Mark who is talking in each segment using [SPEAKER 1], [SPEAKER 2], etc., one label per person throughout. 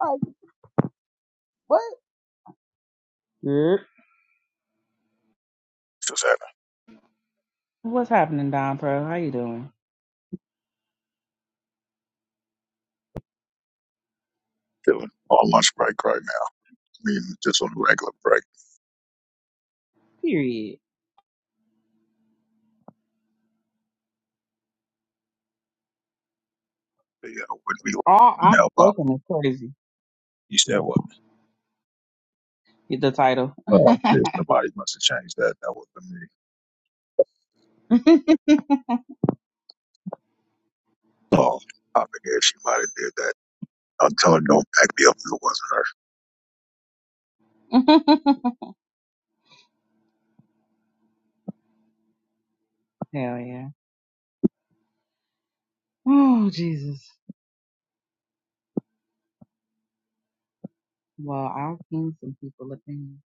[SPEAKER 1] Like what? Good.
[SPEAKER 2] Just having
[SPEAKER 1] What's happening, Don Pro? How you doing?
[SPEAKER 2] feeling on lunch break right now. I mean, just on a regular break.
[SPEAKER 1] Period.
[SPEAKER 2] The, uh, when we
[SPEAKER 1] All I'm
[SPEAKER 2] mail up,
[SPEAKER 1] looking is crazy.
[SPEAKER 2] you said what?
[SPEAKER 1] Get the title.
[SPEAKER 2] Oh, yeah, somebody must have changed that. That wasn't me. Oh, I forget she might have did that. I'm telling her, don't back me up if it wasn't her.
[SPEAKER 1] Hell yeah. Oh Jesus. Well, I've seen some people opinions.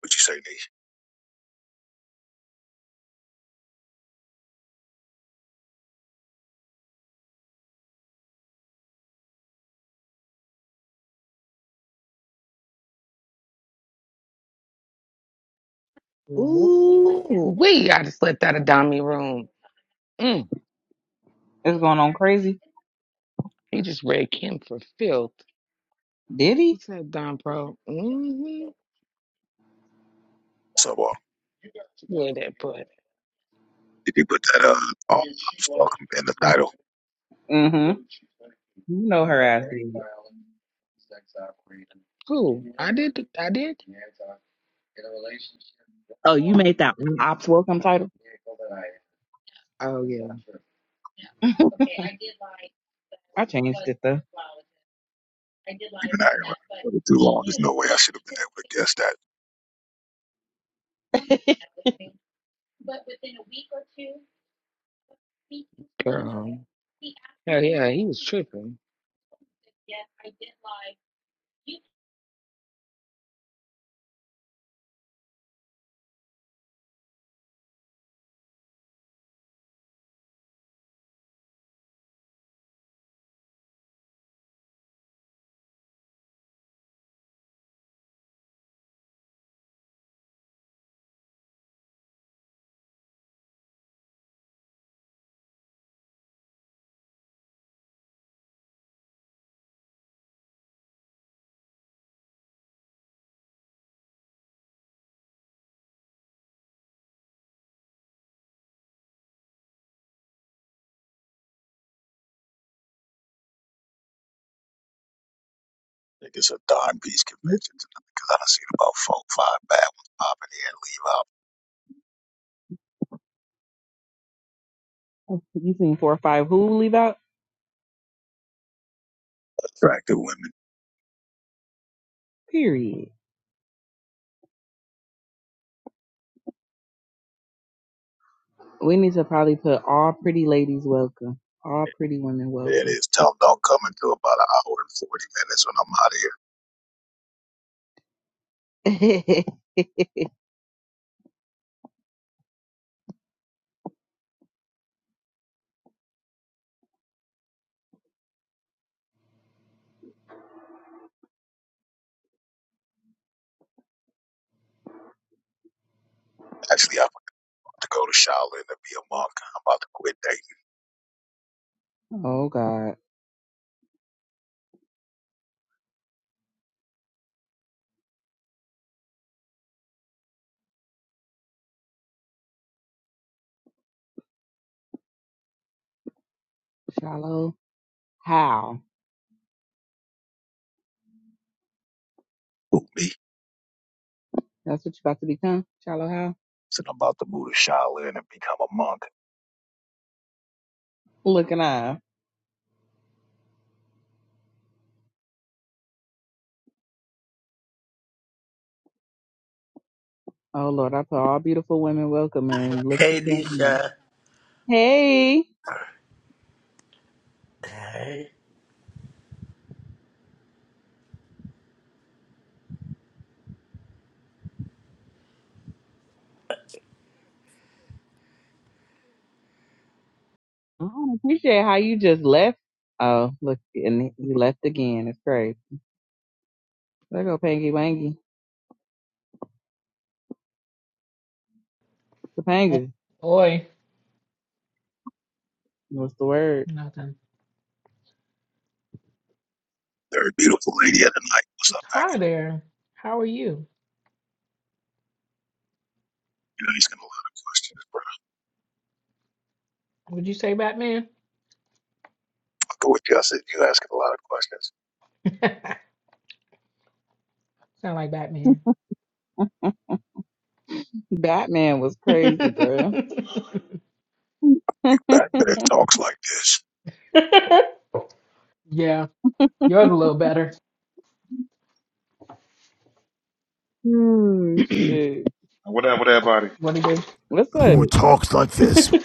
[SPEAKER 2] What you say, Nee?
[SPEAKER 1] Yeah.
[SPEAKER 3] Ooh, wait, I just left out of Dommy room. Mm,
[SPEAKER 1] It's going on crazy.
[SPEAKER 3] he just read Kim for filth.
[SPEAKER 1] Did he?
[SPEAKER 3] What's that, Dom Pro? Mm-hmm.
[SPEAKER 2] So, uh,
[SPEAKER 3] Yeah, that part.
[SPEAKER 2] did you put that uh, oh, it's welcome in the title?
[SPEAKER 1] Mm-hmm. You know her ass did it.
[SPEAKER 3] Who? I did. th- I did.
[SPEAKER 1] Oh, you made that one ops welcome title.
[SPEAKER 3] Oh yeah,
[SPEAKER 1] I changed it though.
[SPEAKER 2] We've been out here around for too long. There's no way I should have been able to guess that. I
[SPEAKER 3] girl. Hell yeah, he was tripping.
[SPEAKER 2] think it's a dime piece
[SPEAKER 1] You
[SPEAKER 2] convention tonight because I done seen about four, five bad ones popping in, leave out
[SPEAKER 1] you seen four or five who leave out?
[SPEAKER 2] attractive women.
[SPEAKER 1] Period. We need to probably put all pretty ladies welcome. All pretty women
[SPEAKER 2] There it
[SPEAKER 1] welcome.
[SPEAKER 2] is. Tell them don't come until about an hour and 40 minutes when I'm out of here. Actually, I'm about to go to Shaolin and be a monk. I'm about to quit dating
[SPEAKER 1] Oh God, shallow how?
[SPEAKER 2] Who, me.
[SPEAKER 1] That's what you about to become, shallow how?
[SPEAKER 2] So I'm about to move to Shaolin and become a monk.
[SPEAKER 1] Looking up. Oh Lord, I put all beautiful women welcome and look who
[SPEAKER 4] Hey,
[SPEAKER 1] came in.
[SPEAKER 4] Nisha.
[SPEAKER 1] Hey, I
[SPEAKER 4] Hey.
[SPEAKER 1] don't appreciate how you just left. Oh look, and you left again. It's crazy. There go Pangy Wangy,
[SPEAKER 5] Oh
[SPEAKER 1] Topanga.
[SPEAKER 5] boy,
[SPEAKER 1] What's the word?
[SPEAKER 5] nothing.
[SPEAKER 2] Very beautiful lady of the night. What's up,
[SPEAKER 5] Hi
[SPEAKER 2] Megan?
[SPEAKER 5] there. How are you?
[SPEAKER 2] You're asking a lot of questions, bro.
[SPEAKER 5] Would you say Batman?
[SPEAKER 2] I'll go with you. I said, you're asking a lot of questions.
[SPEAKER 5] Sound like Batman.
[SPEAKER 1] Batman was crazy, bruh.
[SPEAKER 2] Big Back when it talks like this,
[SPEAKER 5] yeah, yours a little better.
[SPEAKER 1] Hmm, shit.
[SPEAKER 6] What up, what up, buddy?
[SPEAKER 5] What do you
[SPEAKER 1] What's up?
[SPEAKER 7] Who talks like
[SPEAKER 5] do?
[SPEAKER 7] this?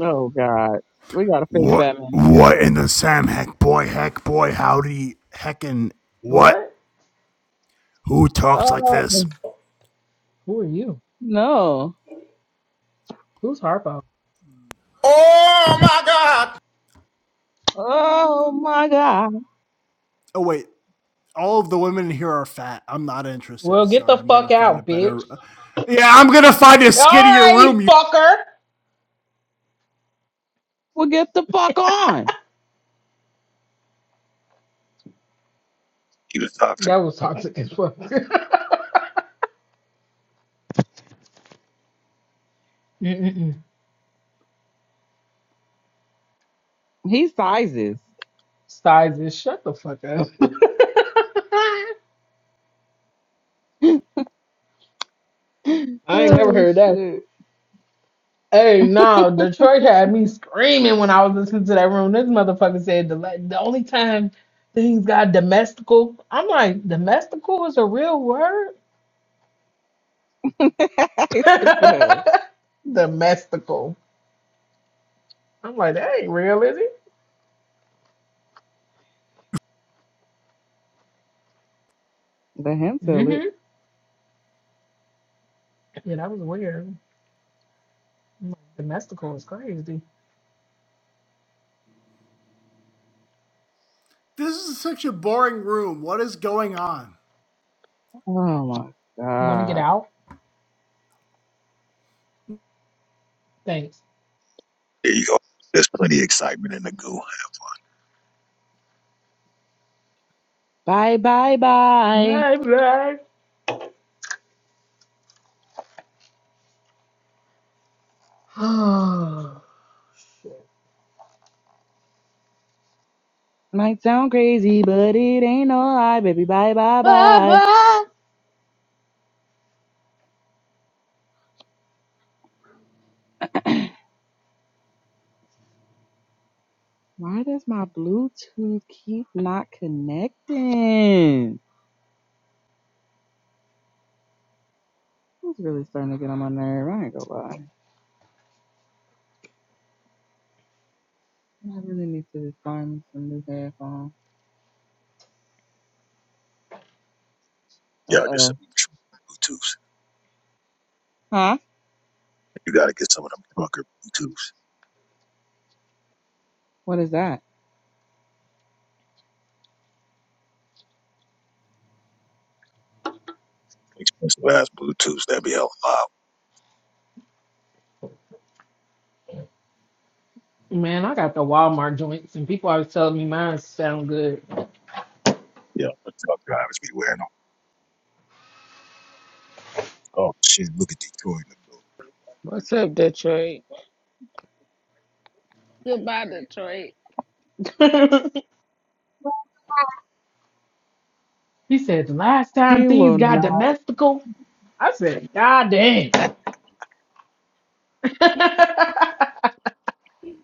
[SPEAKER 1] Oh God, we got a fake
[SPEAKER 7] What?
[SPEAKER 1] Batman. in here. It's
[SPEAKER 7] What
[SPEAKER 1] crazy.
[SPEAKER 7] in the Sam heck boy heck boy howdy heckin' what?
[SPEAKER 5] What?
[SPEAKER 7] Who talks like this?
[SPEAKER 1] Oh
[SPEAKER 5] Who are you?
[SPEAKER 1] no.
[SPEAKER 5] Who's Harpo?
[SPEAKER 7] Oh my God!
[SPEAKER 1] Oh my God.
[SPEAKER 7] Oh wait, all of the women here are fat. I'm not interested.
[SPEAKER 5] Well, get
[SPEAKER 7] Sorry,
[SPEAKER 5] the
[SPEAKER 7] I'm gonna
[SPEAKER 5] fuck
[SPEAKER 7] find a
[SPEAKER 5] out, bitch.
[SPEAKER 7] better. Yeah, I'm gonna find a
[SPEAKER 5] All
[SPEAKER 7] skinnier
[SPEAKER 5] right,
[SPEAKER 7] room. You.
[SPEAKER 5] fucker.
[SPEAKER 1] Well, get the fuck on.
[SPEAKER 2] you was toxic.
[SPEAKER 5] That was toxic as fuck. Mm-mm-mm.
[SPEAKER 1] He sizes.
[SPEAKER 5] Size shut the fuck up. I ain't never
[SPEAKER 1] oh
[SPEAKER 5] heard that.
[SPEAKER 1] shit.
[SPEAKER 5] Hey, no, Detroit had me screaming when I was listening to that room. This motherfucker said the la- the only time things got domestical. I'm like, domestical is a real word?
[SPEAKER 1] Stupid ass.
[SPEAKER 5] domestical. I'm like, that ain't real, is it?
[SPEAKER 1] Let him tell it.
[SPEAKER 5] Mm-hmm. Yeah, that was weird. I'm like, domestical is crazy.
[SPEAKER 7] This is such a boring room. What is going on?
[SPEAKER 1] Oh my
[SPEAKER 5] You want to get
[SPEAKER 1] God.
[SPEAKER 5] out? Thanks.
[SPEAKER 2] There you go. There's plenty of excitement in the goo.
[SPEAKER 1] Bye bye bye.
[SPEAKER 5] Bye bye. Oh, Shit.
[SPEAKER 1] Might sound crazy, but it ain't no lie, baby. Bye bye
[SPEAKER 5] Bye
[SPEAKER 1] bye.
[SPEAKER 5] bye.
[SPEAKER 1] Why does my Bluetooth keep not connecting? It's really starting to get on my nerve. I ain't gonna lie. I really need to just find me some new headphones. Uh
[SPEAKER 2] Y'all get some
[SPEAKER 1] oh.
[SPEAKER 2] Bluetooths.
[SPEAKER 1] Huh?
[SPEAKER 2] You got to get some of them trucker Bluetooths.
[SPEAKER 1] What is that?
[SPEAKER 2] Expensive ass Bluetooths. That'd be hella loud.
[SPEAKER 5] Man, I got the Walmart joints, and people always telling me mine sound good.
[SPEAKER 2] Yeah, but truck drivers be wearing them. Oh shit! Look at Detroit in the building.
[SPEAKER 3] What's up, Detroit? Goodbye, Detroit.
[SPEAKER 5] He said, the last time
[SPEAKER 1] He will
[SPEAKER 5] things got
[SPEAKER 1] not.
[SPEAKER 5] domestical, I said, God damn.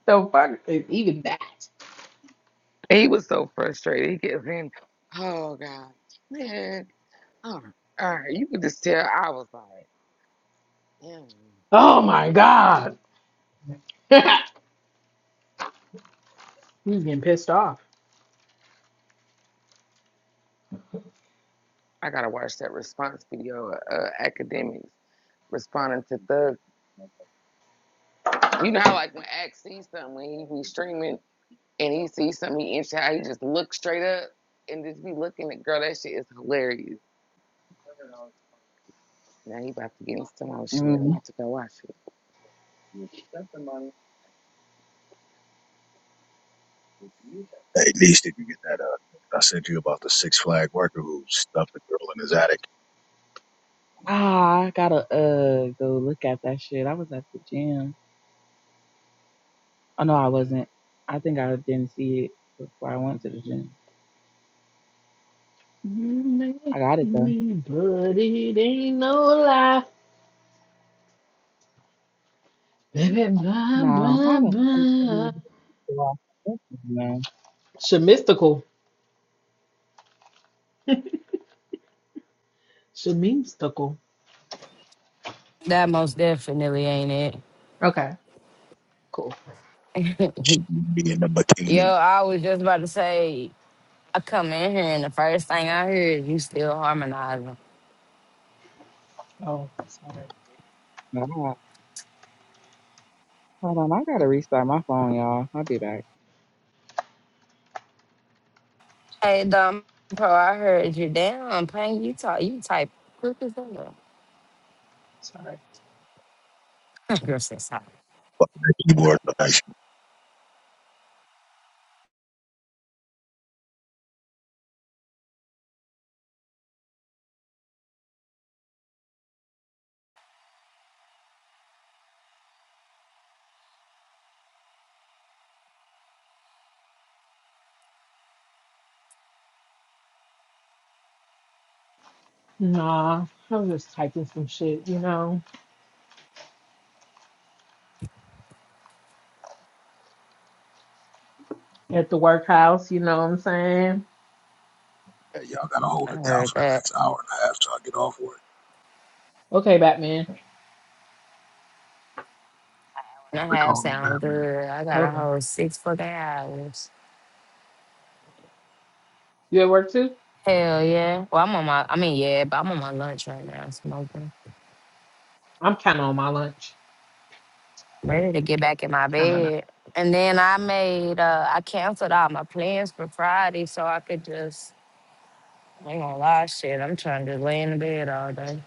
[SPEAKER 5] so fuck is even that.
[SPEAKER 3] He was so frustrated. He kept saying, "Oh God, man, all right, all right." You could just tell I was like,
[SPEAKER 5] Oh my God. He's getting pissed off.
[SPEAKER 3] I gotta watch that response video. of Uh, academics responding to Thug. You know how like when Ax sees something when he be streaming and he sees something he interested, how he just looks straight up and just be looking at girl. That shit is hilarious. Now he about to get into some more shit. I'm
[SPEAKER 1] Mm.
[SPEAKER 3] about to go watch it.
[SPEAKER 2] At least if you get that, uh, text I sent you about the Six Flag worker who stuffed the girl in his attic.
[SPEAKER 1] Ah, I gotta uh go look at that shit. I was at the gym. Oh no, I wasn't. I think I didn't see it before I went to the gym.
[SPEAKER 5] You
[SPEAKER 1] I
[SPEAKER 5] made
[SPEAKER 1] got it though.
[SPEAKER 5] me, but it ain't no lie. Baby, blah,
[SPEAKER 1] Now, how
[SPEAKER 5] blah,
[SPEAKER 1] the fuck did I
[SPEAKER 5] blah.
[SPEAKER 1] get off this man?
[SPEAKER 5] Shamistical. Shamistical.
[SPEAKER 8] That most definitely ain't
[SPEAKER 5] Okay, cool.
[SPEAKER 8] it.
[SPEAKER 2] She be in a
[SPEAKER 8] Yo,
[SPEAKER 2] bikini,
[SPEAKER 8] I was just about to say, I come in here and the first thing I hear is you still harmonizing.
[SPEAKER 5] Oh, sorry.
[SPEAKER 1] God. Hold on, I gotta restart my phone, y'all. I'll be back.
[SPEAKER 8] Hey, Dom Pro, I heard you down. Pang, you talk, you type quick as hell.
[SPEAKER 5] Sorry.
[SPEAKER 8] Girl said, sorry.
[SPEAKER 2] fucking the keyboard. Like,
[SPEAKER 5] Nah, I was just typing some shit, you know? at the workhouse. You know what I'm saying?
[SPEAKER 2] yeah, y'all gotta
[SPEAKER 8] I
[SPEAKER 2] hold it down
[SPEAKER 8] heard
[SPEAKER 2] for the
[SPEAKER 8] that.
[SPEAKER 2] next hour and a half till I get off work.
[SPEAKER 5] Okay, Batman.
[SPEAKER 8] And
[SPEAKER 2] They
[SPEAKER 8] I have
[SPEAKER 2] call me
[SPEAKER 8] sound
[SPEAKER 2] Batman.
[SPEAKER 8] good. I got a
[SPEAKER 5] Okay.
[SPEAKER 8] whole six fucking hours.
[SPEAKER 5] You at work too?
[SPEAKER 8] Hell yeah. Well, I'm on my, I mean, yeah, but I'm on my lunch right now, smoking.
[SPEAKER 5] I'm kind of on my lunch.
[SPEAKER 8] Ready to get back in my
[SPEAKER 5] Kind of not.
[SPEAKER 8] bed. And then I made, uh, I canceled all my plans for Friday so I could just I ain't gonna lie, shit. I'm trying to lay in the bed all day.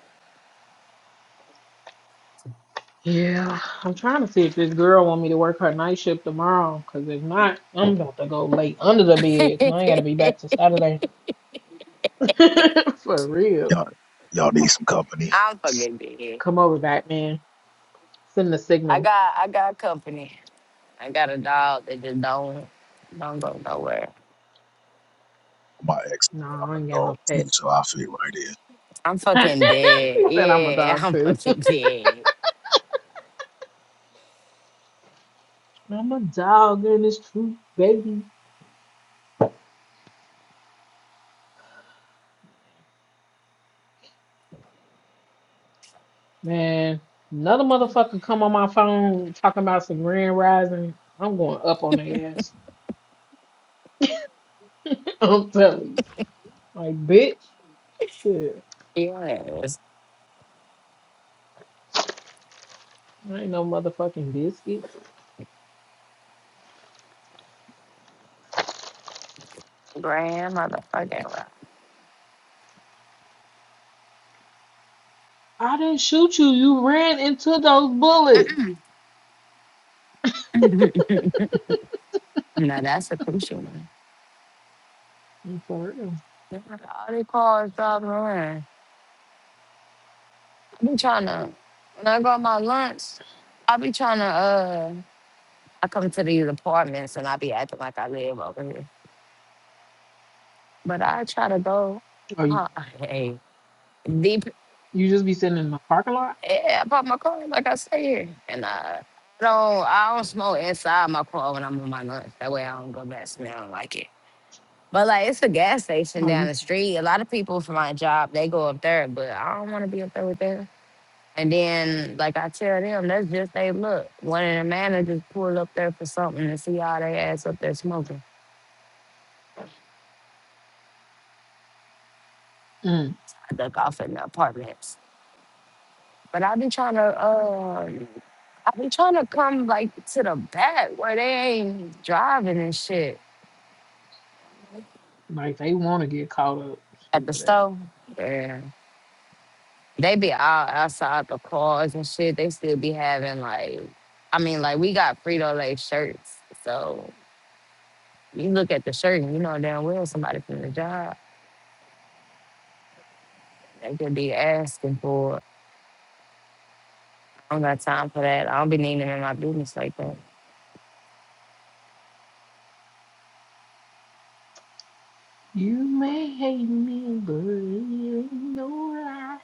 [SPEAKER 5] Yeah, I'm trying to see if this girl want me to work her night shift tomorrow. Cause if not, I'm about to go late under the bed. Cause I ain't gotta be back till Saturday. For real.
[SPEAKER 2] Y'all, y'all need some company.
[SPEAKER 8] I don't fucking be here.
[SPEAKER 5] Come over, Batman. Send the
[SPEAKER 8] I
[SPEAKER 5] signal.
[SPEAKER 8] got I got company. I got a dog that just don't don't go nowhere.
[SPEAKER 2] My ex,
[SPEAKER 5] No,
[SPEAKER 2] I'm
[SPEAKER 5] I
[SPEAKER 2] a
[SPEAKER 5] ain't got no
[SPEAKER 2] dog too,
[SPEAKER 5] pets.
[SPEAKER 2] so I fit right in.
[SPEAKER 8] I'm fucking dead.
[SPEAKER 5] he said I'm a
[SPEAKER 8] Yeah,
[SPEAKER 5] dog
[SPEAKER 8] I'm
[SPEAKER 5] too.
[SPEAKER 8] fucking dead.
[SPEAKER 5] I'm a dog, and it's true, baby. Man, another motherfucker come on my phone talking about some grand rising. I'm going up on their ass. I'm telling you. Like, bitch, shit.
[SPEAKER 8] Yes.
[SPEAKER 5] I ain't no motherfucking biscuit.
[SPEAKER 8] Grand motherfucking rock.
[SPEAKER 5] I didn't shoot you. You ran into those bullets.
[SPEAKER 8] now that's a crucial one.
[SPEAKER 5] For real.
[SPEAKER 8] Look at All these cars driving around. I be trying to when I go my lunch, I be trying to uh I come to these apartments and I be acting like I live over here. But I try to go.
[SPEAKER 5] Oh, you,
[SPEAKER 8] Uh, hey, deep.
[SPEAKER 5] you just be sitting in the parking lot?
[SPEAKER 8] eh, I park my car like I say here, and uh, I don't. I don't smoke inside my car when I'm on my lunch. That way I don't go back smelling like it. But like it's a gas station
[SPEAKER 5] Oh,
[SPEAKER 8] down
[SPEAKER 5] you
[SPEAKER 8] the
[SPEAKER 5] smart.
[SPEAKER 8] street. A lot of people for my job they go up there, but I don't want to be up there with them. And then like I tell them, that's just they look. One of the managers pulled up there for something and see all they ass up there smoking.
[SPEAKER 5] Mm,
[SPEAKER 8] I duck off in the apartment. But I've been trying to, uh, I've been trying to come like to the back where they ain't driving and shit
[SPEAKER 5] like, they want to get caught up.
[SPEAKER 8] at the
[SPEAKER 5] Stupid ass.
[SPEAKER 8] store. Yeah. They be out outside the cars and shit. They still be having like, I mean, like we got Frito Lay shirts. So you look at the shirt and you know damn well somebody from the job. They could be asking for it. I don't got time for that. I don't be needing them in my business like that.
[SPEAKER 5] You may hate me, but it ain't no lie.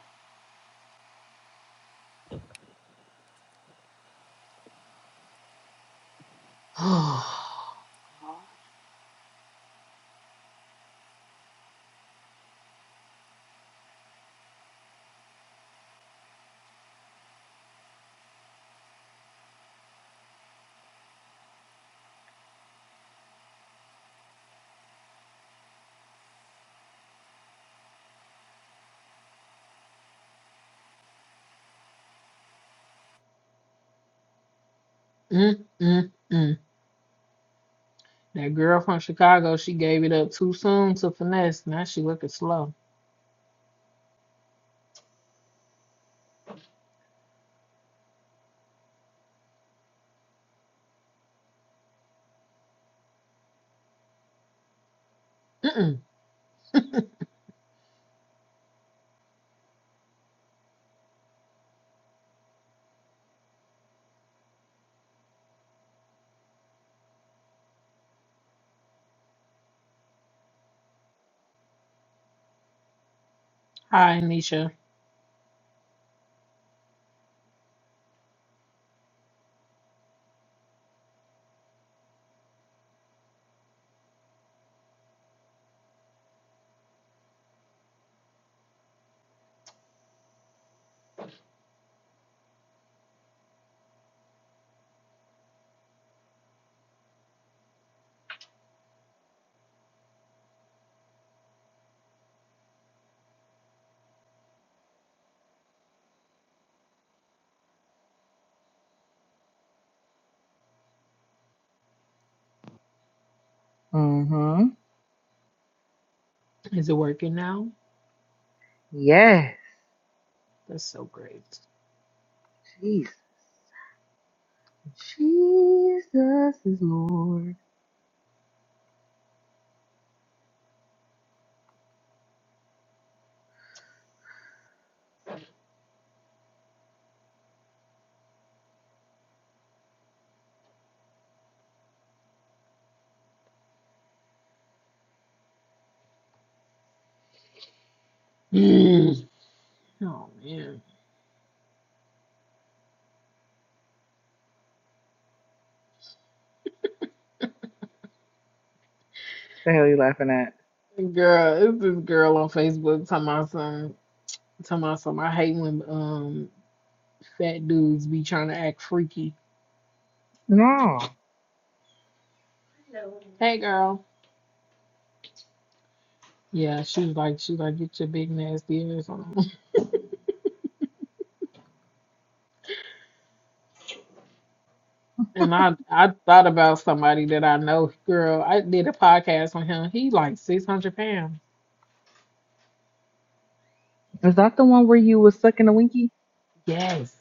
[SPEAKER 5] God. Mm, mm, mm. That girl from Chicago, she gave it up too soon to finesse. Now she looking slow. Mm-mm. Hi, Nisha.
[SPEAKER 1] Mm-hmm.
[SPEAKER 5] Is it working now?
[SPEAKER 1] Yes.
[SPEAKER 5] That's so great.
[SPEAKER 1] Jesus. Jesus is Lord.
[SPEAKER 5] Mm. Oh man,
[SPEAKER 1] The hell you laughing at?
[SPEAKER 5] girl, it's this girl on Facebook talking about some, talking about some. I hate when um fat dudes be trying to act freaky.
[SPEAKER 1] No.
[SPEAKER 5] Hey, girl. Yeah, she was like, she was like, get your big nasty ass on. And I I thought about somebody that I know, girl. I did a podcast on him. He like six hundred pounds.
[SPEAKER 1] Is that the one where you was sucking a winky?
[SPEAKER 5] Yes.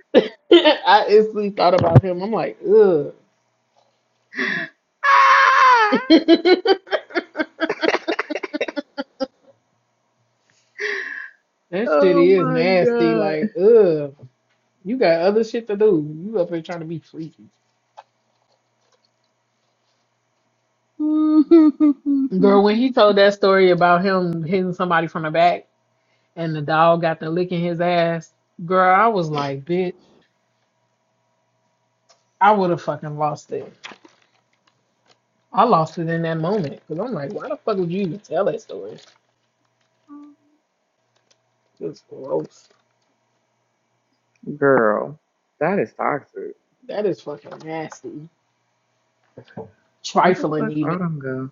[SPEAKER 5] I instantly thought about him. I'm like, ugh. That shit
[SPEAKER 1] Oh
[SPEAKER 5] is
[SPEAKER 1] my
[SPEAKER 5] nasty.
[SPEAKER 1] god.
[SPEAKER 5] Like, ugh. You got other shit to do. You up here trying to be freaky. Girl, when he told that story about him hitting somebody from the back and the dog got to licking his ass, girl, I was like, bitch, I would have fucking lost it. I lost it in that moment because I'm like, why the fuck would you even tell that story? It's gross.
[SPEAKER 1] Girl, that is toxic.
[SPEAKER 5] That is fucking nasty.
[SPEAKER 1] Where the
[SPEAKER 5] Trifling
[SPEAKER 1] fuck
[SPEAKER 5] even.
[SPEAKER 1] Autumn go?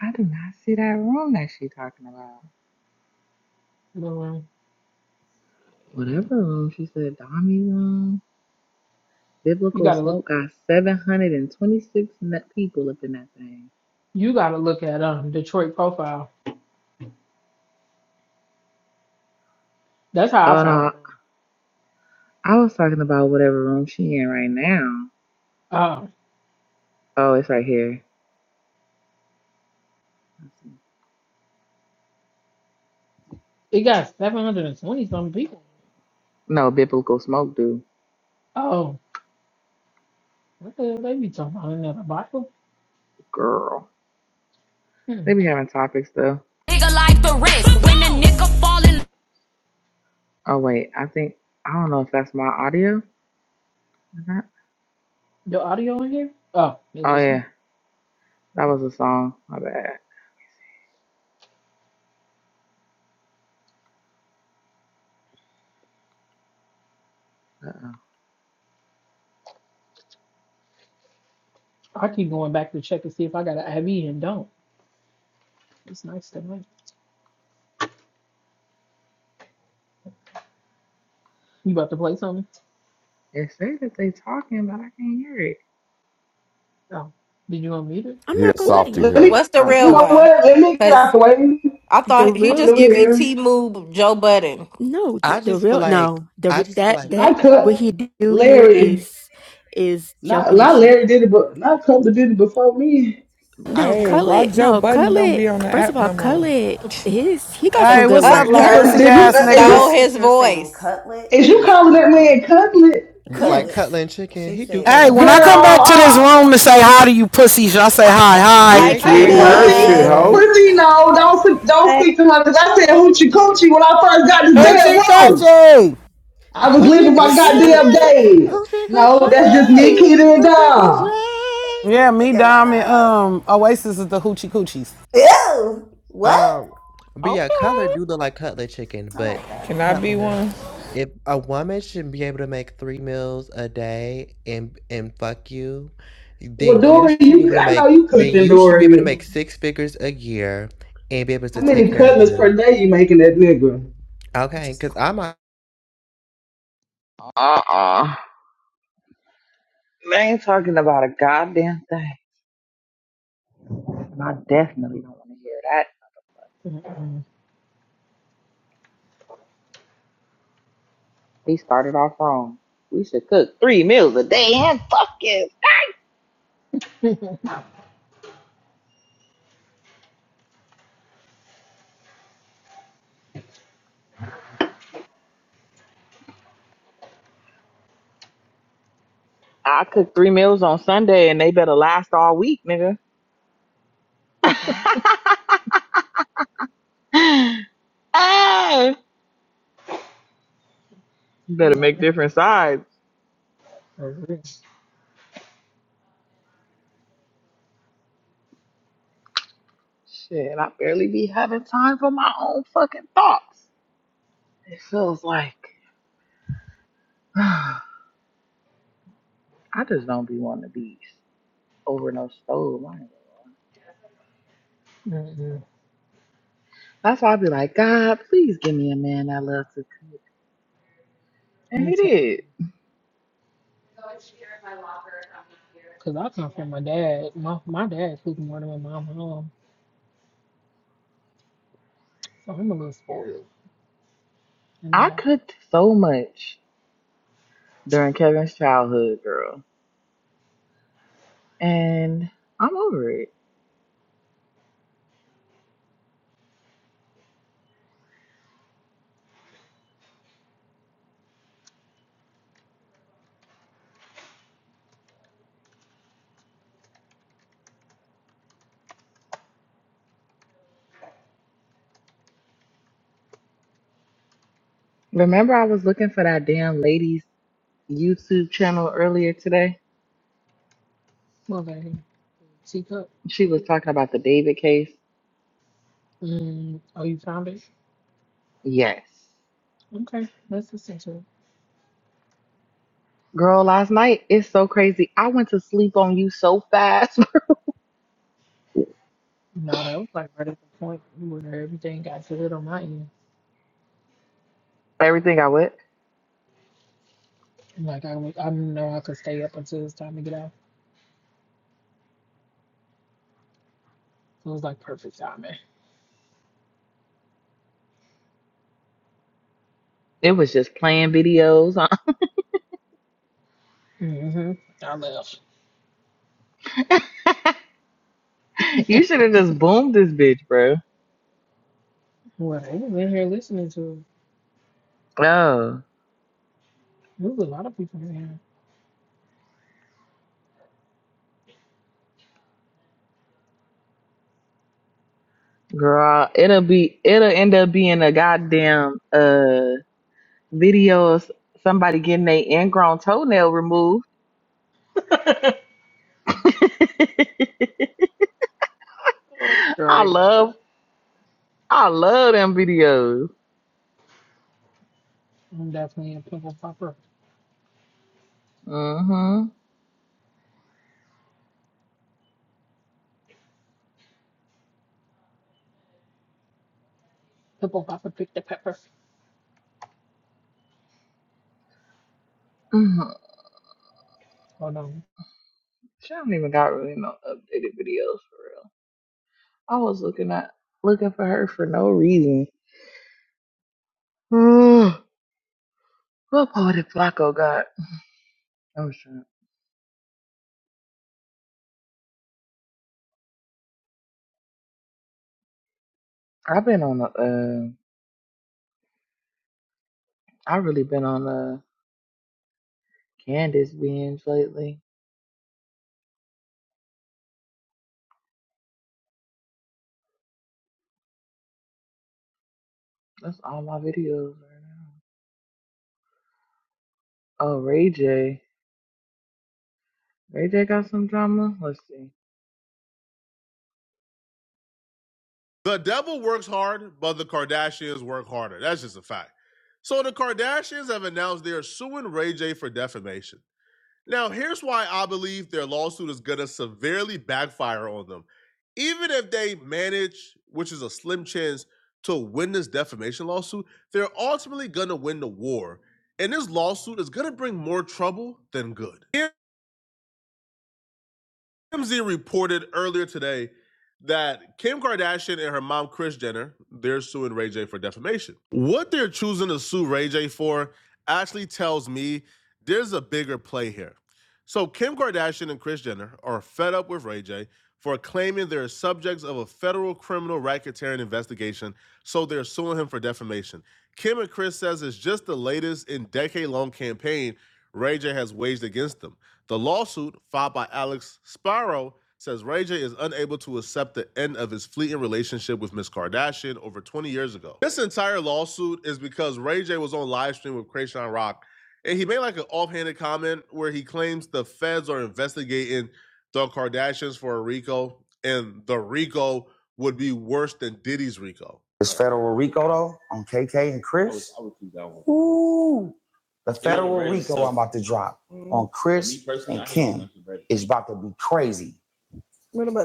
[SPEAKER 1] I do not see that room that she talking about.
[SPEAKER 5] The
[SPEAKER 1] Whatever room she said, Dami room.
[SPEAKER 5] You
[SPEAKER 1] Biblical
[SPEAKER 5] gotta look.
[SPEAKER 1] smoke got 726 net people up in that thing.
[SPEAKER 5] You gotta look at um Detroit profile. That's how I
[SPEAKER 1] Oh
[SPEAKER 5] found the
[SPEAKER 1] no,
[SPEAKER 5] room.
[SPEAKER 1] I was talking about whatever room she in right now.
[SPEAKER 5] Uh,
[SPEAKER 1] Oh, it's right here.
[SPEAKER 5] it got 720 some people.
[SPEAKER 1] No, biblical smoke do.
[SPEAKER 5] Oh, what the hell they be talking about? in Another Bible?
[SPEAKER 1] Girl.
[SPEAKER 5] Hmm.
[SPEAKER 1] They be having topics though.
[SPEAKER 9] nigga like the rest. When a nigga fall
[SPEAKER 1] Oh wait, I think I don't know if that's my audio. Is that?
[SPEAKER 5] Your audio in here? Oh, it
[SPEAKER 1] Oh
[SPEAKER 5] is.
[SPEAKER 1] yeah, that was a song. My bad. Uh-uh.
[SPEAKER 5] I keep going back to check to see if I got an IV and don't. It's nice to me. You about to play something?
[SPEAKER 1] It say that they talking, but I can't hear it.
[SPEAKER 5] Oh, did you unmute it?
[SPEAKER 9] I'm Yeah, not gonna Let What's the you
[SPEAKER 1] Oh.
[SPEAKER 9] real you know
[SPEAKER 5] Oh.
[SPEAKER 9] one? Let me stop waiting. I The thought he real just giving me T Move Joe Budden. no, the, I th- the just feel real like no, the I re- just feel that like that Not cut what Cup, he do here Larry. is is Not jumping the not shark. Larry did it, but not Cutler did it before me. No, Hey, Dang. why Khaled, Joe no Button don't Khaled. be on the First of app all, no more? Khaled, his he got some Hey, good what's up, work. Cutler thirsty did ass it. stole niggas? his voice. Is you calling that man cutlet? like cutlet and chicken? He do. Hey, when Girl, I come back to this room to say hi to you pussies, y'all say hi, hi. Pussy, no, don't don't speak to her because I said hoochie coochie when I first got this damn room. I was living my goddamn days. No, that's just me, Keita, and Dom. Yeah, me, Dom, and um, Oasis is the hoochie coochies. But yeah, okay. cutlet do look like cutlet chicken, but If a woman should be able to make 3 meals a day and and fuck you, Well, then you Dory, should be you able to I know make you then cooking, you should be able to Dory. make six figures a year and be able How to take many care of cutlets per them. day you making that nigga? Okay, because I'm a
[SPEAKER 1] Uh uh. They ain't talking about a goddamn thing. And I definitely don't want to hear that.
[SPEAKER 5] Mm-mm.
[SPEAKER 1] He started off wrong. We should cook three meals a day and fuck it. I cook three meals on Sunday and they better last all week, nigga. Ah! better make different sides.
[SPEAKER 5] Or it's-
[SPEAKER 1] Shit, I barely be having time for my own fucking thoughts. It feels like I just don't be wanting to be over no stove. I ain't gonna-
[SPEAKER 5] Mm-mm.
[SPEAKER 1] That's why I be like, God, please give me a man that loves to cook. And
[SPEAKER 5] I'm
[SPEAKER 1] he
[SPEAKER 5] telling
[SPEAKER 1] did.
[SPEAKER 5] you. Because I come from my dad. My my dad cooked more than my mom home. So I'm a little spoiled. And I
[SPEAKER 1] I
[SPEAKER 5] got
[SPEAKER 1] cooked so much during Kevin's childhood, girl. And I'm over it. Remember I was looking for that damn lady's YouTube channel earlier today?
[SPEAKER 5] mother teacup.
[SPEAKER 1] She was talking about the David case.
[SPEAKER 5] Mm, oh, you found it?
[SPEAKER 1] Yes.
[SPEAKER 5] Okay, that's essential.
[SPEAKER 1] Girl, last night, it's so crazy. I went to sleep on you so fast.
[SPEAKER 5] No, that was like right at the point where everything got good on my end.
[SPEAKER 1] Everything I went,
[SPEAKER 5] Like I, was, I didn't know I could stay up until it's time to get out. So it was like perfect timing.
[SPEAKER 1] it was just playing videos.
[SPEAKER 5] hmm I left.
[SPEAKER 1] you should have just boomed this bitch, bro.
[SPEAKER 5] Well, they was in here listening to. it.
[SPEAKER 1] Oh,
[SPEAKER 5] There was a lot of people in
[SPEAKER 1] girl, it'll be, it'll end up being a goddamn uh video of somebody getting their ingrown toenail removed.
[SPEAKER 5] here. Oh,
[SPEAKER 1] I
[SPEAKER 5] great.
[SPEAKER 1] love, I love them videos.
[SPEAKER 5] And that's me a pimple popper.
[SPEAKER 1] Mm-hmm.
[SPEAKER 5] Pimple popper pick the pepper.
[SPEAKER 1] hmm
[SPEAKER 5] Hold on.
[SPEAKER 1] She don't even got really no updated videos for real. I was looking at looking for her for no reason. what poetic Flacco got? I'm sure. I've been on the uh I've really been on the Candace binge lately. That's all my videos right now. Oh, Ray J. Ray J got some drama? Let's see.
[SPEAKER 9] The devil works hard, but the Kardashians work harder. That's just a fact. So the Kardashians have announced they are suing Ray J for defamation. Now, here's why I believe their lawsuit is going to severely backfire on them. Even if they manage, which is a slim chance, to win this defamation lawsuit, they're ultimately going to win the war. And this lawsuit is going to bring more trouble than good. Here TMZ reported earlier today that Kim Kardashian and her mom, Kris Jenner, they're suing Ray J for defamation. What they're choosing to sue Ray J for actually tells me there's a bigger play here. So, Kim Kardashian and Kris Jenner are fed up with Ray J for claiming they're subjects of a federal criminal racketeering investigation, so they're suing him for defamation. Kim and Kris says it's just the latest in decade long campaign Ray J has waged against them. The lawsuit filed by Alex Spiro says Ray J is unable to accept the end of his fleeting relationship with Miss Kardashian over 20 years ago. This entire lawsuit is because Ray J was on live stream with Krayshawn Rock, and he made like an offhanded comment where he claims the feds are investigating the Kardashians for a RICO, and the RICO would be worse than Diddy's RICO. This federal RICO though on KK and Chris. The federal RICO I'm about to drop on Chris and Kim. is about to be crazy.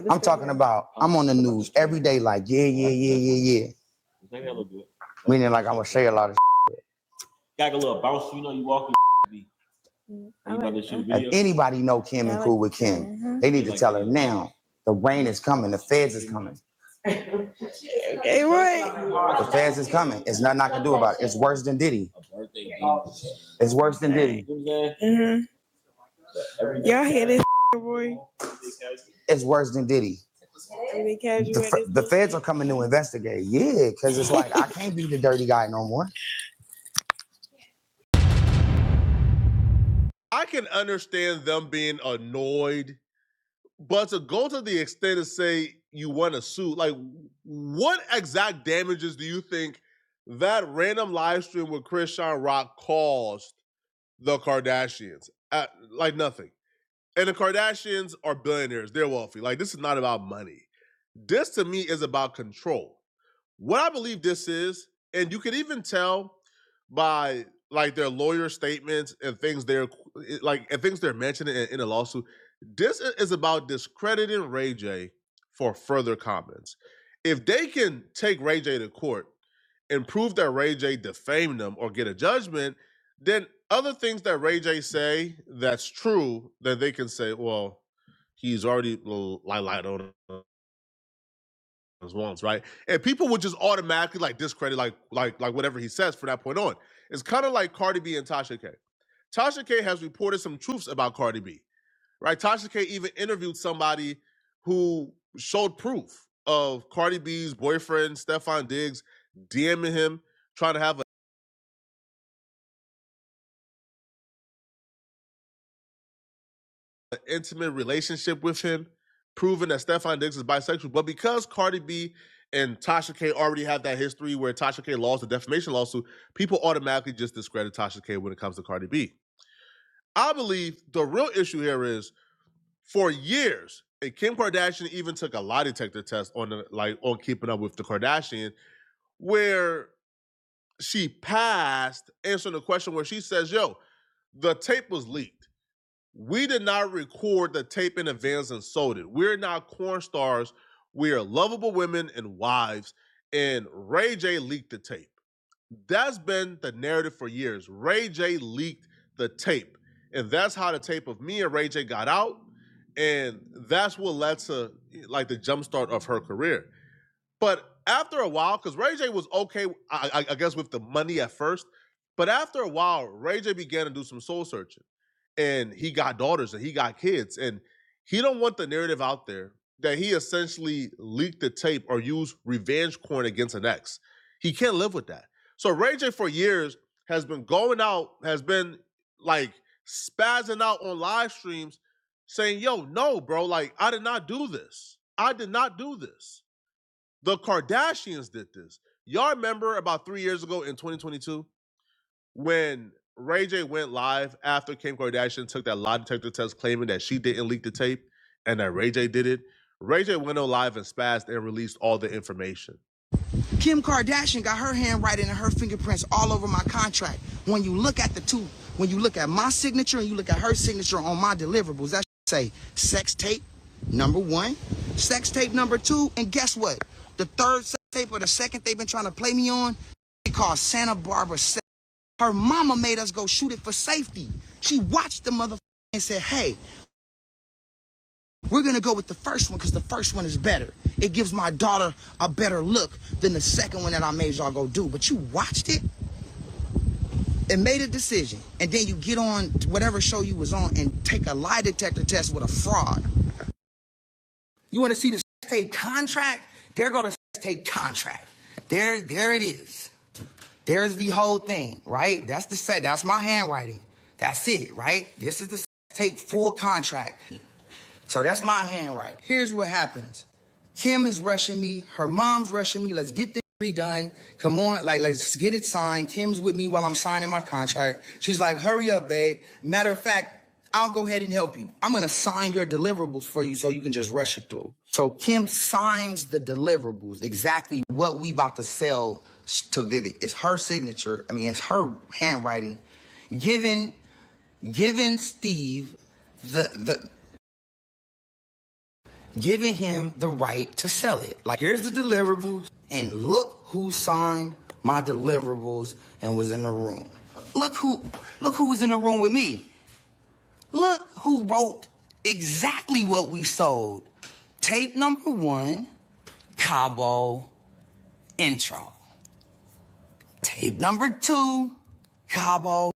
[SPEAKER 9] I'm talking about I'm on the news every day, like yeah, yeah, yeah, yeah, yeah. Meaning like I'm gonna say a lot of. Shit. If anybody know Kim and cool with Kim, Mhm. they need to tell her now. The rain is coming. The feds is coming. The feds is coming. It's nothing I can do about it. It's worse than Diddy. It's worse than Diddy. It's worse than Diddy. The, f- the feds are coming to investigate. Yeah, because it's like I can't be the dirty guy no more. I can understand them being annoyed, but to go to the extent to say you want to sue, like what exact damages do you think that random live stream with Krishan Rock caused the Kardashians? Uh, like nothing. And the Kardashians are billionaires; they're wealthy. Like this is not about money. This to me is about control. What I believe this is, and you can even tell by like their lawyer statements and things they're like and things they're mentioning in, in a lawsuit. This is about discrediting Ray J for further comments. If they can take Ray J to court and prove that Ray J defamed them or get a judgment, then other things that Ray J say that's true, that they can say, well, he's already li- lied on was once, right? And people would just automatically like discredit like like like whatever he says from that point on. It's kind of like Cardi B and Tasha K. Tasha K has reported some truths about Cardi B, right? Tasha K even interviewed somebody who showed proof of Cardi B's boyfriend Stefan Diggs DMing him, trying to have a an intimate relationship with him, proving that Stefon Diggs is bisexual. But because Cardi B and Tasha K already have that history where Tasha K lost the defamation lawsuit, people automatically just discredit Tasha K when it comes to Cardi B. I believe the real issue here is for years, and Kim Kardashian even took a lie detector test on the like on keeping up with the Kardashians, where she passed answering the question where she says, yo, the tape was leaked. We did not record the tape in advance and sold it. We're not corn stars. We are lovable women and wives. And Ray J leaked the tape. That's been the narrative for years. Ray J leaked the tape. And that's how the tape of me and Ray J got out. And that's what led to like the jumpstart of her career. But after a while, because Ray J was okay, I, I, guess, with the money at first. But after a while, Ray J began to do some soul searching, and he got daughters and he got kids, and he don't want the narrative out there that he essentially leaked the tape or used revenge porn against an ex. He can't live with that. So Ray J for years has been going out, has been like spazzing out on live streams, saying, "Yo, no, bro, like I did not do this. I did not do this." The Kardashians did this. Y'all remember about three years ago in 2022 when Ray J went live after Kim Kardashian took that lie detector test claiming that she didn't leak the tape and that Ray J did it? Ray J went on live and spazzed and released all the information. Kim Kardashian got her handwriting and her fingerprints all over my contract. When you look at the two, when you look at my signature and you look at her signature on my deliverables, Sex tape number one, sex tape number two, and guess what? The third sex tape or the second they've been trying to play me on, let us go shoot it for safety. She watched the mother and said, hey, we're gonna go with the first one because the first one is better. It gives my daughter a better look than the second one that I made y'all go do. But you watched it and made a decision, and then you get on whatever show you was on and take a lie detector test with a fraud. You want to see the sex tape contract? There go the sex tape contract. There, there it is. There's the whole thing, right? That's the set. That's my handwriting. That's it, right? This is the sex tape full contract. So that's my handwriting. Here's what happens. Kim is rushing me. Her mom's rushing me. Let's get this redone. Come on, like let's get it signed. Kim's with me while I'm signing my contract. She's like, hurry up, babe. Matter of fact, I'll go ahead and help you. I'm gonna sign your deliverables for you so you can just rush it through. So Kim signs the deliverables, exactly what we about to sell to Vivian. It's her signature. I mean, it's her handwriting. Giving giving Steve the the giving him the right to sell it. Like, here's the deliverables, and look who signed my deliverables and was in the room. Look who, look who was in the room with me. Look who wrote exactly what we sold. Tape number one, Cabo intro. Tape number two, Cabo.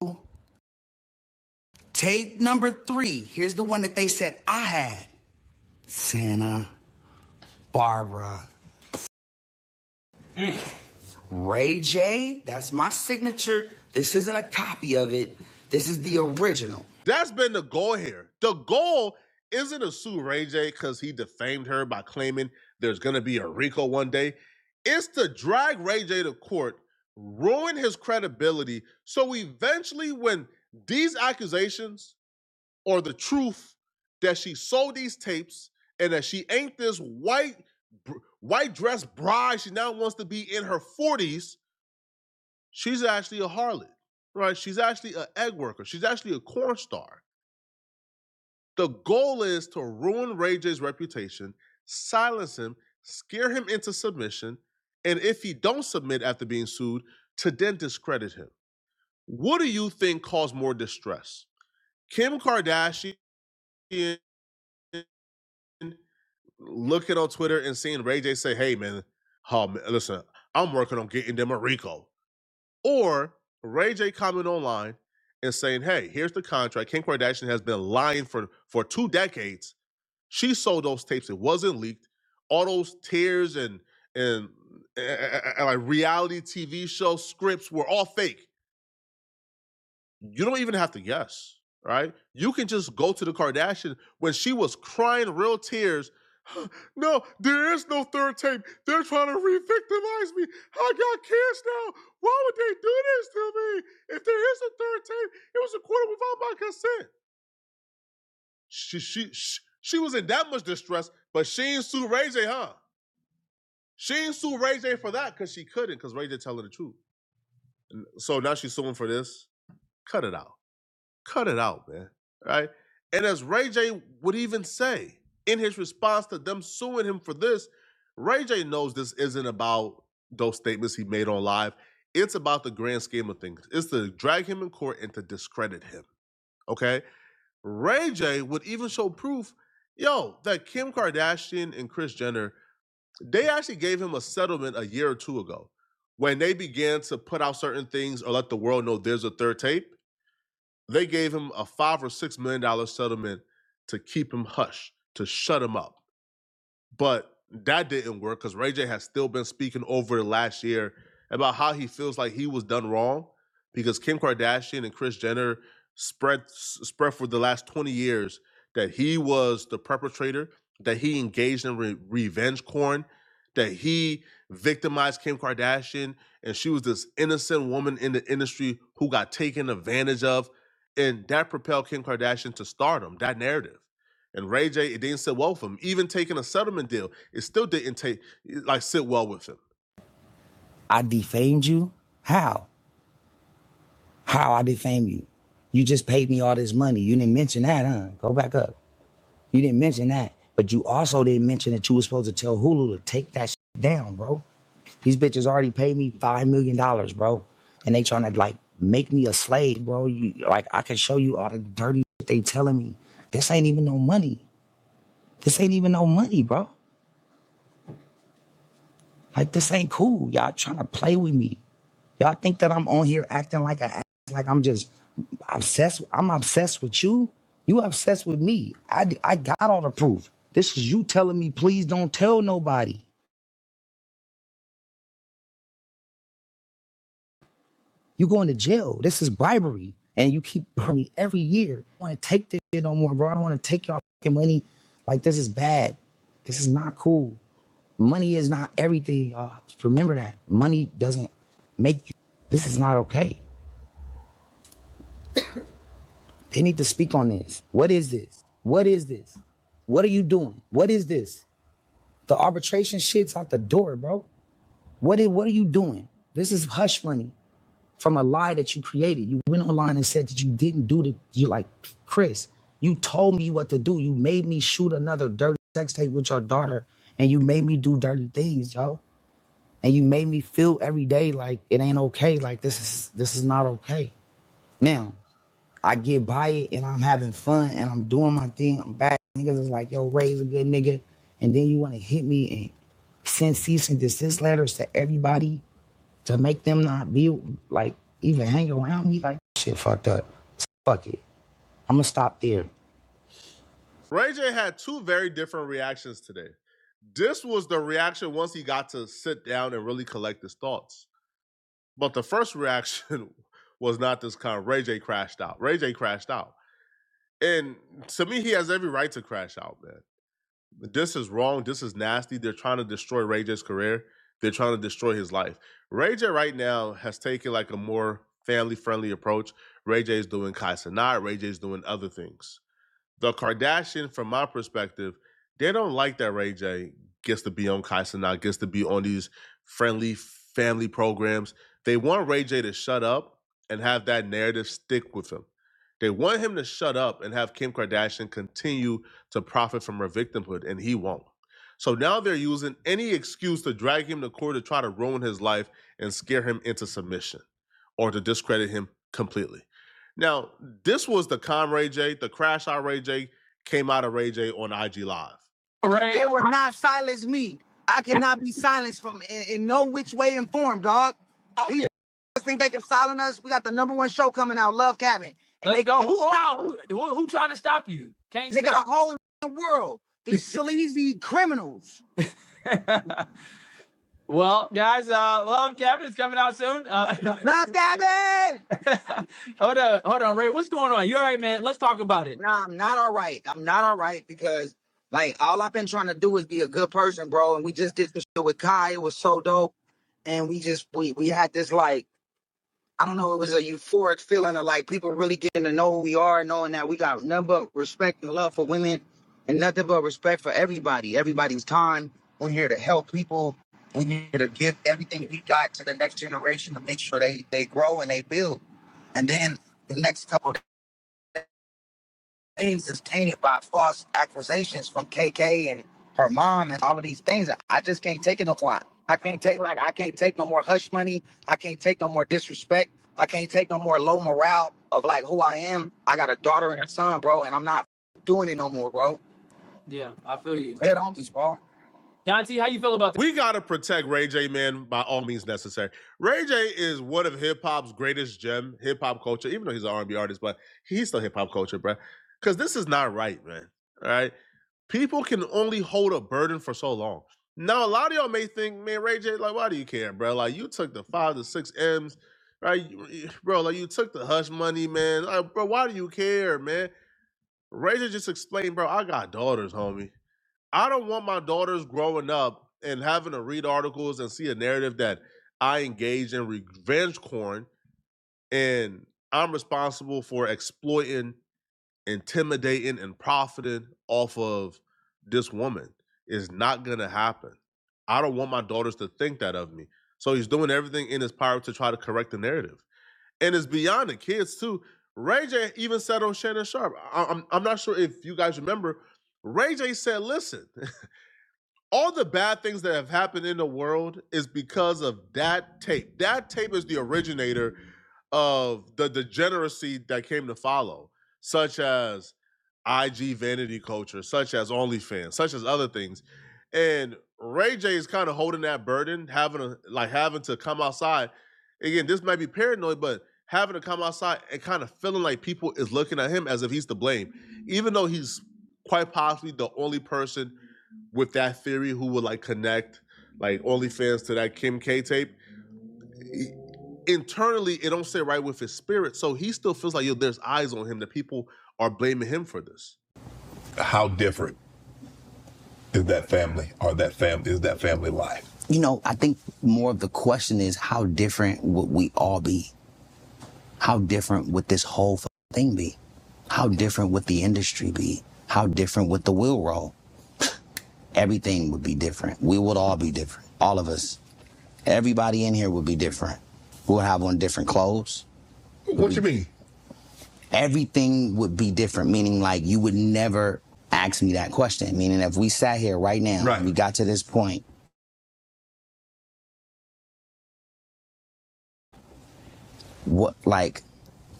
[SPEAKER 9] Tape number three. Here's the one that they said I had. Santa Barbara Ray J, that's my signature. This isn't a copy of it. This is the original. That's been the goal here. The goal isn't to sue Ray J because he defamed her by claiming there's going to be a Rico one day. It's to drag Ray J to court, ruin his credibility. So eventually, when these accusations or the truth that she sold these tapes and that she ain't this white white dress bride, she now wants to be in her 40s She's actually a harlot, right? She's actually an egg worker. She's actually a corn star. The goal is to ruin Ray J's reputation, silence him, scare him into submission, and if he don't submit after being sued, to then discredit him. What do you think caused more distress? Kim Kardashian looking on Twitter and seeing Ray J say, "Hey man, oh, man listen, I'm working on getting them a Rico." or Ray J coming online and saying, "Hey, here's the contract. Kim Kardashian has been lying for for two decades. She sold those tapes. It wasn't leaked. All those tears and and, and, and and like reality TV show scripts were all fake you don't even have to guess, right? You can just go to the Kardashian when she was crying real tears. No, there is no third tape. They're trying to re-victimize me. I got kids now. Why would they do this to me? If there is a third tape, it was recorded without my consent. She she she, she was in that much distress, but she ain't sue Ray J, huh? She ain't sue Ray J for that because she couldn't, because Ray J telling the truth. So now she's suing for this. Cut it out. Cut it out, man. Right? And as Ray J would even say in his response to them suing him for this, Ray J knows this isn't about those statements he made on live. It's about the grand scheme of things. It's to drag him in court and to discredit him. Okay? Ray J would even show proof, yo, that Kim Kardashian and Kris Jenner, they actually gave him a settlement a year or two ago when they began to put out certain things or let the world know there's a third tape they gave him a five or six million dollar settlement to keep him hush, to shut him up. But that didn't work because Ray J has still been speaking over last year about how he feels like he was done wrong because Kim Kardashian and Kris Jenner spread spread for the last 20 years that he was the perpetrator, that he engaged in re- revenge porn, that he victimized Kim Kardashian and she was this innocent woman in the industry who got taken advantage of and that propelled Kim Kardashian to stardom, that narrative. And Ray J, it didn't sit well with him. Even taking a settlement deal, it still didn't take like sit well with him. I defamed you? How? How I defame you? You just paid me all this money. You didn't mention that, huh? Go back up. You didn't mention that. But you also didn't mention that you were supposed to tell Hulu to take that shit down, bro. These bitches already paid me $5 million, dollars, bro. And they trying to like make me a slave, bro. You, like I can show you all the dirty shit they telling me. This ain't even no money. This ain't even no money, bro. Like this ain't cool. Y'all trying to play with me. Y'all think that I'm on here acting like a ass, like I'm just obsessed. I'm obsessed with you. You obsessed with me. I I got all the proof. This is you telling me, please don't tell nobody. You going to jail. This is bribery, and you keep me every year. I don't want to take this shit no more, bro. I don't want to take your fucking money. Like this is bad. This is not cool. Money is not everything. y'all. Just remember that. Money doesn't make you. This is not okay. They need to speak on this. What is this? What is this? What are you doing? What is this? The arbitration shit's out the door, bro. What is, what are you doing? This is hush money from a lie that you created. You went online and said that you didn't do the you like Chris, you told me what to do. You made me shoot another dirty sex tape with your daughter and you made me do dirty things, yo. And you made me feel every day like it ain't okay, like this is this is not okay. Now, I get by it and I'm having fun and I'm doing my thing. I'm back. Niggas is like, yo, Ray's a good nigga. And then you want to hit me and send cease and desist letters to everybody to make them not be like even hang around me. Like, shit fucked up. So Fuck it. I'm going to stop there. Ray J had two very different reactions today. This was the reaction once he got to sit down and really collect his thoughts. But the first reaction was not this kind. Ray J crashed out. Ray J crashed out. And to me, he has every right to crash out, man. This is wrong. This is nasty. They're trying to destroy Ray J's career. They're trying to destroy his life. Ray J right now has taken like a more family friendly approach. Ray J is doing Kai Sinat. Ray J is doing other things. The Kardashian, from my perspective, they don't like that Ray J gets to be on Kaiser now, gets to be on these friendly family programs. They want Ray J to shut up and have that narrative stick with him. They want him to shut up and have Kim Kardashian continue to profit from her victimhood, and he won't. So now they're using any excuse to drag him to court to try to ruin his life and scare him into submission or to discredit him completely. Now, this was the Calm Ray J, the Crash Out Ray J came out of Ray J on IG Live. All Right. They will not silence me. I cannot be silenced from in, in no which way and form, dog. These yeah. think they can silence us. We got the number one show coming out, Love Cabin. And they go, who are you? Can't They got a whole world. These sleazy criminals. Oh, yeah. Love Cabin! it. No, I'm not all right. I'm not all right because like all I've been trying to do is be a good person, bro. And we just did this shit with Kai. It was so dope. And we just we we had this like I don't know, it was a euphoric feeling of like people really getting to know who we are, knowing that we got nothing but respect and love for women and nothing but respect for everybody, everybody's time. We're here to help people. We're here to give everything we got to the next generation to make sure they, they grow and they build. And then the next couple things is tainted by false accusations from KK and her mom and all of these things. I just can't take it no more. I can't take like I can't take no more hush money. I can't take no more disrespect. I can't take no more low morale of like who I am. I got a daughter and a son, bro, and I'm not doing it no more, bro. Yeah, I feel you. Head on this, bro. John T, how you feel about this? We gotta protect Ray J, man, by all means necessary. Ray J is one of hip hop's greatest gem, hip hop culture. Even though he's an R and B artist, but he's still hip hop culture, bro. Because this is not right, man. All right, people can only hold a burden for so long. Now, a lot of y'all may think, man, Ray J, like, why do you care, bro? Like, you took the five to six M's, right, bro? Like, you took the hush money, man. Like, bro, why do you care, man? Ray J just explained, bro. I got daughters, homie. I don't want my daughters growing up and having to read articles and see a narrative that I engage in revenge porn and I'm responsible for exploiting, intimidating, and profiting off of this woman. It's not gonna happen. I don't want my daughters to think that of me. So he's doing everything in his power to try to correct the narrative. And it's beyond the kids too. Ray J even said on Shannon Sharp, I- I'm, I'm not sure if you guys remember, Ray J said, listen, all the bad things that have happened in the world is because of that tape. That tape is the originator of the degeneracy that came to follow, such as IG vanity culture, such as OnlyFans, such as other things. And Ray J is kind of holding that burden, having to like having to come outside. Again, this might be paranoid, but having to come outside and kind of feeling like people is looking at him as if he's to blame, even though he's quite possibly the only person with that theory who would like connect like OnlyFans to that Kim K tape. Internally, it don't sit right with his spirit, so he still feels like yo, there's eyes on him. That people are blaming him for this. How different is that family or that family? is that family life? You know, I think more of the question is how different would we all be? How different would this whole thing be? How different would the industry be? How different would the wheel roll? Everything would be different. We would all be different. All of us. Everybody in here would be different. We'll have on different clothes. What do you mean? Everything would be different, meaning like you would never ask me that question. Meaning if we sat here right now, Right. And we got to this point, what like,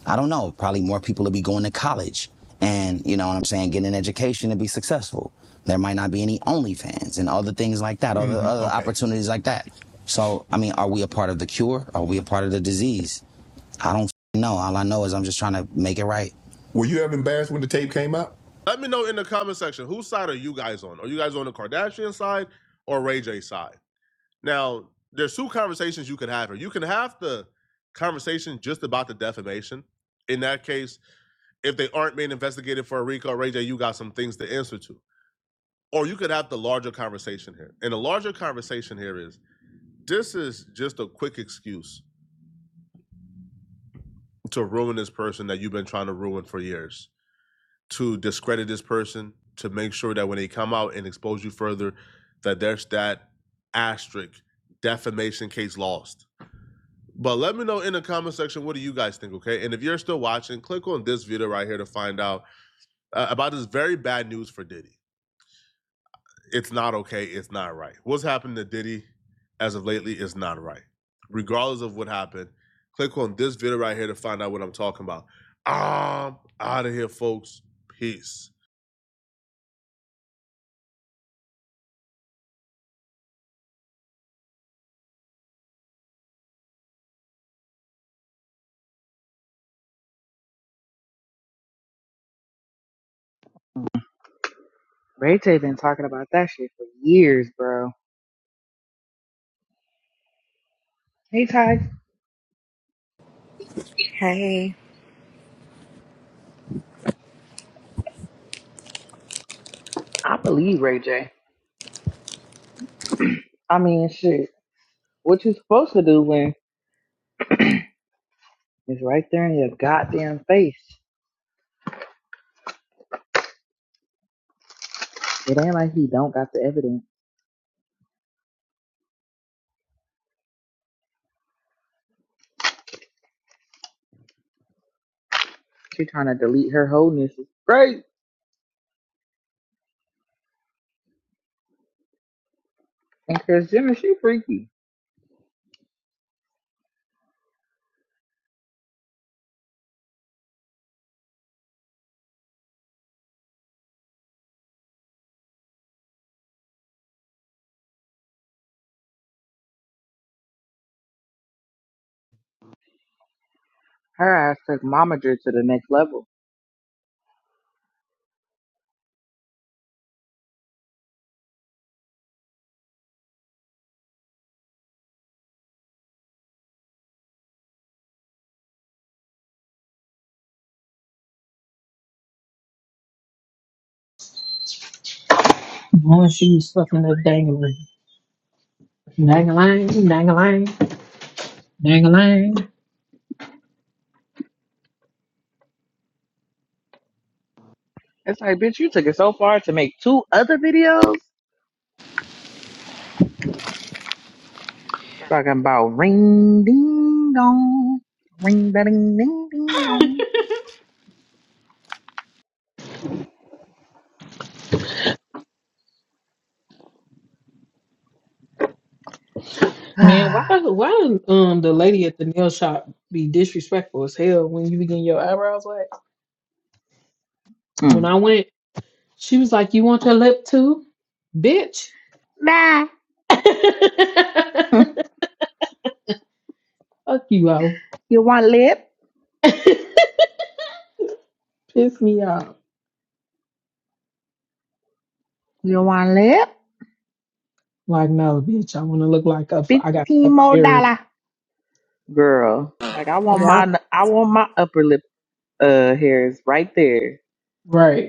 [SPEAKER 9] I don't know, probably more people would be going to college and you know what I'm saying, getting an education to be successful. There might not be any OnlyFans and other things like that, mm-hmm. other, other okay. opportunities like that. So, I mean, are we a part of the cure? Are we a part of the disease? I don't know. All I know is I'm just trying to make it right. You ever embarrassed when the tape came out? Let me know in the comment section whose side are you guys on? Are you guys on the Kardashian side or Ray J side? Now, there's two conversations you could have here. You can have the conversation just about the defamation. In that case, if they aren't being investigated for a RICO, Ray J, you got some things to answer to. Or you could have the larger conversation here. And the larger conversation here is this is just a quick excuse to ruin this person that you've been trying to ruin for years to discredit this person to make sure that when they come out and expose you further, that there's that asterisk defamation case lost. But let me know in the comment section what do you guys think, okay? And if you're still watching, click on this video right here to find out uh, about this very bad news for Diddy. It's not okay. It's not right. What's happened to Diddy as of lately is not right. Regardless of what happened, click on this video right here to find out what I'm talking about. I'm out of here, folks. Peace.
[SPEAKER 1] Ray J been talking about that shit for years, bro. Hey Ty.
[SPEAKER 10] Hey.
[SPEAKER 1] I believe Ray J. I mean shit. What you supposed to do when it's right there in your goddamn face. It ain't like he don't got the evidence. She trying to delete her wholeness. It's great. And Chris Jenner, she freaky. Her ass took momager to the next level.
[SPEAKER 5] Oh, she's fucking a dangling. Dang-a-lang,
[SPEAKER 1] It's like, bitch, you took it so far to make two other videos talking about ring ding dong, ring da ding ding ding dong.
[SPEAKER 5] Man, why does why does um the lady at the nail shop be disrespectful as hell when you be getting your eyebrows waxed? When
[SPEAKER 1] mm.
[SPEAKER 5] I went, she was like, "You want your lip too, bitch?"
[SPEAKER 1] Nah.
[SPEAKER 5] Fuck you, out.
[SPEAKER 1] You want lip?
[SPEAKER 5] Piss me off.
[SPEAKER 1] You want lip?
[SPEAKER 5] Like, no, bitch. I want to look like a. f- I got a
[SPEAKER 1] Fifteen
[SPEAKER 5] fucking
[SPEAKER 1] more
[SPEAKER 5] beard.
[SPEAKER 1] dollar, girl. Like I want
[SPEAKER 10] Yeah.
[SPEAKER 1] my I want my upper lip uh hairs right there.
[SPEAKER 5] Right.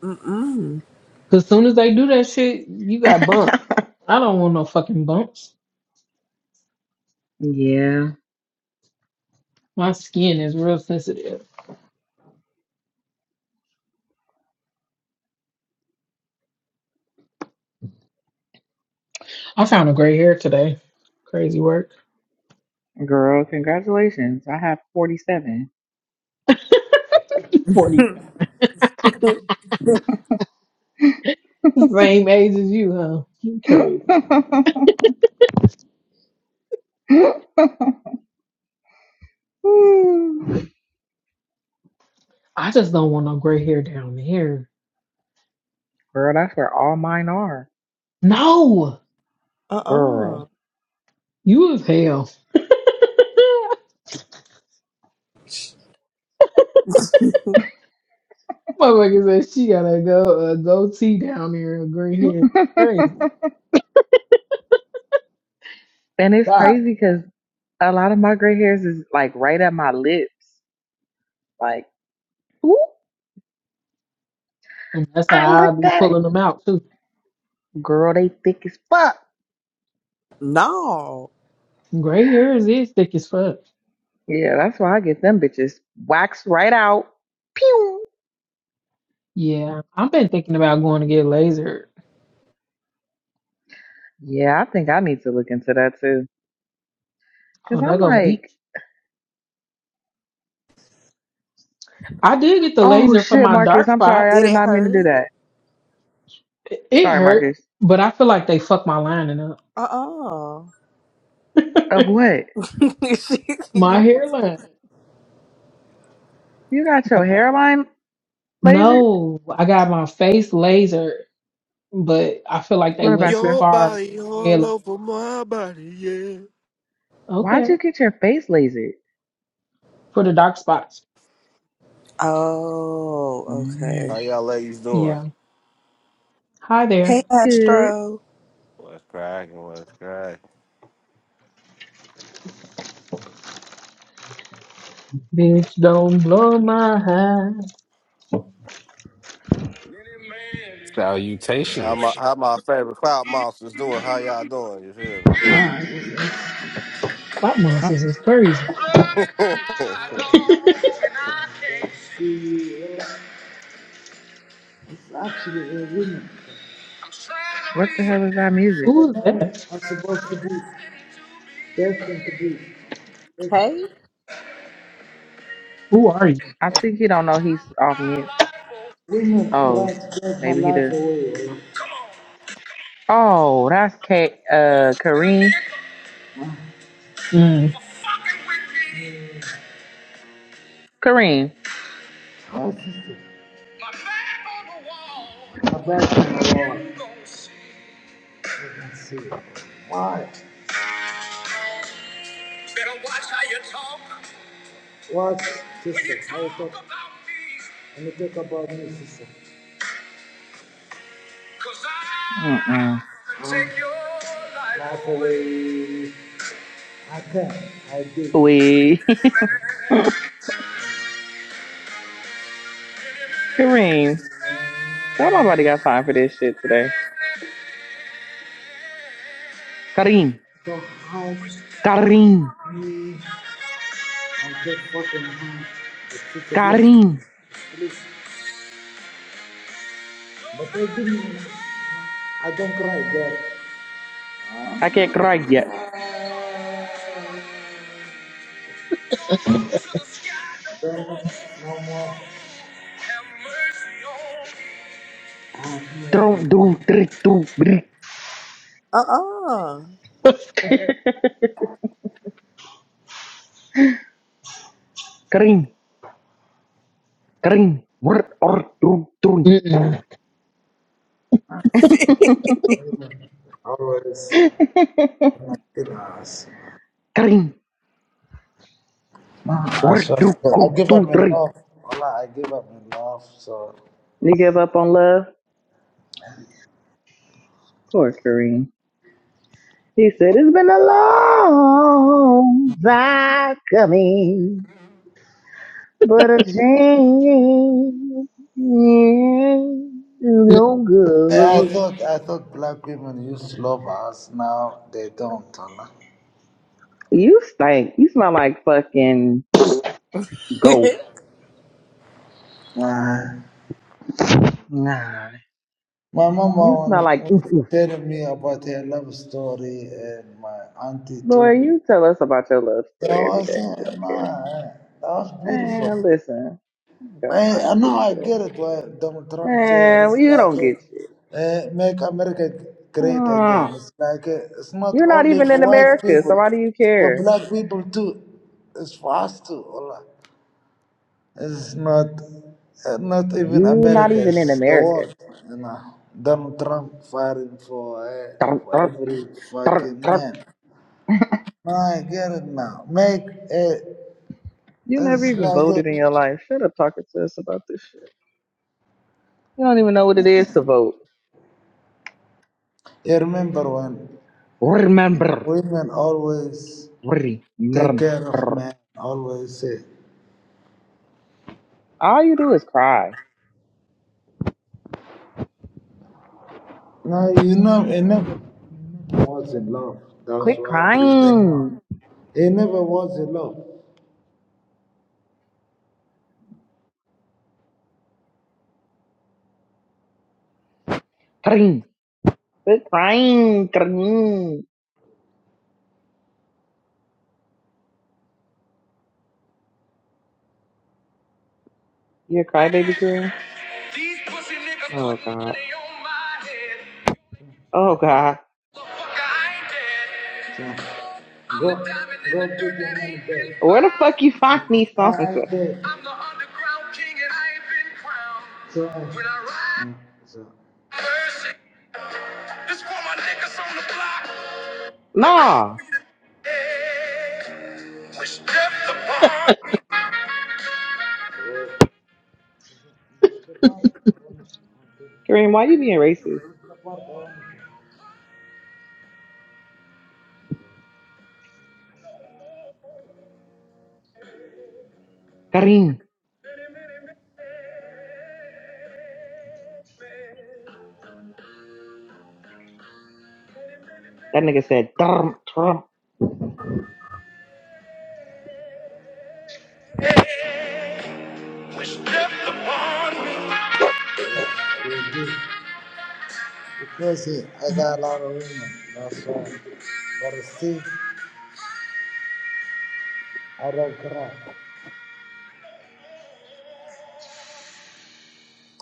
[SPEAKER 10] Mm-mm.
[SPEAKER 5] Cause soon as they do that shit, you got bumps. I don't want no fucking bumps.
[SPEAKER 1] yeah.
[SPEAKER 5] My skin is real sensitive. I found a gray hair today. Crazy work.
[SPEAKER 1] Girl, congratulations. I have 47.
[SPEAKER 5] 47. Same age as you, huh? You
[SPEAKER 1] Girl,
[SPEAKER 5] Crazy. I just don't want no gray hair down here.
[SPEAKER 1] that's where all mine are.
[SPEAKER 5] No,
[SPEAKER 10] Uh,
[SPEAKER 1] Girl.
[SPEAKER 5] you as hell. Motherfucker said she got a go a goatee down there, a gray hair. Crazy
[SPEAKER 1] And it's
[SPEAKER 5] God,
[SPEAKER 1] crazy because a lot of my gray hairs is like right at my lips. Like, ooh,
[SPEAKER 5] and that's
[SPEAKER 1] I
[SPEAKER 5] how I
[SPEAKER 1] looked
[SPEAKER 5] be
[SPEAKER 1] at it.
[SPEAKER 5] pulling them out too.
[SPEAKER 1] Girl, they thick as fuck.
[SPEAKER 10] no.
[SPEAKER 5] Gray hairs is thick as fuck.
[SPEAKER 1] Yeah, that's why I get them bitches waxed right out. Pew.
[SPEAKER 5] Yeah, I've been thinking about going to get laser.
[SPEAKER 1] Yeah, I think I need to look into that too.
[SPEAKER 5] Oh,
[SPEAKER 1] Cause
[SPEAKER 5] that
[SPEAKER 1] I'm
[SPEAKER 5] go meet.
[SPEAKER 1] like,
[SPEAKER 5] I did get the
[SPEAKER 1] Oh
[SPEAKER 5] laser for
[SPEAKER 1] shit,
[SPEAKER 5] my
[SPEAKER 1] Marcus.
[SPEAKER 5] dark
[SPEAKER 1] I'm sorry.
[SPEAKER 5] spots.
[SPEAKER 1] I
[SPEAKER 10] Did
[SPEAKER 1] did
[SPEAKER 10] it
[SPEAKER 1] not mean to do
[SPEAKER 10] hurt?
[SPEAKER 1] that.
[SPEAKER 5] It it
[SPEAKER 1] Sorry,
[SPEAKER 5] hurt,
[SPEAKER 1] Marcus.
[SPEAKER 5] but I feel like they fucked my lining up.
[SPEAKER 10] Uh-uh.
[SPEAKER 1] Of what?
[SPEAKER 5] My
[SPEAKER 10] yeah.
[SPEAKER 5] hairline.
[SPEAKER 1] You got
[SPEAKER 5] Like,
[SPEAKER 1] your hairline lasered?
[SPEAKER 5] no, I got my face laser, but I feel like they
[SPEAKER 1] What
[SPEAKER 5] went
[SPEAKER 1] about
[SPEAKER 5] too
[SPEAKER 1] you?
[SPEAKER 11] Your
[SPEAKER 5] far into
[SPEAKER 11] body
[SPEAKER 5] my
[SPEAKER 11] all
[SPEAKER 5] hairline.
[SPEAKER 11] over my body, yeah.
[SPEAKER 1] Why'd
[SPEAKER 5] Okay,
[SPEAKER 1] you get your face lasered?
[SPEAKER 5] for the dark spots.
[SPEAKER 10] Oh, okay.
[SPEAKER 11] How
[SPEAKER 1] Mm.
[SPEAKER 11] y'all ladies doing?
[SPEAKER 5] Yeah. Hi
[SPEAKER 10] Hey,
[SPEAKER 5] there.
[SPEAKER 1] Good.
[SPEAKER 10] Astro.
[SPEAKER 11] What's cracking? What's cracking?
[SPEAKER 5] Bitch, don't blow my high.
[SPEAKER 12] Any man
[SPEAKER 11] How my
[SPEAKER 13] Salutations.
[SPEAKER 12] wish
[SPEAKER 11] how my favorite cloud monsters doing? How y'all doing? You
[SPEAKER 5] Clock
[SPEAKER 1] Mm,
[SPEAKER 5] monsters is crazy.
[SPEAKER 12] I'm running
[SPEAKER 11] feel me?
[SPEAKER 12] out and I can't see. Yeah, It's actually a woman. I'm trying to
[SPEAKER 1] What the
[SPEAKER 12] be
[SPEAKER 1] hell is that music?
[SPEAKER 5] Who
[SPEAKER 12] The
[SPEAKER 5] is
[SPEAKER 12] men
[SPEAKER 5] that?
[SPEAKER 12] are supposed to be destined to be.
[SPEAKER 10] Hey.
[SPEAKER 5] Who are you?
[SPEAKER 1] I think he don't know he's off mute.
[SPEAKER 12] oh, Women try
[SPEAKER 1] Oh,
[SPEAKER 12] to take my
[SPEAKER 1] maybe he
[SPEAKER 12] life
[SPEAKER 1] does.
[SPEAKER 12] away. oh. Come on,
[SPEAKER 1] Oh, that's K. Uh,
[SPEAKER 12] doing
[SPEAKER 1] Kareem.
[SPEAKER 12] a nickel Huh?
[SPEAKER 5] Mm.
[SPEAKER 12] for fucking with me.
[SPEAKER 1] Kareem.
[SPEAKER 12] Oh, sister, My back on the wall, my back on the wall. you gon' see. I can see. Why? Better watch how you talk. Watch, sister, how you talk. talk. When you talk about me, sister. Cause I
[SPEAKER 1] Mm-mm.
[SPEAKER 12] can take your life, life away. away. I can, I do.
[SPEAKER 1] We. Kareem. Don't nobody got time for this shit today. Kareem.
[SPEAKER 12] So hide
[SPEAKER 1] Kareem.
[SPEAKER 12] me and get fucking hand. It's just a blessing.
[SPEAKER 1] Kareem.
[SPEAKER 12] Please. But I didn't. I don't cry, girl.
[SPEAKER 1] I can't cry yet.
[SPEAKER 12] Girl, no more. Have mercy on
[SPEAKER 1] Drone
[SPEAKER 12] me.
[SPEAKER 1] drone three drone bree.
[SPEAKER 10] Uh-uh.
[SPEAKER 1] Kareem. Kareem. Word or drone drone.
[SPEAKER 5] Mm-mm.
[SPEAKER 12] Always. on my kidnappers.
[SPEAKER 1] Kareem.
[SPEAKER 12] I
[SPEAKER 1] Word
[SPEAKER 12] swear to
[SPEAKER 1] drone
[SPEAKER 12] God, I
[SPEAKER 1] go
[SPEAKER 12] give up
[SPEAKER 1] two
[SPEAKER 12] in
[SPEAKER 1] three.
[SPEAKER 12] love. Allah, I give up in love. So
[SPEAKER 1] You give up on love? Poor Kareem. He said, It's been a long time coming, but a change is no
[SPEAKER 12] yeah, I
[SPEAKER 1] good.
[SPEAKER 12] thought I thought black women used to love us. Now they don't. Allah.
[SPEAKER 1] You stink. You smell like fucking Go.
[SPEAKER 12] My
[SPEAKER 1] Nah.
[SPEAKER 12] My
[SPEAKER 1] You smell
[SPEAKER 12] mama
[SPEAKER 1] like
[SPEAKER 12] was
[SPEAKER 1] oof oof.
[SPEAKER 12] telling me about her love story and my auntie
[SPEAKER 1] Boy,
[SPEAKER 12] too.
[SPEAKER 1] you tell us about your love
[SPEAKER 12] Yeah,
[SPEAKER 1] story every
[SPEAKER 12] well,
[SPEAKER 1] day. We don't
[SPEAKER 12] saying,
[SPEAKER 1] care.
[SPEAKER 12] nah, that's beautiful.
[SPEAKER 1] Man, listen. I ain't got
[SPEAKER 12] Man,
[SPEAKER 1] time
[SPEAKER 12] I
[SPEAKER 1] for this
[SPEAKER 12] know I
[SPEAKER 1] today.
[SPEAKER 12] get it why Donald Trump
[SPEAKER 1] Man,
[SPEAKER 12] says it's
[SPEAKER 1] you don't
[SPEAKER 12] like
[SPEAKER 1] get shit.
[SPEAKER 12] uh, uh, make America great again.
[SPEAKER 1] Mm.
[SPEAKER 12] It's like uh, it's not
[SPEAKER 1] You're not
[SPEAKER 12] only
[SPEAKER 1] even
[SPEAKER 12] for
[SPEAKER 1] in
[SPEAKER 12] white
[SPEAKER 1] America, so
[SPEAKER 12] people,
[SPEAKER 1] why do you
[SPEAKER 12] it's for
[SPEAKER 1] care?
[SPEAKER 12] black people too. It's for us too. Allah. It's not uh, not even
[SPEAKER 1] You're not
[SPEAKER 12] America,
[SPEAKER 1] even in
[SPEAKER 12] it's the
[SPEAKER 1] America.
[SPEAKER 12] world. You know, Donald Trump fighting for uh,
[SPEAKER 1] Dun,
[SPEAKER 12] for
[SPEAKER 1] dun,
[SPEAKER 12] every
[SPEAKER 1] dun,
[SPEAKER 12] fucking
[SPEAKER 1] dun.
[SPEAKER 12] man. No, I get it now. Make it.
[SPEAKER 1] You never
[SPEAKER 12] It's
[SPEAKER 1] even
[SPEAKER 12] like uh,
[SPEAKER 1] voted in your life. Shut up talking to us about this shit. You don't even know what it is to vote.
[SPEAKER 12] Yeah, remember when
[SPEAKER 1] Remember.
[SPEAKER 12] women always take
[SPEAKER 1] Remember.
[SPEAKER 12] care of men, always say,
[SPEAKER 1] All you do is cry.
[SPEAKER 12] no, you know, he never, was in love. That's
[SPEAKER 1] Quit
[SPEAKER 12] why he came out.
[SPEAKER 1] crying.
[SPEAKER 12] He never was in love.
[SPEAKER 1] Kareem. Quit crying, Kareem. You a crybaby, Kareem?
[SPEAKER 12] These pussy niggas
[SPEAKER 1] Oh,
[SPEAKER 12] putting
[SPEAKER 1] God.
[SPEAKER 12] money on my head.
[SPEAKER 1] Oh, God.
[SPEAKER 12] Motherfucker, I ain't dead. So go, I'm the diamond in go the put dirt your that hand ain't been
[SPEAKER 1] Where the fuck you
[SPEAKER 12] found.
[SPEAKER 1] find these songs?
[SPEAKER 12] I
[SPEAKER 1] at?
[SPEAKER 12] ain't dead. I'm the underground king and I ain't been crowned. So, When I ride, mm, so mercy. This for my niggas on the block. They call
[SPEAKER 1] Nah.
[SPEAKER 12] me the egg. Wish stepped upon me.
[SPEAKER 1] Kareem, why you being racist? Kareem. That nigga said, Trump, Trump.
[SPEAKER 12] Wish stepped upon me. Because he, I
[SPEAKER 1] Uh-uh.
[SPEAKER 12] got a lot of women. That's why. But see, I don't cry.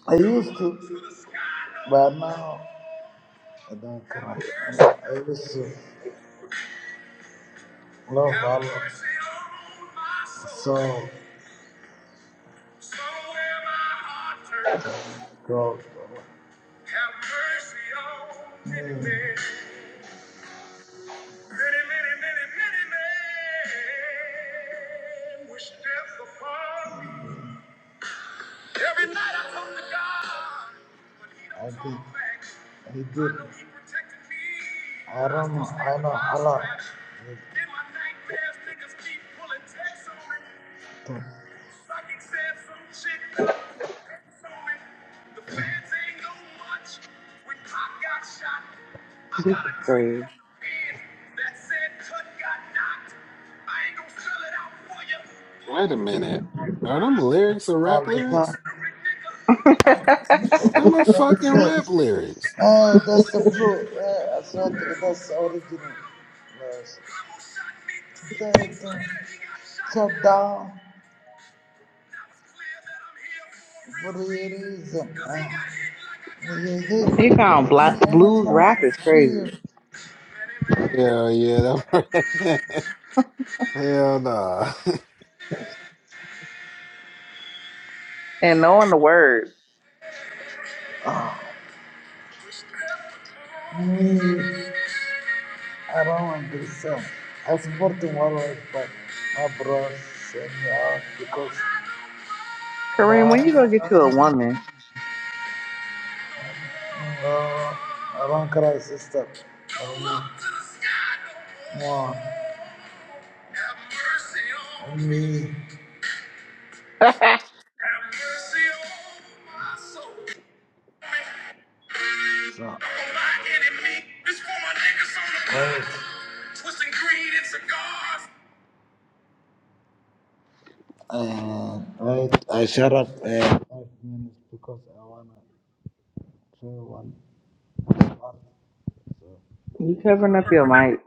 [SPEAKER 12] I used to, but now I don't cry. I used to. Love, I love. So, go, go, go. Have many, many, many, many men, which death upon me. Every night I talk to God. But he don't I talk did. I know he protected me. I don't know. I know. I know. In my nightmares, niggas keep pulling texts on me. Mm. Psychic said some shit done X on me. The fans ain't know much. When Pop got shot, I
[SPEAKER 1] This
[SPEAKER 12] got a
[SPEAKER 1] is
[SPEAKER 12] knife
[SPEAKER 1] crazy.
[SPEAKER 12] from the fans that said Tut got knocked. I ain't gonna spell it out for you,
[SPEAKER 13] Wait a minute.
[SPEAKER 12] motherfucker. All the
[SPEAKER 13] Are them
[SPEAKER 12] time
[SPEAKER 13] lyrics or
[SPEAKER 12] all
[SPEAKER 13] rap
[SPEAKER 12] the time.
[SPEAKER 13] lyrics?
[SPEAKER 12] That's
[SPEAKER 13] They're my fucking
[SPEAKER 12] it.
[SPEAKER 13] rap lyrics.
[SPEAKER 12] Uh, that's the blue. Uh, أصواتك that's original. Yes. They don't shut down for a reason. Uh, you hit
[SPEAKER 1] He found
[SPEAKER 12] me
[SPEAKER 1] black
[SPEAKER 12] and
[SPEAKER 1] blues
[SPEAKER 12] fuck
[SPEAKER 1] rap is
[SPEAKER 12] feel
[SPEAKER 1] crazy.
[SPEAKER 13] Hell yeah. That... Hell nah.
[SPEAKER 1] And knowing the word.
[SPEAKER 12] me. Me. around the sun. I support the wildlife, but my bros send me out because
[SPEAKER 1] Kareem, when you gonna get you a
[SPEAKER 12] my
[SPEAKER 1] woman?
[SPEAKER 12] uh, around Christ sister. Um, more on me.
[SPEAKER 1] you
[SPEAKER 12] So, wait. Uh, right, I shut up uh, five minutes because I wanna try one. So.
[SPEAKER 1] covering up your mic.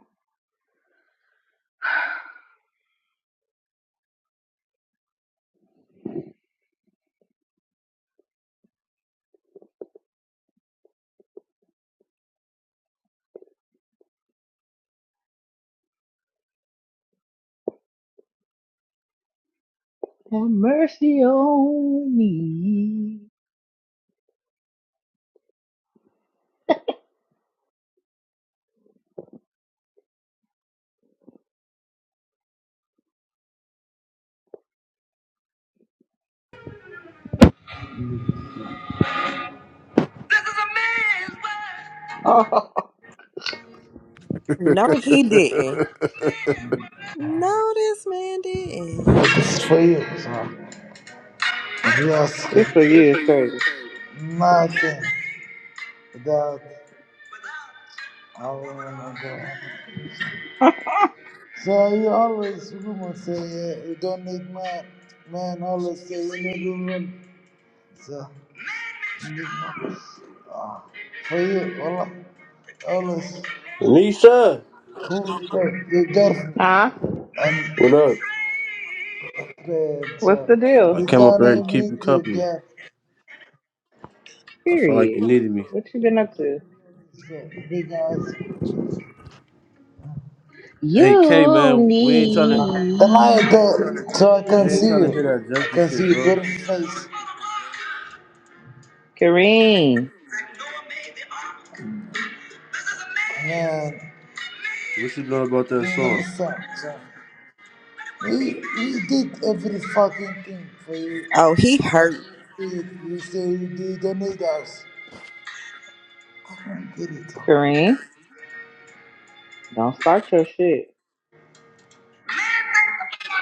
[SPEAKER 1] Have mercy on me.
[SPEAKER 12] This is a man's world.
[SPEAKER 1] Oh,
[SPEAKER 10] no, he didn't. No, this man didn't.
[SPEAKER 12] This is for you. So if you ask it,
[SPEAKER 1] this for you is crazy.
[SPEAKER 12] nothing that I wanna go. So you always women say uh, you don't need man. Men always say you need women. So you need man. Ah, for you, Allah, always.
[SPEAKER 14] Nisha,
[SPEAKER 12] who the, the girlfriend
[SPEAKER 1] Huh?
[SPEAKER 14] what up?
[SPEAKER 12] and friend.
[SPEAKER 1] What's
[SPEAKER 12] So
[SPEAKER 1] the deal?
[SPEAKER 14] I
[SPEAKER 12] you
[SPEAKER 14] came up here to
[SPEAKER 12] gonna
[SPEAKER 14] keep you
[SPEAKER 12] meet your
[SPEAKER 14] company.
[SPEAKER 12] girl
[SPEAKER 14] I felt like
[SPEAKER 1] Period.
[SPEAKER 14] you needed me.
[SPEAKER 1] What you been up to?
[SPEAKER 12] so, because
[SPEAKER 14] Hey K
[SPEAKER 1] You
[SPEAKER 14] man, we ain't trying to
[SPEAKER 12] the
[SPEAKER 1] need
[SPEAKER 12] light uh, so I can
[SPEAKER 14] we ain't
[SPEAKER 12] see
[SPEAKER 14] trying to hear that
[SPEAKER 12] you. I
[SPEAKER 14] junkie
[SPEAKER 12] can see
[SPEAKER 14] shit,
[SPEAKER 12] your
[SPEAKER 14] bro.
[SPEAKER 12] good face.
[SPEAKER 1] Kareem.
[SPEAKER 12] Man,
[SPEAKER 14] What you know about
[SPEAKER 12] you
[SPEAKER 14] that song?
[SPEAKER 12] understand? So we we did every fucking thing for you,
[SPEAKER 10] Oh, he
[SPEAKER 12] but
[SPEAKER 10] hurt.
[SPEAKER 12] you, you say you didn't need us. I don't get it.
[SPEAKER 1] Kareem, don't start your shit.
[SPEAKER 12] Man thinks about a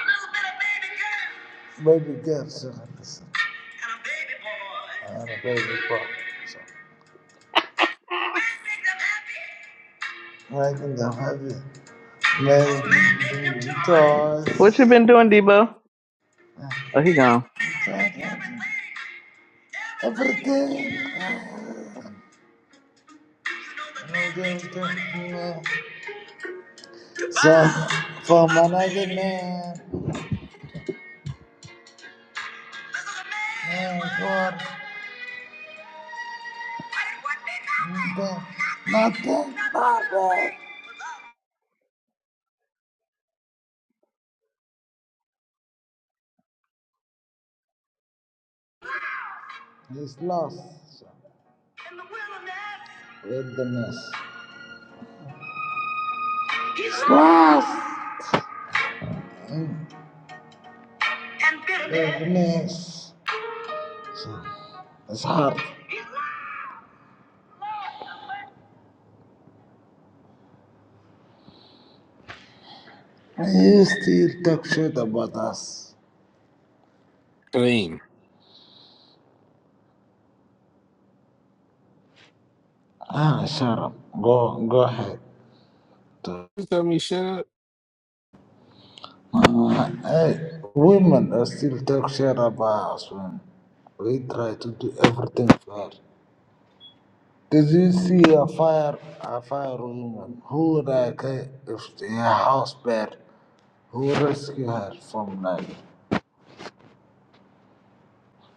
[SPEAKER 12] little bit of baby girl. Baby girl, sir. And a baby boy. And a baby boy. So. Man makes them happy. Making them happy. Man makes them toys.
[SPEAKER 1] What you been doing, Debo? Oh, he gone.
[SPEAKER 12] Everything. So, for management, and for nothing, nothing. He's lost in the wilderness. Wilderness. He's lost in and bitterness. So, it's hard. And you still talk shit about us.
[SPEAKER 13] Clean.
[SPEAKER 12] Ah, shut up. Go, go ahead.
[SPEAKER 13] You tell me shit
[SPEAKER 12] Uh, hey, women are still talk shit about us when we try to do everything fair. Did you see a fire a fire woman who like a if her house burned? Who rescued her from like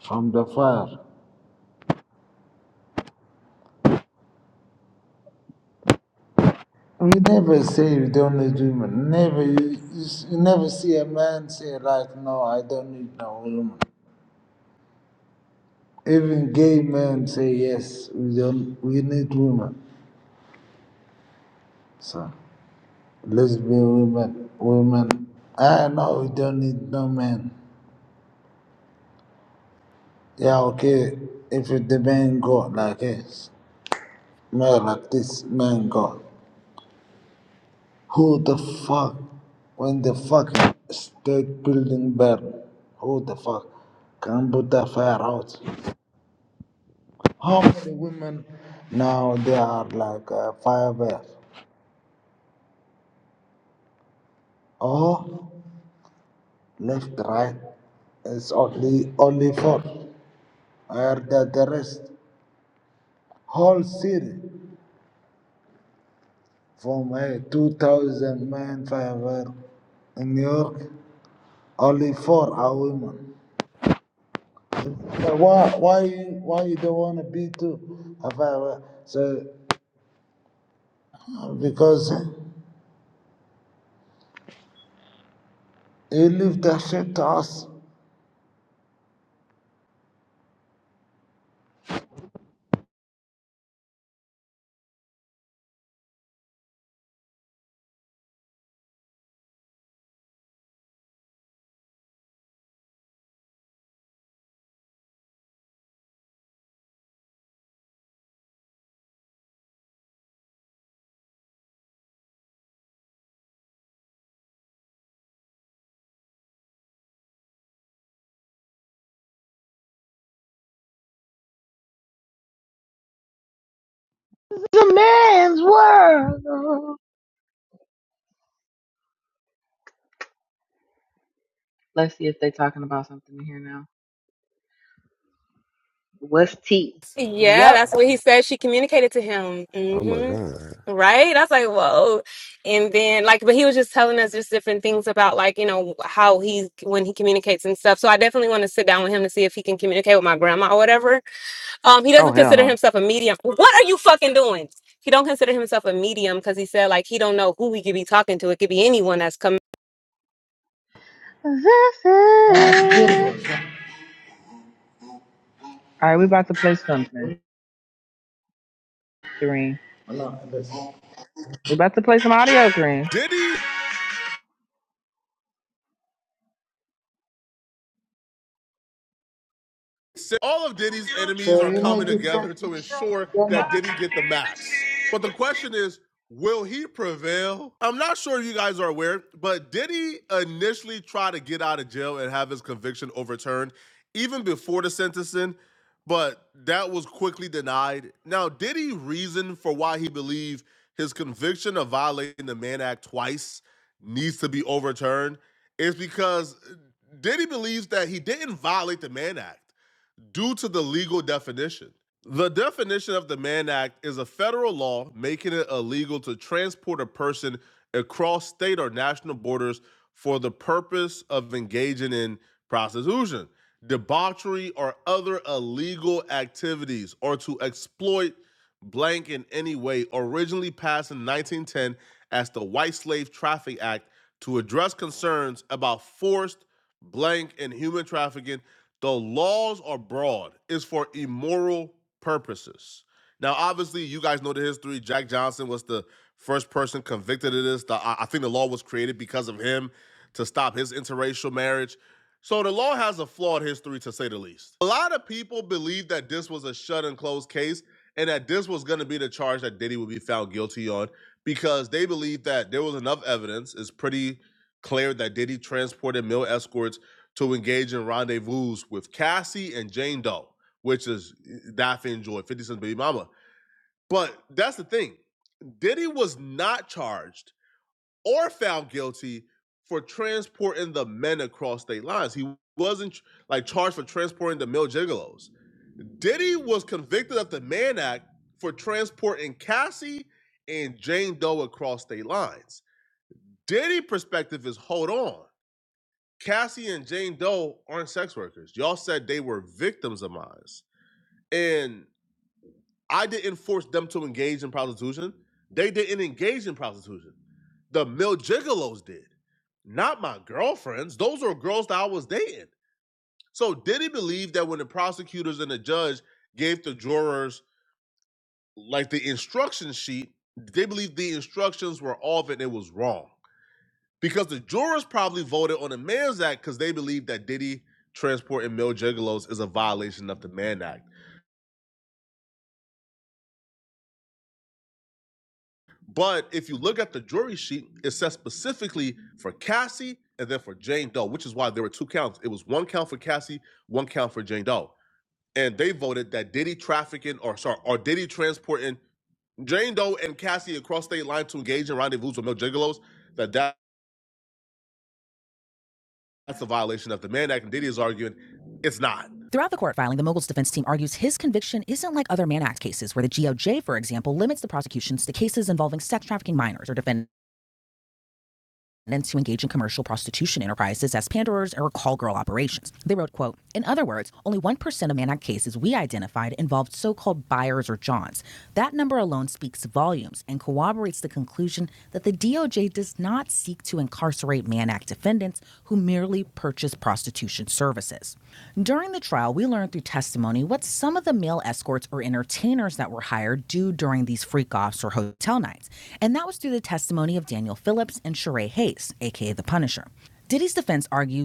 [SPEAKER 12] from the fire? We never say we don't need women. Never you, you s- you never see a man say like no, I don't need no woman. Even gay men say yes, we don't we need women. So lesbian women women I know we don't need no man. Yeah okay if the man go like this. Man, like this man God. Who the fuck? When the fucking state building burn, who the fuck can put the fire out? How many women now they are like uh, firemen? Oh, left, right. It's only only four. Are the, the rest whole city from uh, 2,000 man firework in New York? Only four are women. But why why you why you don't want to be too? If I So because you leave that shit to us.
[SPEAKER 1] It's a man's world. Let's see if they are talking about something in here now. What's tea?
[SPEAKER 9] Yeah, Yep. that's what he said. She communicated to him. Oh my hmm God. Right? I was like, whoa. And then, like, but he was just telling us just different things about, like, you know, how he's when he communicates and stuff. So I definitely want to sit down with him to see if he can communicate with my grandma or whatever. Um, he
[SPEAKER 1] Oh
[SPEAKER 9] doesn't
[SPEAKER 1] hell
[SPEAKER 9] consider
[SPEAKER 1] no.
[SPEAKER 9] himself a medium. What are you fucking doing? He don't consider himself a medium because he said, like, he don't know who he could be talking to. It could be anyone that's coming.
[SPEAKER 1] All
[SPEAKER 12] Ah, beautiful. So
[SPEAKER 1] right, we about to play something, Kareem.
[SPEAKER 12] Allah, this.
[SPEAKER 1] We about to play some audio, Kareem.
[SPEAKER 9] Did he? all of Diddy's enemies
[SPEAKER 12] So,
[SPEAKER 9] are
[SPEAKER 12] you know
[SPEAKER 9] coming
[SPEAKER 12] this song.
[SPEAKER 9] together to ensure
[SPEAKER 12] Jama.
[SPEAKER 9] that Diddy get the max. But the question is, will he prevail? I'm not sure if you guys are aware, but Diddy initially tried to get out of jail and have his conviction overturned even before the sentencing, but that was quickly denied. Now, Diddy reasoned for why he believed his conviction of violating the Mann Act twice needs to be overturned is because Diddy believes that he didn't violate the Mann Act due to the legal definition. The definition of the Mann Act is a federal law making it illegal to transport a person across state or national borders for the purpose of engaging in prostitution, debauchery, or other illegal activities, or to exploit blank in any way, originally passed in 1910 as the White Slave Traffic Act to address concerns about forced blank and human trafficking. The laws are broad, it's for immoral purposes. Now, obviously, you guys know the history. Jack Johnson was the first person convicted of this. The, I I think the law was created because of him to stop his interracial marriage. So the law has a flawed history, to say the least. A lot of people believe that this was a shut and closed case and that this was going to be the charge that Diddy would be found guilty on because they believe that there was enough evidence. It's pretty clear that Diddy transported male escorts to engage in rendezvous with Cassie and Jane Doe, which is Daffy and Joy, 50 Cent's baby mama. But that's the thing. Diddy was not charged or found guilty for transporting the men across state lines. He wasn't like charged for transporting the male gigolos Diddy was convicted of the Mann Act for transporting Cassie and Jane Doe across state lines. Diddy's perspective is hold on. Cassie and Jane Doe aren't sex workers. Y'all said they were victims of mine. And I didn't force them to engage in prostitution. They didn't engage in prostitution. The male gigolos did. Not my girlfriends. Those were girls that I was dating. So Diddy believed that when the prosecutors and the judge gave the jurors like the instruction sheet, they believe the instructions were off and it was wrong. Because the jurors probably voted on the Man's Act because they believe that Diddy transporting male gigolos is a violation of the Mann Act. But if you look at the jury sheet, it says specifically for Cassie and then for Jane Doe, which is why there were two counts. It was one count for Cassie, one count for Jane Doe. And they voted that Diddy trafficking or sorry, or Diddy transporting Jane Doe and Cassie across state line to engage in rendezvous with male gigolos, that that That's a violation of the Mann Act. And Diddy is arguing it's not. Throughout the court filing, the his Act cases, where the GOJ, for example, limits the prosecutions to cases involving sex trafficking minors or defendants. and to engage in commercial prostitution enterprises as panderers or call girl operations. They wrote, quote, In other words, only 1% of Mannock cases we identified involved so-called buyers or Johns. That number alone speaks volumes and corroborates the conclusion that the DOJ does not seek to incarcerate Mannack defendants who merely purchase prostitution services. During the trial, we learned through testimony what were hired due to Officer Phillips and Sheree Hayes, aka the Punisher.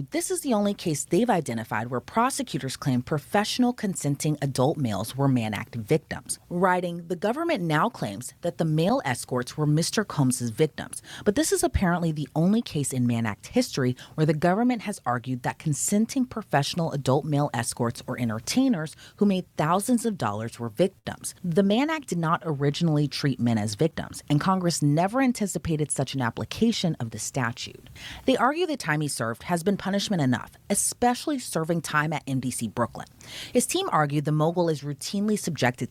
[SPEAKER 9] And this is the only case they've identified where prosecutors claim professional consenting adult males were Mann Act victims. Writing, the government now claims that the male escorts were Mr. Combs's victims, but this is apparently the only case in Mann Act history where the government has argued that consenting professional adult male escorts or entertainers who made thousands of dollars were victims. The Mann Act did not originally treat men as victims, and Congress never anticipated such an application of the statute. They argue the time he served has been punishment enough, especially serving time at MDC Brooklyn. His team Ogle is routinely subjected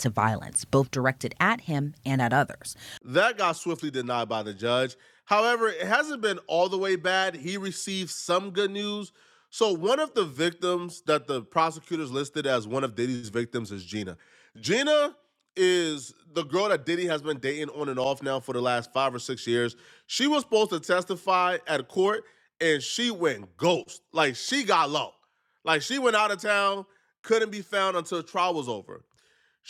[SPEAKER 9] years. That got swiftly denied by the judge. However, it hasn't been all the way bad. He received some good news. So, one of the victims that the prosecutors listed as one of Diddy's victims is Gina. Gina is the girl that Diddy has been dating on and off now for the last five or six years. She was supposed to testify at court and she went ghost. Like, she got low. Like, she went out of town, couldn't be found until trial was over.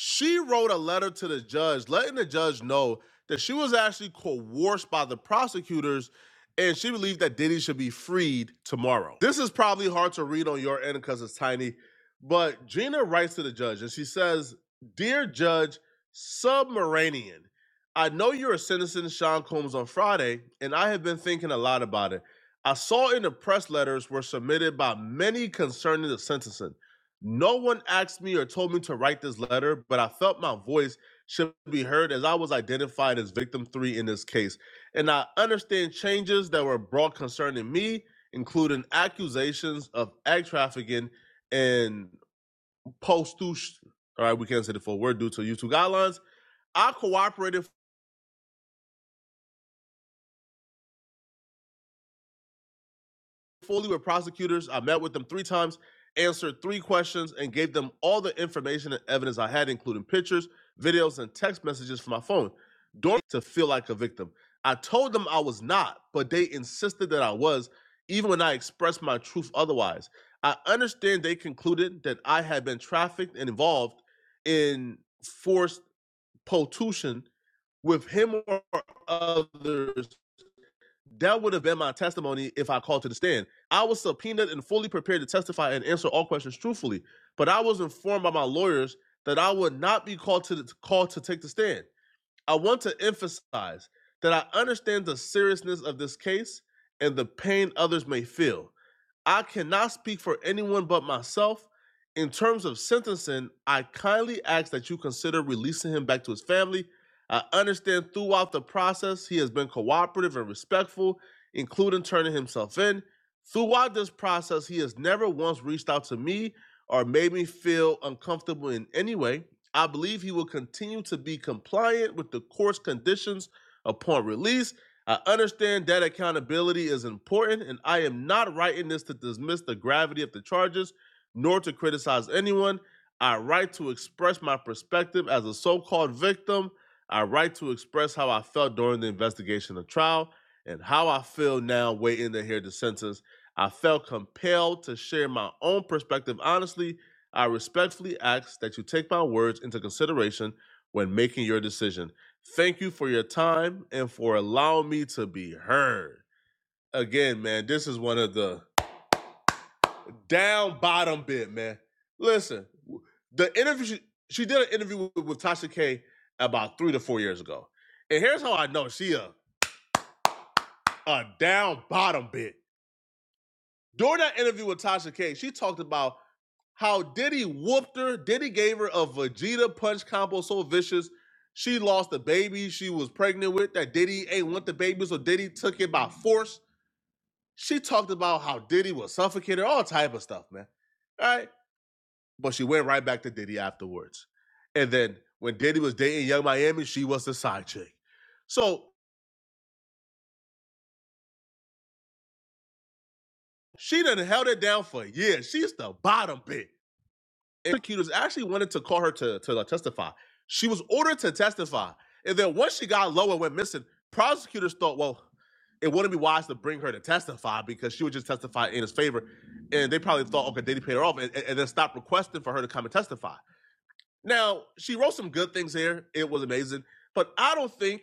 [SPEAKER 9] She wrote a letter to the judge, letting the judge know that she was actually coerced by the prosecutors and she believed that Diddy should be freed tomorrow. This is probably hard to read on your end because it's tiny, but Gina writes to the judge and she says, Dear Judge Submaranian, I know you're sentencing Sean Combs on Friday, and I have been thinking a lot about it. I saw in the press letters were submitted by many concerning the sentencing. No one asked me or told me to write this letter, but I felt my voice should be heard as I was identified as victim three in this case. And I understand changes that were brought concerning me, including accusations of ag trafficking and post All right, we can't say the full word due to YouTube guidelines. I cooperated fully with prosecutors. I met with them three times, answered three questions, and gave them all the information and evidence I had, including pictures, videos, and text messages from my phone. During to feel like a victim. I told them I was not, but they insisted that I was, even when I expressed my truth otherwise. I understand they concluded that I had been trafficked and involved in forced potution with him or others that would have been my testimony if I called to the stand. I was subpoenaed and fully prepared to testify and answer all questions truthfully, but I was informed by my lawyers that I would not be called to the, called to take the stand. I want to emphasize that I understand the seriousness of this case and the pain others may feel. I cannot speak for anyone but myself. In terms of sentencing, I kindly ask that you consider releasing him back to his family. I understand throughout the process he has been cooperative and respectful, including turning himself in. Throughout this process, he has never once reached out to me or made me feel uncomfortable in any way. I believe he will continue to be compliant with the court's conditions upon release. I understand that accountability is important, and I am not writing this to dismiss the gravity of the charges nor to criticize anyone. I write to express my perspective as a so called victim. I write to express how I felt during the investigation of trial and how I feel now waiting to hear the sentence. I felt compelled to share my own perspective honestly I respectfully ask that you take my words into consideration when making your decision. Thank you for your time and for allowing me to be heard. Again, man, this is one of the down bottom bit, man. Listen, w- the interview she, she did an interview with, with Tasha K about three to four years ago, and here's how I know she a a down bottom bit. During that interview with Tasha K, she talked about how Diddy whooped her. Diddy gave her a Vegeta punch combo so vicious. She lost the baby she was pregnant with that Diddy ain't want the baby, so Diddy took it by force. She talked about how Diddy was suffocated, all type of stuff, man. All right. But she went right back to Diddy afterwards. And then when Diddy was dating Young Miami, she was the side chick. So she done held it down for years. She's the bottom bitch. prosecutors actually wanted to call her to, to uh, testify. She was ordered to testify. And then once she got low and went missing, prosecutors thought, well, it wouldn't be wise to bring her to testify because she would just testify in his favor. And they probably thought, okay, they paid her off and, and and then stopped requesting for her to come and testify. Now, she wrote some good things here. It was amazing. But I don't think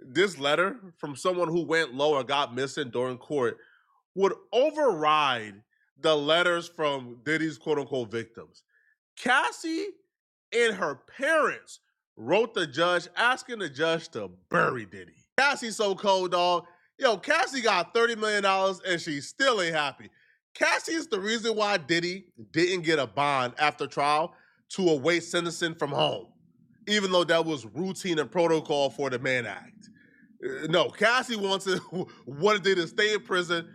[SPEAKER 9] this letter from someone who went low or got missing during court would override the letters from Diddy's quote unquote victims Cassie and her parents wrote the judge asking the judge to bury Diddy. Cassie's so cold, dog. Yo, Cassie got $30 million dollars and she still ain't happy. Cassie is the reason why Diddy didn't get a bond after trial to await sentencing from home, even though that was routine and protocol for the Mann Act. Uh, No, Cassie wants to wanted Diddy to stay in prison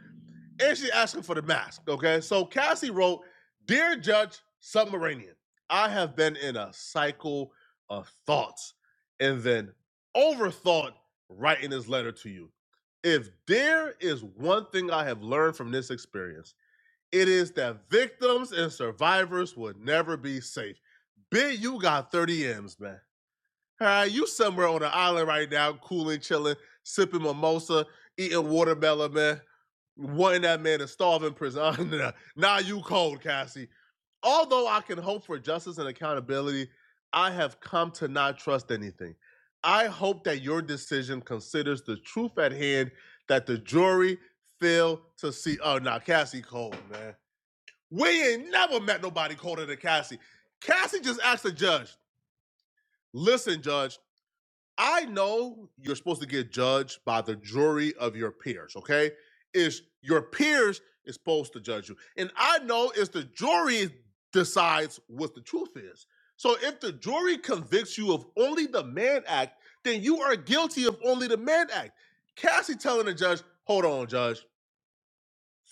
[SPEAKER 9] and she asking for the mask. Okay, so Cassie wrote, "Dear Judge Submarinian, I have been in a cycle of thoughts, and then overthought writing this letter to you. If there is one thing I have learned from this experience, it is that victims and survivors would never be safe. Bit, you got 30 M's, man. All right, you somewhere on an island right now, cooling, chilling, sipping mimosa, eating watermelon, man. Wanting that man to starve in prison. Nah, now nah, you cold, Cassie. Although I can hope for justice and accountability, I have come to not trust anything. I hope that your decision considers the truth at hand that the jury failed to see. Oh, now Cassie cold, man. We ain't never met nobody colder than Cassie. Cassie just asked the judge, listen, judge, I know you're supposed to get judged by the jury of your peers, okay? Is your peers is supposed to judge you. And I know it's the jury decides what the truth is. So if the jury convicts you of only the man act, then you are guilty of only the man act. Cassie telling the judge, hold on, judge.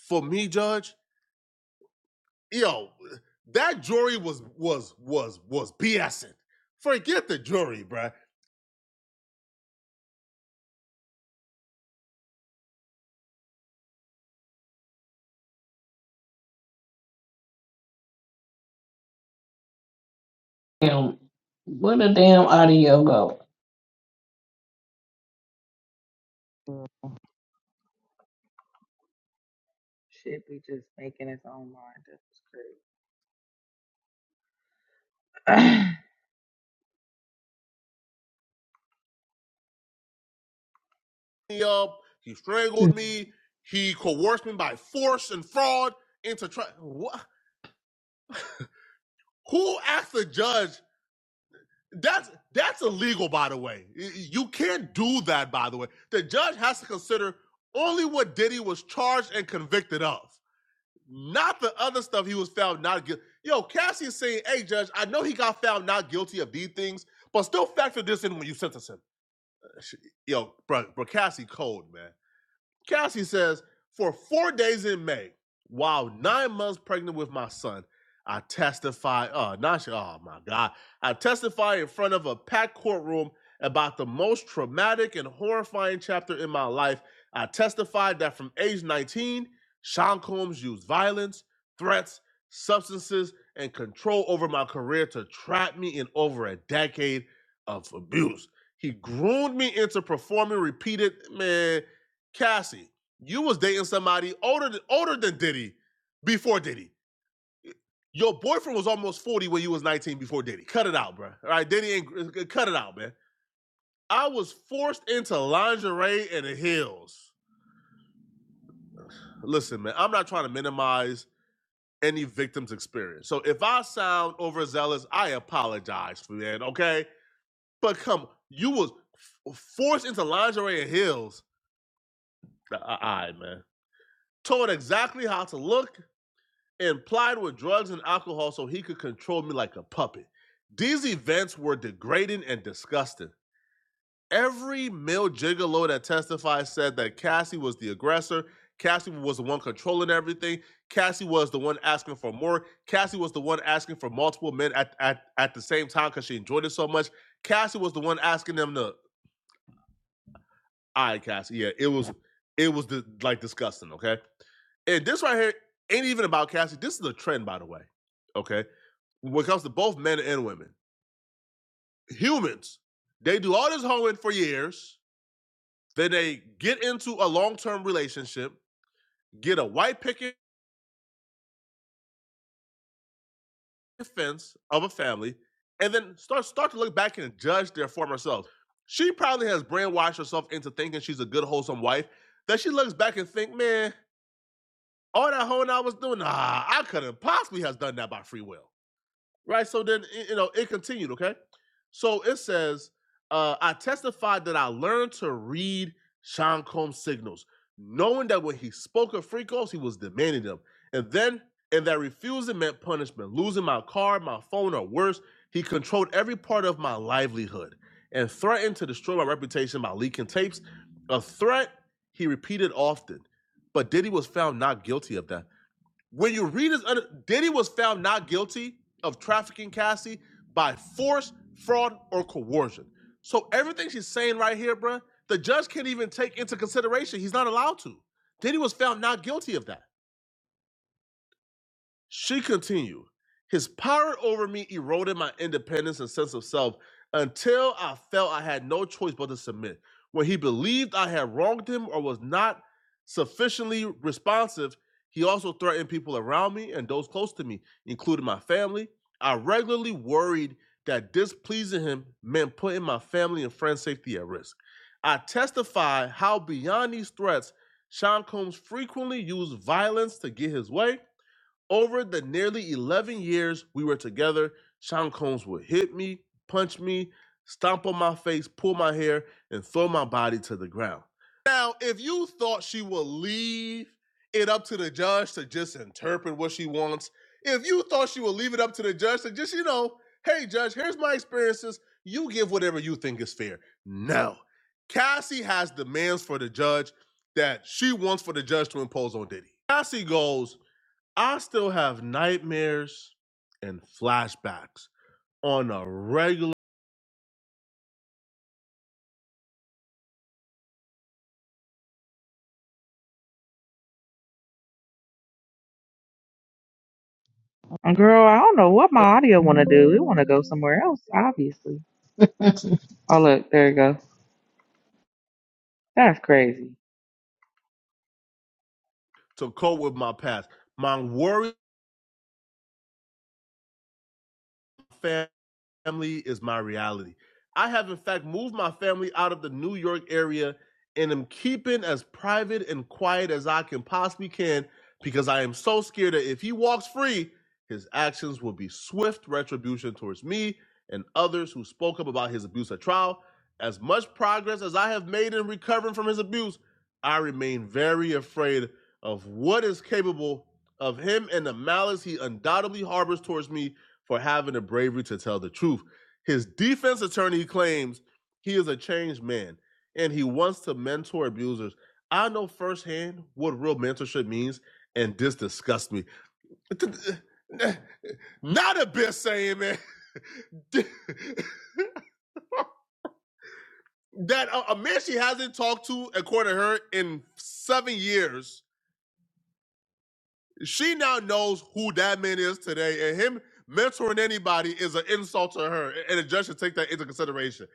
[SPEAKER 9] For me, judge, yo, that jury was was was was BSing. Forget the jury, bruh
[SPEAKER 5] Damn, where the damn audio go?
[SPEAKER 1] Shit, we just making its own mind. That's
[SPEAKER 9] me up. He strangled me. He coerced me by force and fraud into trying. Who asked the judge? That's that's illegal, by the way. You can't do that, by the way. The judge has to consider only what Diddy was charged and convicted of, not the other stuff he was found not guilty. Yo, Cassie is saying, "Hey, judge, I know he got found not guilty of these things, but still factor this in when you sentence him." Yo, bro, bro, Cassie cold, man. Cassie says, For four days in May, while nine months pregnant with my son, I testify. Oh, not oh my God. I testify in front of a packed courtroom about the most traumatic and horrifying chapter in my life. I testified that from age 19, Sean Combs used violence, threats, substances, and control over my career to trap me in over a decade of abuse. He groomed me into performing repeated, man. Cassie, you was dating somebody older than, older than Diddy before Diddy. Your boyfriend was almost 40 when you was 19 before Diddy. Cut it out, bro. All right, Diddy ain't cut it out, man. I was forced into lingerie and heels. Listen, man, I'm not trying to minimize any victim's experience. So if I sound overzealous, I apologize for that, okay? But come, you was f- forced into lingerie and heels. All right, man. Told exactly how to look and plied with drugs and alcohol so he could control me like a puppet. These events were degrading and disgusting. Every male gigolo that testified said that Cassie was the aggressor. Cassie was the one controlling everything. Cassie was the one asking for more. Cassie was the one asking for multiple men at, at, at the same time because she enjoyed it so much. Cassie was the one asking them to all right, Cassie. Yeah, it was it was the, like disgusting. Okay, and this right here ain't even about Cassie. This is a trend, by the way. Okay, when it comes to both men and women, humans they do all this hoeing for years, then they get into a long term relationship, get a white picket fence of a family, and then start start to look back and judge their former selves. She probably has brainwashed herself into thinking she's a good, wholesome wife. That she looks back and think, man, all that hoeing I was doing, nah, I couldn't possibly has done that by free will. Right? So then, you know, it continued, okay? So it says, uh, I testified that I learned to read Sean Combs' signals, knowing that when he spoke of free calls, he was demanding them. And then, and that refusing meant punishment, losing my car, my phone, or worse. He controlled every part of my livelihood and threatened to destroy my reputation by leaking tapes. A threat he repeated often. But Diddy was found not guilty of that. When you read his other, Diddy was found not guilty of trafficking Cassie by force, fraud, or coercion. So everything she's saying right here, bruh, the judge can't even take into consideration. He's not allowed to. Diddy was found not guilty of that. She continued, His power over me eroded my independence and sense of self until I felt I had no choice but to submit. When he believed I had wronged him or was not sufficiently responsive, he also threatened people around me and those close to me, including my family. I regularly worried that displeasing him meant putting my family and friends' safety at risk. I testify how beyond these threats, Sean Combs frequently used violence to get his way over the nearly 11 years we were together, Sean Combs would hit me, punch me, stomp on my face, pull my hair, and throw my body to the ground. Now, if you thought she would leave it up to the judge to just interpret what she wants, if you thought she would leave it up to the judge to just, you know, hey, judge, here's my experiences, you give whatever you think is fair. No. Cassie has demands for the judge that she wants for the judge to impose on Diddy. Cassie goes, I still have nightmares and flashbacks on a regular
[SPEAKER 1] crazy. Girl, I don't know what my audio want to do. It want to go somewhere else, obviously. Oh look, there you go. That's crazy.
[SPEAKER 9] to cope with my past. My worry family is my reality. I have, in fact, moved my family out of the New York area and am keeping as private and quiet as I can possibly can because I am so scared that if he walks free, his actions will be swift retribution towards me and others who spoke up about his abuse at trial. As much progress as I have made in recovering from his abuse, I remain very afraid of what is capable of him and the malice he undoubtedly harbors towards me for having the bravery to tell the truth. His defense attorney claims he is a changed man and he wants to mentor abusers. I know firsthand what real mentorship means, and this disgusts me. Not a bit saying, man. that a man she hasn't talked to, according to her, in seven years She now knows who that man is today, and him mentoring anybody is an insult to her, and the judge should take that into consideration.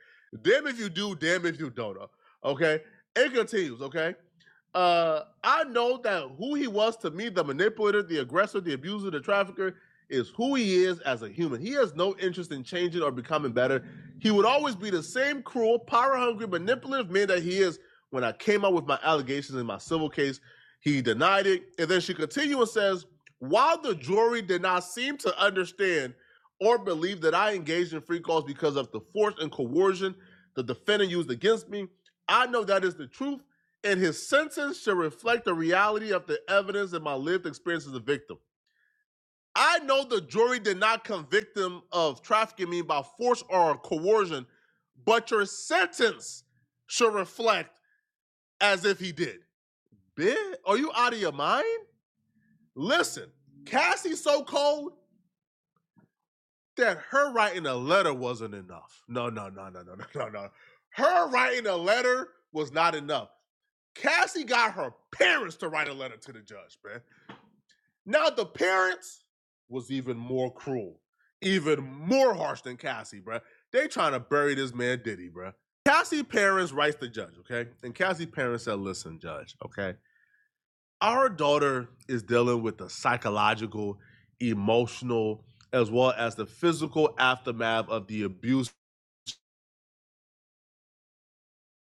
[SPEAKER 9] Damn if you do, damn if you don't. uh, Okay, it continues. Okay, uh, I know that who he was to me, the manipulator, the aggressor, the abuser, the trafficker, is who he is as a human. He has no interest in changing or becoming better. He would always be the same cruel, power hungry, manipulative man that he is when I came out with my allegations in my civil case he denied it. And then she continues and says, While the jury did not seem to understand or believe that I engaged in free calls because of the force and coercion the defendant used against me, I know that is the truth, and his sentence should reflect the reality of the evidence and my lived experience as a victim. I know the jury did not convict him of trafficking me by force or coercion, but your sentence should reflect as if he did. Bitch, are you out of your mind? Listen, Cassie's so cold that her writing a letter wasn't enough. No, no, no, no, no, no, no, no. Her writing a letter was not enough. Cassie got her parents to write a letter to the judge, man. Now the parents was even more cruel, even more harsh than Cassie, bruh. They trying to bury this man Diddy, bruh. Cassie parents writes the judge, okay? And Cassie parents said, listen, judge, okay? our daughter is dealing with the psychological, emotional, as well as the physical aftermath of the abuse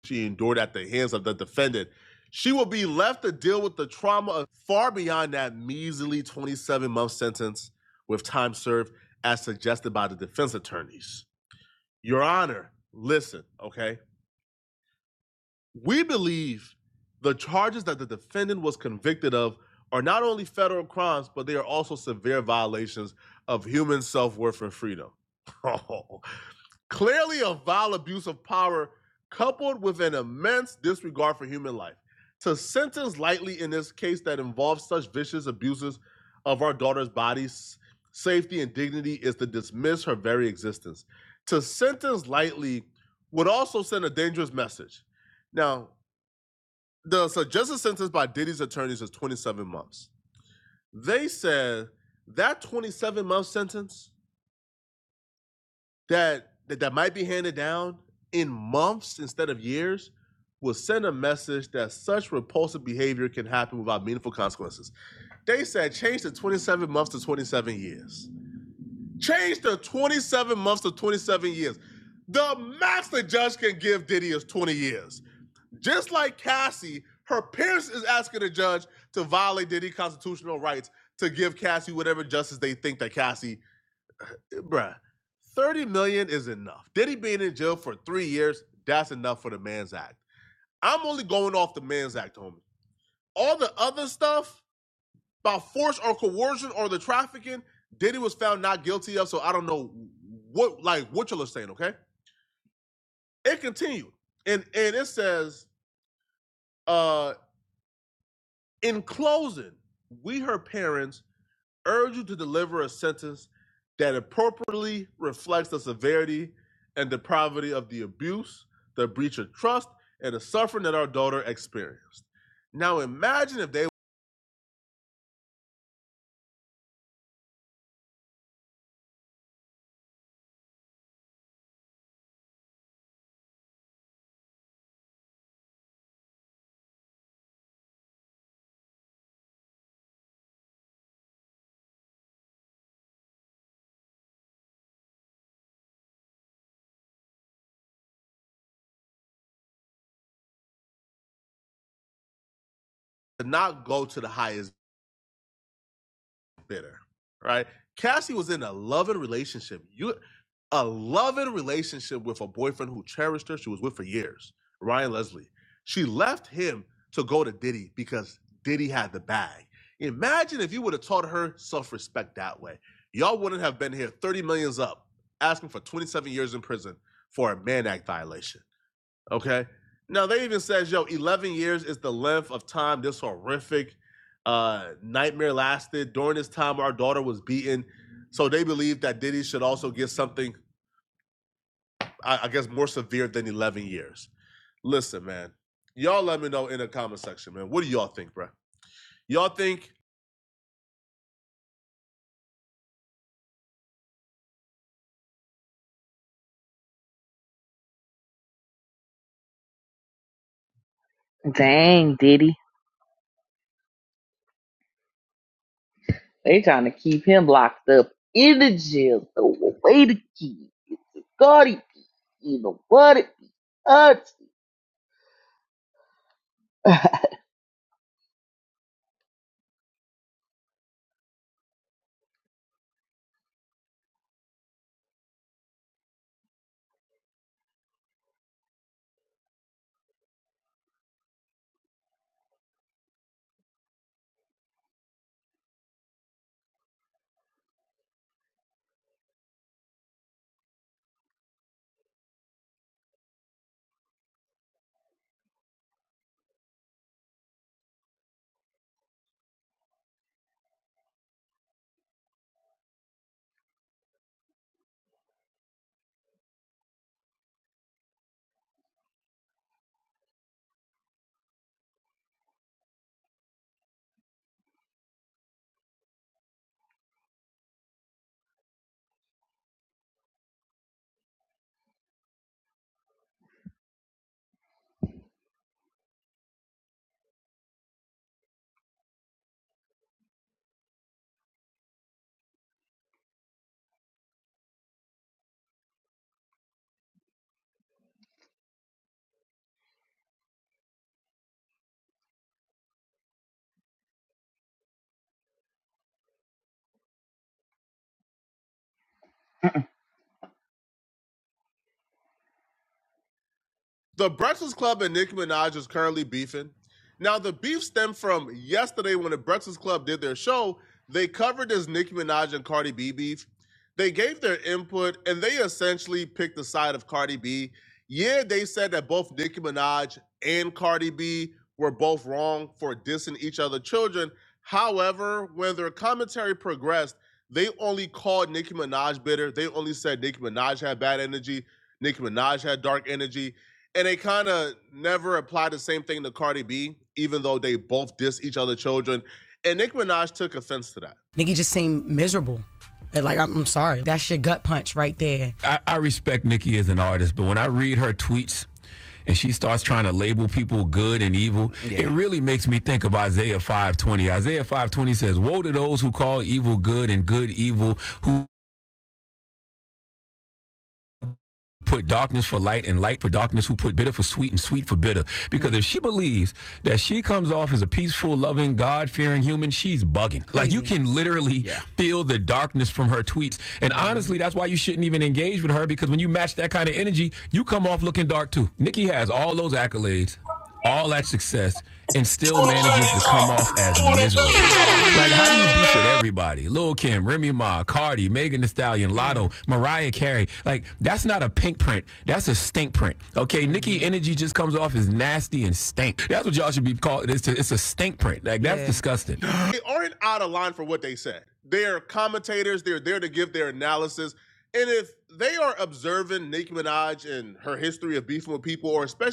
[SPEAKER 9] she endured at the hands of the defendant. She will be left to deal with the trauma far beyond that measly 27 month sentence with time served as suggested by the defense attorneys. Your Honor, listen, okay? We believe the charges that the defendant was convicted of are not only federal crimes, but they are also severe violations of human self worth and freedom. Oh, clearly, a vile abuse of power coupled with an immense disregard for human life. To sentence lightly in this case that involves such vicious abuses of our daughter's body, safety, and dignity is to dismiss her very existence. To sentence lightly would also send a dangerous message. Now, the suggested sentence by Diddy's attorneys is 27 months. They said that 27 month sentence that, that that might be handed down in months instead of years will send a message that such repulsive behavior can happen without meaningful consequences. They said change the 27 months to 27 years. Change the 27 months to 27 years. The max the judge can give Diddy is 20 years. Just like Cassie, her parents is asking the judge to violate Diddy's constitutional rights to give Cassie whatever justice they think that Cassie, eh, bruh, 30 million is enough. Diddy being in jail for three years, that's enough for the Man's Act. I'm only going off the Man's Act, homie. All the other stuff about force or coercion or the trafficking, Diddy was found not guilty of, so I don't know what like what you're saying, okay? It continued. And and it says uh In closing, we, her parents, urge you to deliver a sentence that appropriately reflects the severity and depravity of the abuse, the breach of trust, and the suffering that our daughter experienced. Now, imagine if they did not go to the highest. bitter, right? Cassie was in a loving relationship. You a loving relationship with a boyfriend who cherished her, she was with for years, Ryan Leslie. She left him to go to Diddy because Diddy had the bag. Imagine if you would have taught her self-respect that way. Y'all wouldn't have been here 30 millions up, asking for 27 years in prison for a man act violation. Okay. now they even says, yo, 11 years is the length of time this horrific uh, nightmare lasted. During this time, our daughter was beaten. So they believe that Diddy should also get something, I, I guess, more severe than 11 years. Listen, man, y'all let me know in the comment section, man. What do y'all think, bro? Y'all think
[SPEAKER 1] Dang, Diddy. They trying to keep him locked up in the jail. The way to keep. God, it be evil. What it be? Us.
[SPEAKER 9] The Breakfast Club and Nicki Minaj is currently beefing. Now, the beef stemmed from yesterday when the Breakfast Club did their show. They covered this Nicki Minaj and Cardi B beef. They gave their input and they essentially picked the side of Cardi B. Yeah, they said that both Nicki Minaj and Cardi B were both wrong for dissing each other's children. However, when their commentary progressed, they only called Nicki Minaj bitter. They only said Nicki Minaj had bad energy. Nicki Minaj had dark energy and they kind of never apply the same thing to Cardi B, even though they both diss each other children. And Nicki Minaj took offense to that. I, I respect Nicki as an artist, but when I read her tweets and she starts trying to label people good and evil, yeah. it really makes me think of Isaiah 520. Isaiah 520 says, Woe to those who call evil good and good evil, who put darkness for light and light for darkness, who put bitter for sweet and sweet for bitter. Because if she believes that she comes off as a peaceful, loving, God fearing human, she's bugging. Like mm-hmm. you can literally yeah. feel the darkness from her tweets. And mm-hmm. honestly, that's why you shouldn't even engage with her because when you match that kind of energy, you come off looking dark too. Nikki has all those accolades, all that success. And still manages to come off as miserable. Mm-hmm. Like, how do you beef with everybody? Lil Kim, Remy Ma, Cardi, Megan Thee Stallion, Mulatto, Mariah Carey. Like that's not a pink print. That's a stink print. Okay, Nicki Energy just comes off as nasty and stink. That's what y'all should be called. It's a, it's a stink print. Like that's Yeah. disgusting. they aren't out of line for what they said. They're commentators. They're there to give their analysis. And if they are observing Nicki Minaj and her history of beefing with people, or especially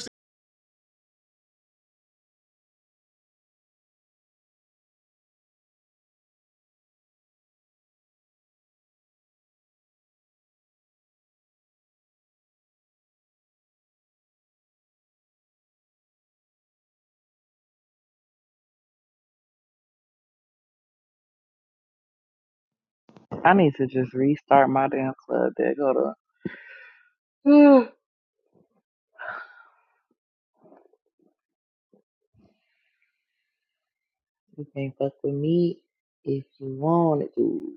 [SPEAKER 1] I need to just restart my damn club deck. Hold on. Mm. you can not fuck with me if you wanted to.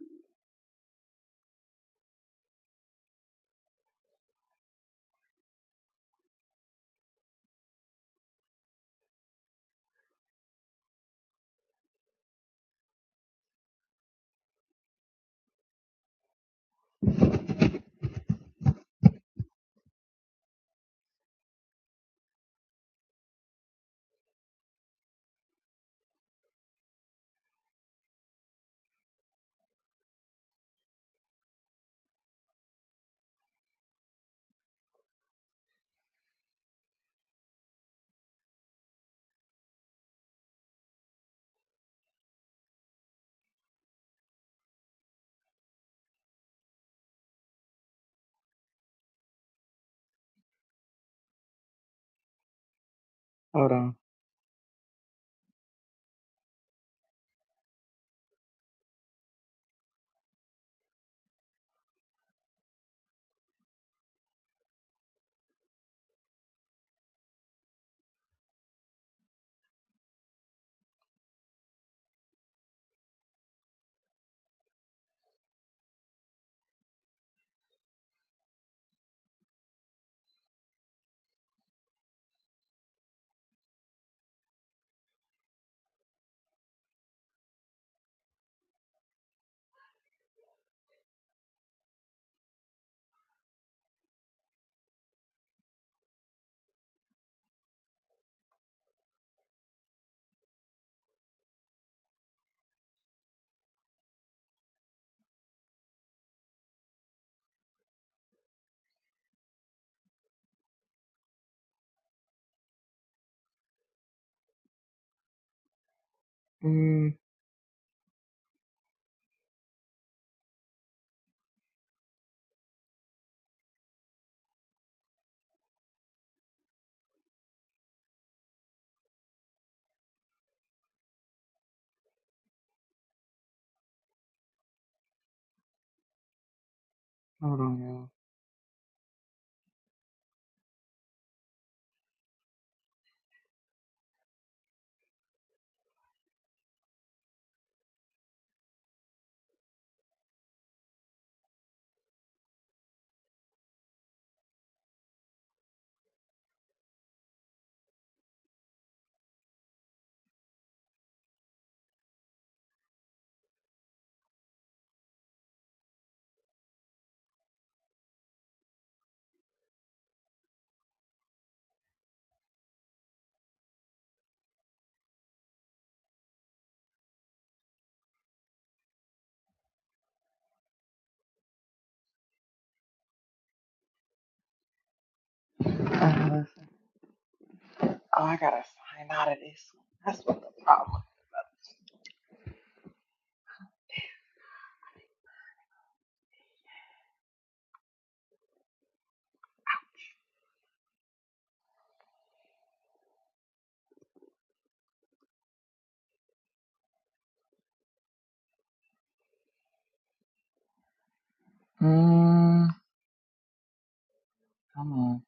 [SPEAKER 1] Hold on. Mm, hold on, y'all. Uh, let's- oh, I gotta sign out of this. one. That's what the problem. Mm, come on.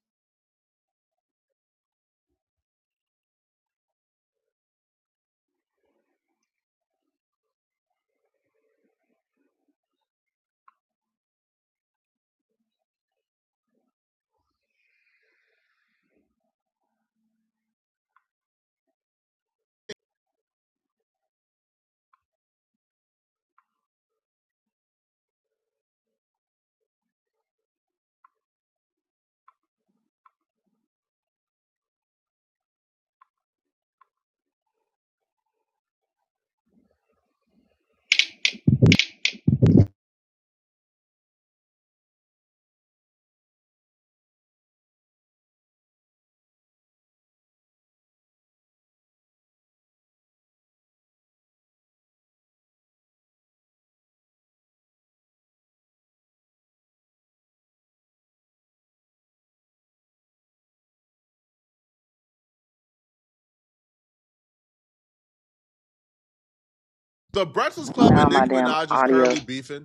[SPEAKER 9] The Breakfast Club
[SPEAKER 1] Now
[SPEAKER 9] and
[SPEAKER 1] my
[SPEAKER 9] Nicki
[SPEAKER 1] damn
[SPEAKER 9] Minaj is
[SPEAKER 1] audio.
[SPEAKER 9] currently beefing.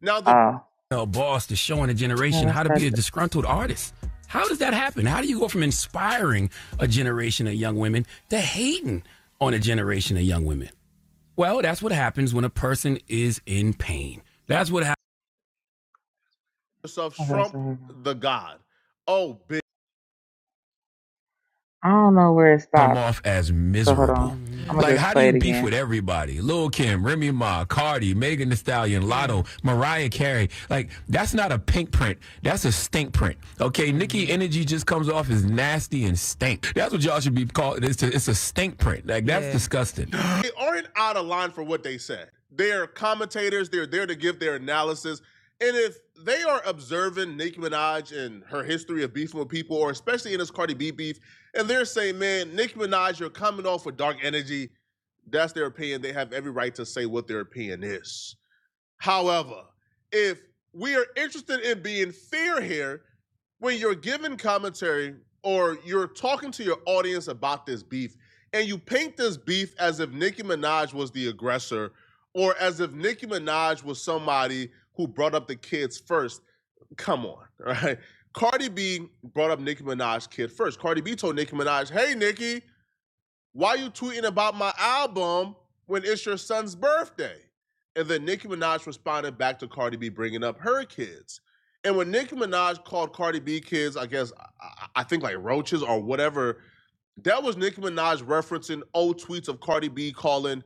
[SPEAKER 9] Now the
[SPEAKER 1] Oh,
[SPEAKER 9] know, boss is showing a
[SPEAKER 1] damn,
[SPEAKER 9] generation
[SPEAKER 1] it
[SPEAKER 9] how to be a
[SPEAKER 1] started.
[SPEAKER 9] disgruntled artist. How does that happen? How do you go from inspiring a generation of young women to hating on a generation of young women? Well, that's what happens when a person is in pain. That's what happens. yourself
[SPEAKER 1] Okay,
[SPEAKER 9] Trump
[SPEAKER 1] so here we go.
[SPEAKER 9] the God. Oh, bitch.
[SPEAKER 1] I don't know where it
[SPEAKER 9] come
[SPEAKER 1] stopped.
[SPEAKER 9] off as
[SPEAKER 1] So hold
[SPEAKER 9] miserable.
[SPEAKER 1] on. I'm
[SPEAKER 9] Mm-hmm.
[SPEAKER 1] gonna
[SPEAKER 9] Like,
[SPEAKER 1] just
[SPEAKER 9] how do
[SPEAKER 1] play
[SPEAKER 9] you
[SPEAKER 1] it
[SPEAKER 9] beef
[SPEAKER 1] again.
[SPEAKER 9] with everybody? Lil Kim, Remy Ma, Cardi, Megan Thee Stallion, Lotto, Mariah Carey. Like, that's not a pink print. That's a stink print. Okay, mm-hmm. Nicki' Energy just comes off as nasty and stink. That's what y'all should be called. It's a, it's a stink print. Like, that's Yeah. disgusting. they aren't out of line for what they said. They're commentators. They're there to give their analysis. And if they are observing Nicki Minaj and her history of beefing with people, or especially in this Cardi B beef, and they're saying, man, Nicki Minaj, you're coming off with dark energy. That's their opinion. They have every right to say what their opinion is. However, if we are interested in being fair here, when you're giving commentary or you're talking to your audience about this beef, and you paint this beef as if Nicki Minaj was the aggressor or as if Nicki Minaj was somebody who brought up the kids first, Come on, right? Cardi B brought up Nicki Minaj's kid first. Cardi B told Nicki Minaj, "Hey Nicki, why you tweeting about my album when it's your son's birthday?" And then Nicki Minaj responded back to Cardi B bringing up her kids. And when Nicki Minaj called Cardi B kids, I guess I, I think like roaches or whatever that was Nicki Minaj referencing old tweets of Cardi B calling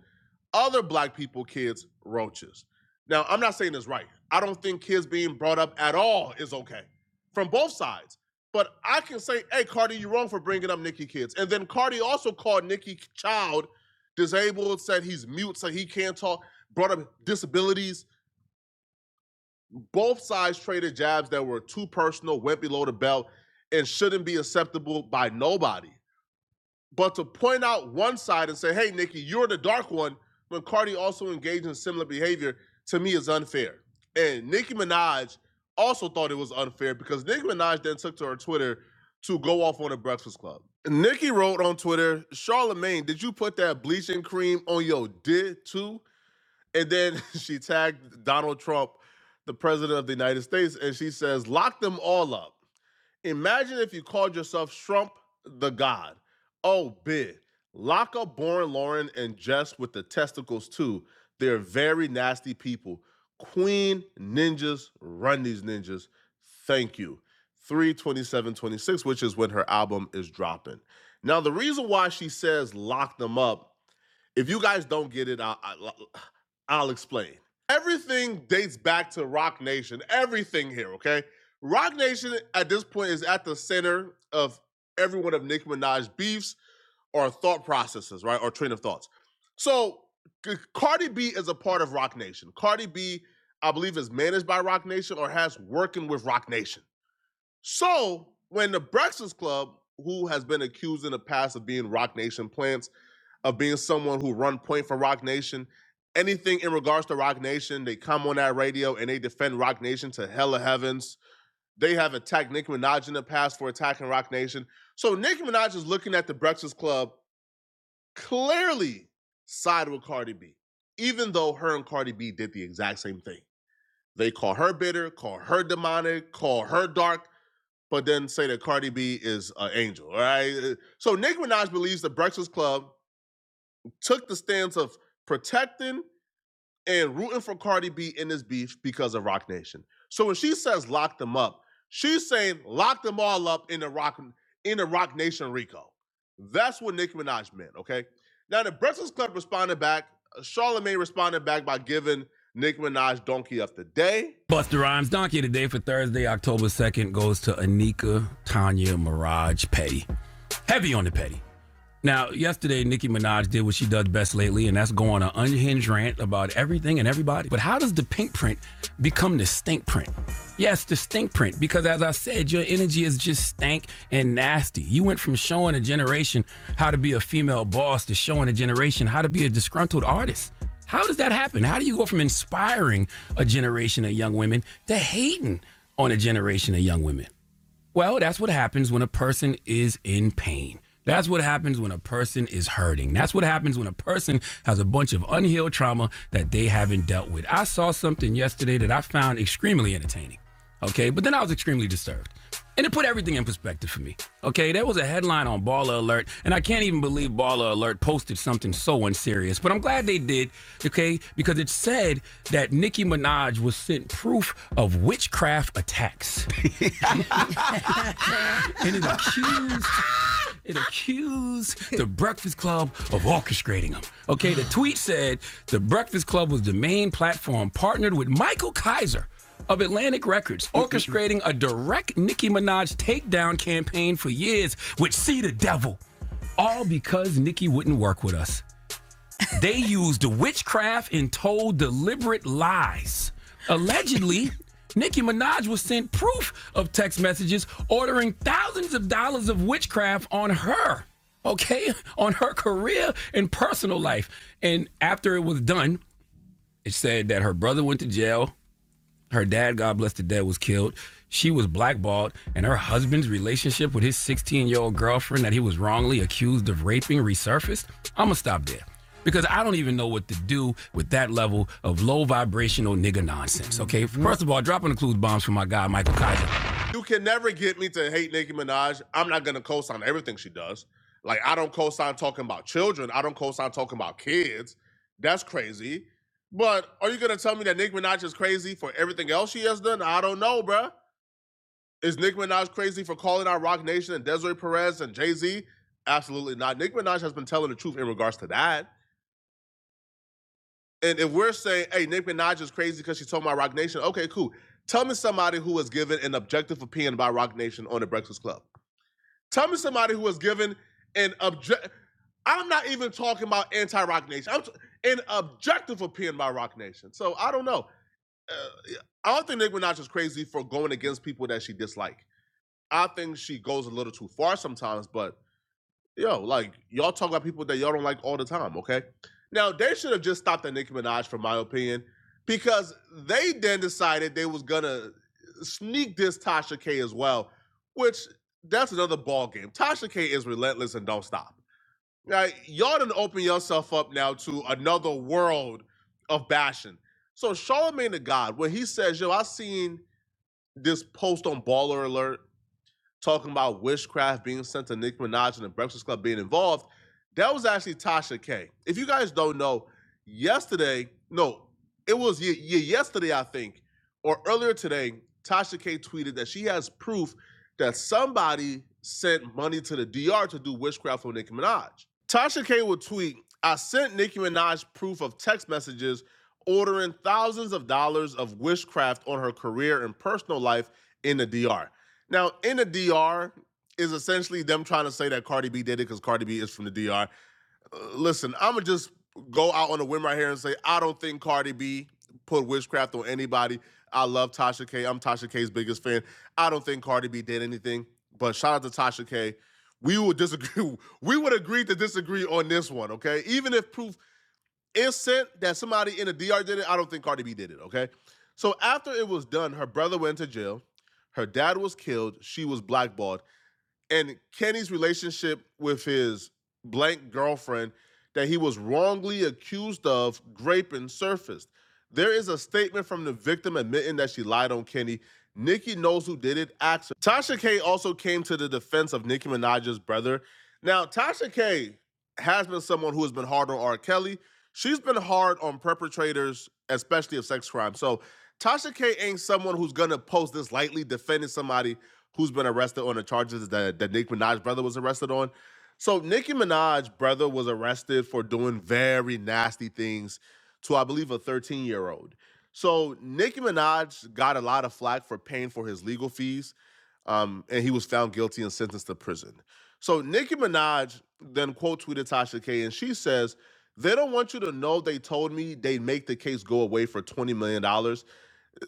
[SPEAKER 9] other black people kids roaches. Now, I'm not saying it's right. I don't think kids being brought up at all is okay from both sides. But I can say, hey, Cardi, you're wrong for bringing up Nicki kids. And then Cardi also called Nicki child disabled, said he's mute, so he can't talk, brought up disabilities. Both sides traded jabs that were too personal, went below the belt, and shouldn't be acceptable by nobody. But to point out one side and say, hey, Nikki, you're the dark one, when Cardi also engaged in similar behavior, to me is unfair. And Nicki Minaj also thought it was unfair because Nicki Minaj then took to her Twitter to go off on the Breakfast Club. Nicki wrote on Twitter, "Charlamagne, did you put that bleaching cream on your did too? And then she tagged Donald Trump, the president of the United States, and she says, lock them all up. Imagine if you called yourself Trump the God. Oh, big. Lock up Born Lauren and Jess with the testicles, too. They're very nasty people. Queen ninjas run these ninjas. Thank you. 32726, which is when her album is dropping. Now, the reason why she says lock them up if you guys don't get it, I'll, I'll, I'll explain. Everything dates back to Rock Nation. Everything here, okay? Rock Nation at this point is at the center of every one of Nicki Minaj's beefs or thought processes, right? Or train of thoughts. So Cardi B is a part of Rock Nation. Cardi B, I believe, is managed by Rock Nation or has working with Rock Nation. So when the Breakfast Club, who has been accused in the past of being Rock Nation plants, of being someone who run point for Rock Nation, anything in regards to Rock Nation, they come on that radio and they defend Rock Nation to hell of heavens. They have attacked Nicki Minaj in the past for attacking Rock Nation. So Nicki Minaj is looking at the Breakfast Club clearly side with Cardi B, even though her and Cardi B did the exact same thing. They call her bitter, call her demonic, call her dark but then say that Cardi B is an angel. All right. So Nicki Minaj believes the Breakfast Club took the stance of protecting and rooting for Cardi B in this beef because of Rock Nation. So when she says lock them up, she's saying lock them all up in the Rock in the Rock Nation Rico. That's what Nicki Minaj meant. Okay. Now the Breakfast Club responded back. Charlamagne responded back by giving Nicki Minaj Donkey of the Day. Busta Rhymes Donkey today for Thursday, October 2nd, goes to Anika Tanya Mirage Petty. Heavy on the Petty. Now, yesterday, Nicki Minaj did what she does best lately, and that's go on an unhinged rant about everything and everybody. But how does the pink print become the stink print? Yes, the stink print, because as I said, your energy is just stank and nasty. You went from showing a generation how to be a female boss to showing a generation how to be a disgruntled artist. How does that happen? How do you go from inspiring a generation of young women to hating on a generation of young women? Well, that's what happens when a person is in pain. That's what happens when a person is hurting. That's what happens when a person has a bunch of unhealed trauma that they haven't dealt with. I saw something yesterday that I found extremely entertaining. Okay, but then I was extremely disturbed. And it put everything in perspective for me. Okay, there was a headline on Baller Alert, and I can't even believe Baller Alert posted something so unserious, but I'm glad they did, okay, because it said that Nicki Minaj was sent proof of witchcraft attacks and it accused it accused the Breakfast Club of orchestrating them. Okay, the tweet said the Breakfast Club was the main platform partnered with Michael Kaiser of Atlantic Records, orchestrating a direct Nicki Minaj takedown campaign for years, which see the devil. All because Nicki wouldn't work with us. They used witchcraft and told deliberate lies. Allegedly, Nicki Minaj was sent proof of text messages ordering thousands of dollars of witchcraft on her, okay, on her career and personal life. And after it was done, it said that her brother went to jail her dad, God bless the dead, was killed. She was blackballed, and her husband's relationship with his 16 year old girlfriend that he was wrongly accused of raping resurfaced. I'm gonna stop there because I don't even know what to do with that level of low vibrational nigga nonsense. Okay, first of all, dropping the clues bombs for my guy Michael Kaiser. You can never get me to hate Nicki Minaj. I'm not gonna co-sign everything she does. Like I don't co-sign talking about children. I don't co-sign talking about kids. That's crazy. But are you gonna tell me that Nicki Minaj is crazy for everything else she has done? I don't know, bruh. Is Nicki Minaj crazy for calling out Roc Nation and Desiree Perez and Jay Z? Absolutely not. Nicki Minaj has been telling the truth in regards to that. And if we're saying, hey, Nicki Minaj is crazy because she told my Roc Nation, okay, cool. Tell me somebody who was given an objective opinion by Roc Nation on the Breakfast Club. Tell me somebody who was given an object. I'm not even talking about anti roc Nation. I'm t- an objective opinion by Roc Nation. So I don't know. uh, I don't think Nicki Minaj is crazy for going against people that she dislike. I think she goes a little too far sometimes, but yo, like y'all talk about people that y'all don't like all the time, okay? Now they should have just stopped at Nicki Minaj, from my opinion, because they then decided they was gonna sneak this Tasha K as well, which that's another ball game. Tasha K is relentless and don't stop. Right? Y'all done open yourself up now to another world of bashing. So Charlemagne the God, when he says, yo, I seen this post on Baller Alert talking about witchcraft being sent to Nicki Minaj and the Breakfast Club being involved, that was actually Tasha K. If you guys don't know, yesterday, no, it was ye- ye- yesterday, I think, or earlier today, Tasha K tweeted that she has proof that somebody sent money to the DR to do witchcraft on Nicki Minaj. Tasha K would tweet, I sent Nicki Minaj proof of text messages ordering thousands of dollars of witchcraft on her career and personal life in the DR. Now, in the DR is essentially them trying to say that Cardi B did it because Cardi B is from the DR. Uh, listen, I'm gonna just go out on a whim right here and say I don't think Cardi B put witchcraft on anybody. I love Tasha K. I'm Tasha K's biggest fan. I don't think Cardi B did anything, but shout out to Tasha K. We would disagree. We would agree to disagree on this one, okay? Even if proof Instant that somebody in the DR did it. I don't think Cardi B did it. Okay. So after it was done, her brother went to jail. Her dad was killed. She was blackballed and Kenny's relationship with his blank girlfriend that he was wrongly accused of raping surfaced. There is a statement from the victim admitting that she lied on Kenny. Nicki knows who did it. Ask her. Tasha K also came to the defense of Nicki Minaj's brother. Now, Tasha K has been someone who has been hard on R. Kelly. She's been hard on perpetrators, especially of sex crimes. So, Tasha K ain't someone who's gonna post this lightly defending somebody who's been arrested on the charges that, that Nick Minaj's brother was arrested on. So Nicki Minaj's brother was arrested for doing very nasty things to, I believe, a 13 year old. So Nicki Minaj got a lot of flack for paying for his legal fees, um, and he was found guilty and sentenced to prison. So Nicki Minaj then quote tweeted Tasha K, and she says, "They don't want you to know. They told me they'd make the case go away for twenty million dollars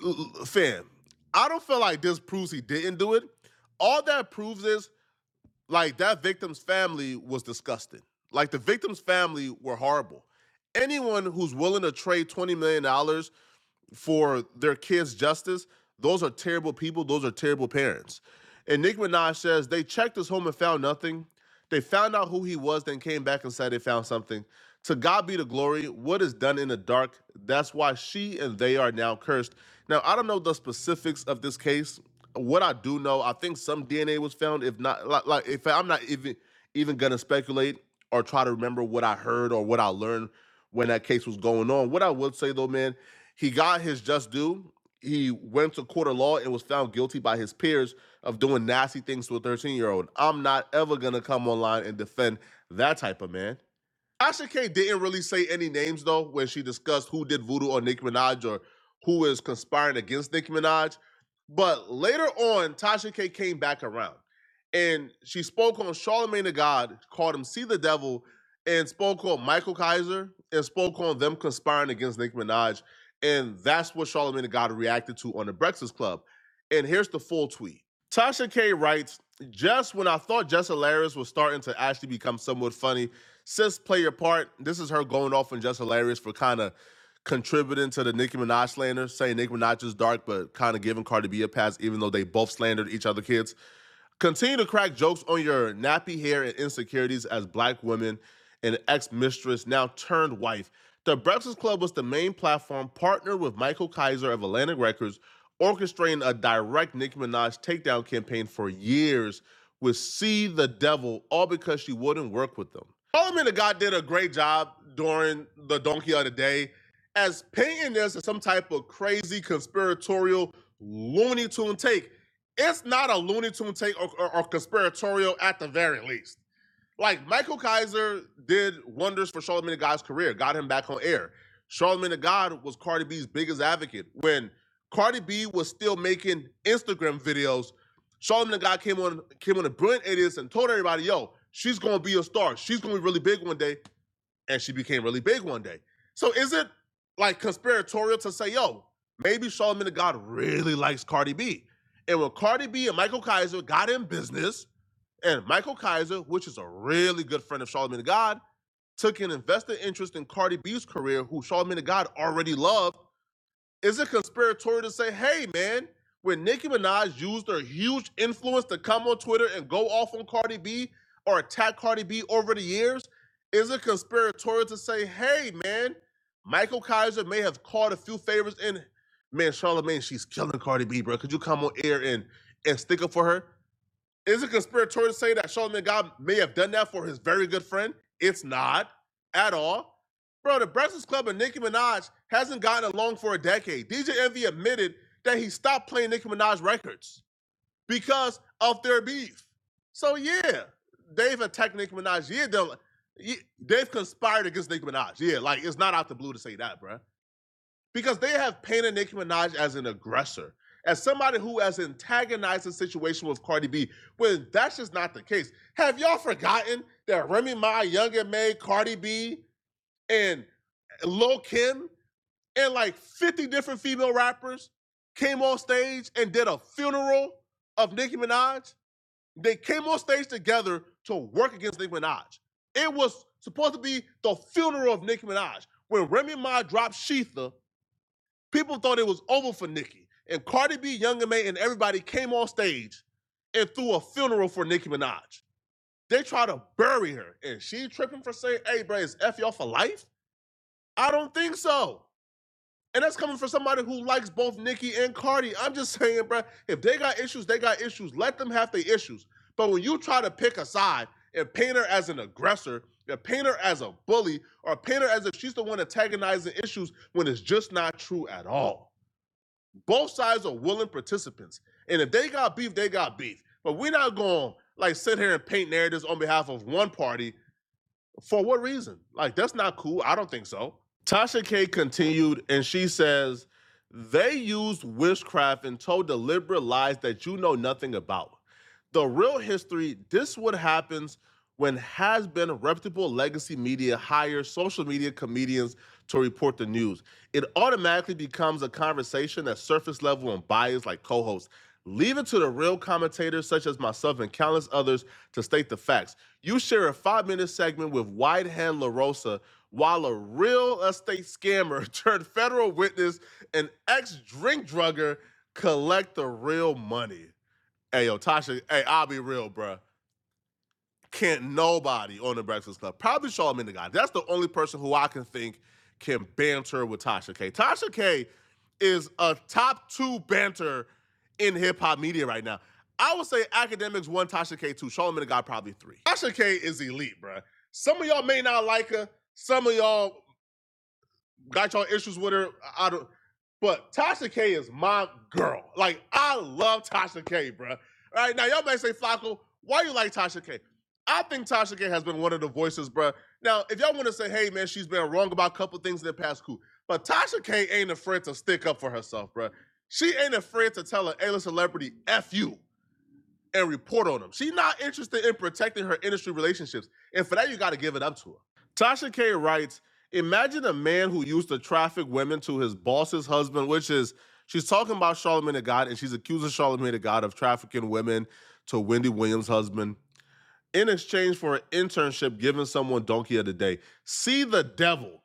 [SPEAKER 9] l- fam, I don't feel like this proves he didn't do it. All that proves is like that victim's family was disgusting. Like the victim's family were horrible. Anyone who's willing to trade twenty million dollars for their kids' justice, those are terrible people. Those are terrible parents. And Nick Minaj says they checked his home and found nothing. They found out who he was, then came back and said they found something. To God be the glory. What is done in the dark, that's why she and they are now cursed. Now, I don't know the specifics of this case. What I do know, I think some DNA was found. If not, like, like if I'm not even even gonna speculate or try to remember what I heard or what I learned when that case was going on. What I would say though, man, he got his just due. He went to court of law and was found guilty by his peers of doing nasty things to a 13 year old. I'm not ever going to come online and defend that type of man. Tasha K didn't really say any names though when she discussed who did voodoo on Nicki Minaj or who is conspiring against Nicki Minaj. But later on, Tasha K came back around and she spoke on Charlamagne tha God, called him See the Devil, and spoke on Michael Kaiser and spoke on them conspiring against Nicki Minaj. And that's what Charlamagne tha God reacted to on the Breakfast Club. And here's the full tweet. Tasha K writes, just when I thought Jess Hilarious was starting to actually become somewhat funny Sis, play your part. This is her going off and just hilarious for kind of contributing to the Nicki Minaj slander, saying Nicki Minaj is dark, but kind of giving Cardi B a pass, even though they both slandered each other kids. Continue to crack jokes on your nappy hair and insecurities as black women and ex mistress, now turned wife. The Breakfast Club was the main platform, partnered with Michael Kaiser of Atlantic Records, orchestrating a direct Nicki Minaj takedown campaign for years with See the Devil, all because she wouldn't work with them. Parliament of God did a great job during the Donkey of the Day as painting this as some type of crazy conspiratorial Looney Tune take it's not a Looney Tune take or, or, or conspiratorial at the very least. Like Michael Kaiser did wonders for Charlamagne Tha God's career, got him back on air. Charlamagne Tha God was Cardi B's biggest advocate when Cardi B was still making Instagram videos. Charlamagne Tha God came on came on the brilliant idiots and told everybody, "Yo, she's gonna be a star. She's gonna be really big one day." and she became really big one day. So is it like conspiratorial to say, yo, maybe Charlamagne the God really likes Cardi B? And when Cardi B and Michael Kaiser got in business, and Michael Kaiser, which is a really good friend of Charlamagne the God, took an investor interest in Cardi B's career, who Charlamagne the God already loved, is it conspiratorial to say, hey man, when Nicki Minaj used her huge influence to come on Twitter and go off on Cardi B or attack Cardi B over the years, is it conspiratorial to say, hey man, Michael Kaiser may have caught a few favors in man, Charlamagne, she's killing Cardi B, bro. Could you come on air and and stick up for her? Is it conspiratorial to say that Charlemagne God may have done that for his very good friend? It's not at all. Bro, the Breakfast Club and Nicki Minaj hasn't gotten along for a decade. DJ Envy admitted that he stopped playing Nicki Minaj records because of their beef. So yeah, they've attacked Nicki Minaj. Yeah, they have conspired against Nicki Minaj. Yeah, like it's not out the blue to say that, bro because they have painted Nicki Minaj as an aggressor, as somebody who has antagonized the situation with Cardi B, when that's just not the case. Have y'all forgotten that Remy Ma, Young and May, Cardi B, and Lil Kim, and like 50 different female rappers came on stage and did a funeral of Nicki Minaj? They came on stage together to work against Nicki Minaj. It was supposed to be the funeral of Nicki Minaj. When Remy Ma dropped Sheetha, People thought it was over for Nicki. And Cardi B, Young and May, and everybody came on stage and threw a funeral for Nicki Minaj. They tried to bury her. And she tripping for saying, hey, bro, is F y'all for life? I don't think so. And that's coming from somebody who likes both Nicki and Cardi. I'm just saying, bro, if they got issues, they got issues. Let them have their issues. But when you try to pick a side and paint her as an aggressor, and paint her as a bully, or paint her as if she's the one antagonizing issues when it's just not true at all. Both sides are willing participants. And if they got beef, they got beef. But we're not going to like sit here and paint narratives on behalf of one party for what reason? Like that's not cool. I don't think so. Tasha K continued and she says they used witchcraft and told deliberate lies that you know nothing about the real history. This what happens when has been reputable legacy media hires social media comedians to report the news. It automatically becomes a conversation at surface level and bias like co-hosts. Leave it to the real commentators such as myself and countless others to state the facts. You share a five-minute segment with Whitehand LaRosa while a real estate scammer turned federal witness and ex-drink drugger collect the real money. Hey, yo, Tasha. Hey, I'll be real, bruh. Can't nobody on the Breakfast Club. Probably Charlamagne the guy. That's the only person who I can think can banter with Tasha K. Tasha K is a top two banter in hip hop media right now. I would say academics one, Tasha K two, Charlamagne the guy probably three. Tasha K is elite, bruh. Some of y'all may not like her. Some of y'all got y'all issues with her. I don't. But Tasha K is my girl. Like I love Tasha K, bro. All right now, y'all may say Flacco, why you like Tasha K? I think Tasha K has been one of the voices, bro. Now, if y'all want to say, hey man, she's been wrong about a couple things in the past, cool. But Tasha K ain't afraid to stick up for herself, bro. She ain't afraid to tell an A-list celebrity, "F you." and report on them. She's not interested in protecting her industry relationships. And for that, you got to give it up to her. Tasha K writes Imagine a man who used to traffic women to his boss's husband, which is, she's talking about Charlamagne Tha God, and she's accusing Charlamagne Tha God of trafficking women to Wendy Williams' husband in exchange for an internship giving someone donkey of the day. See the devil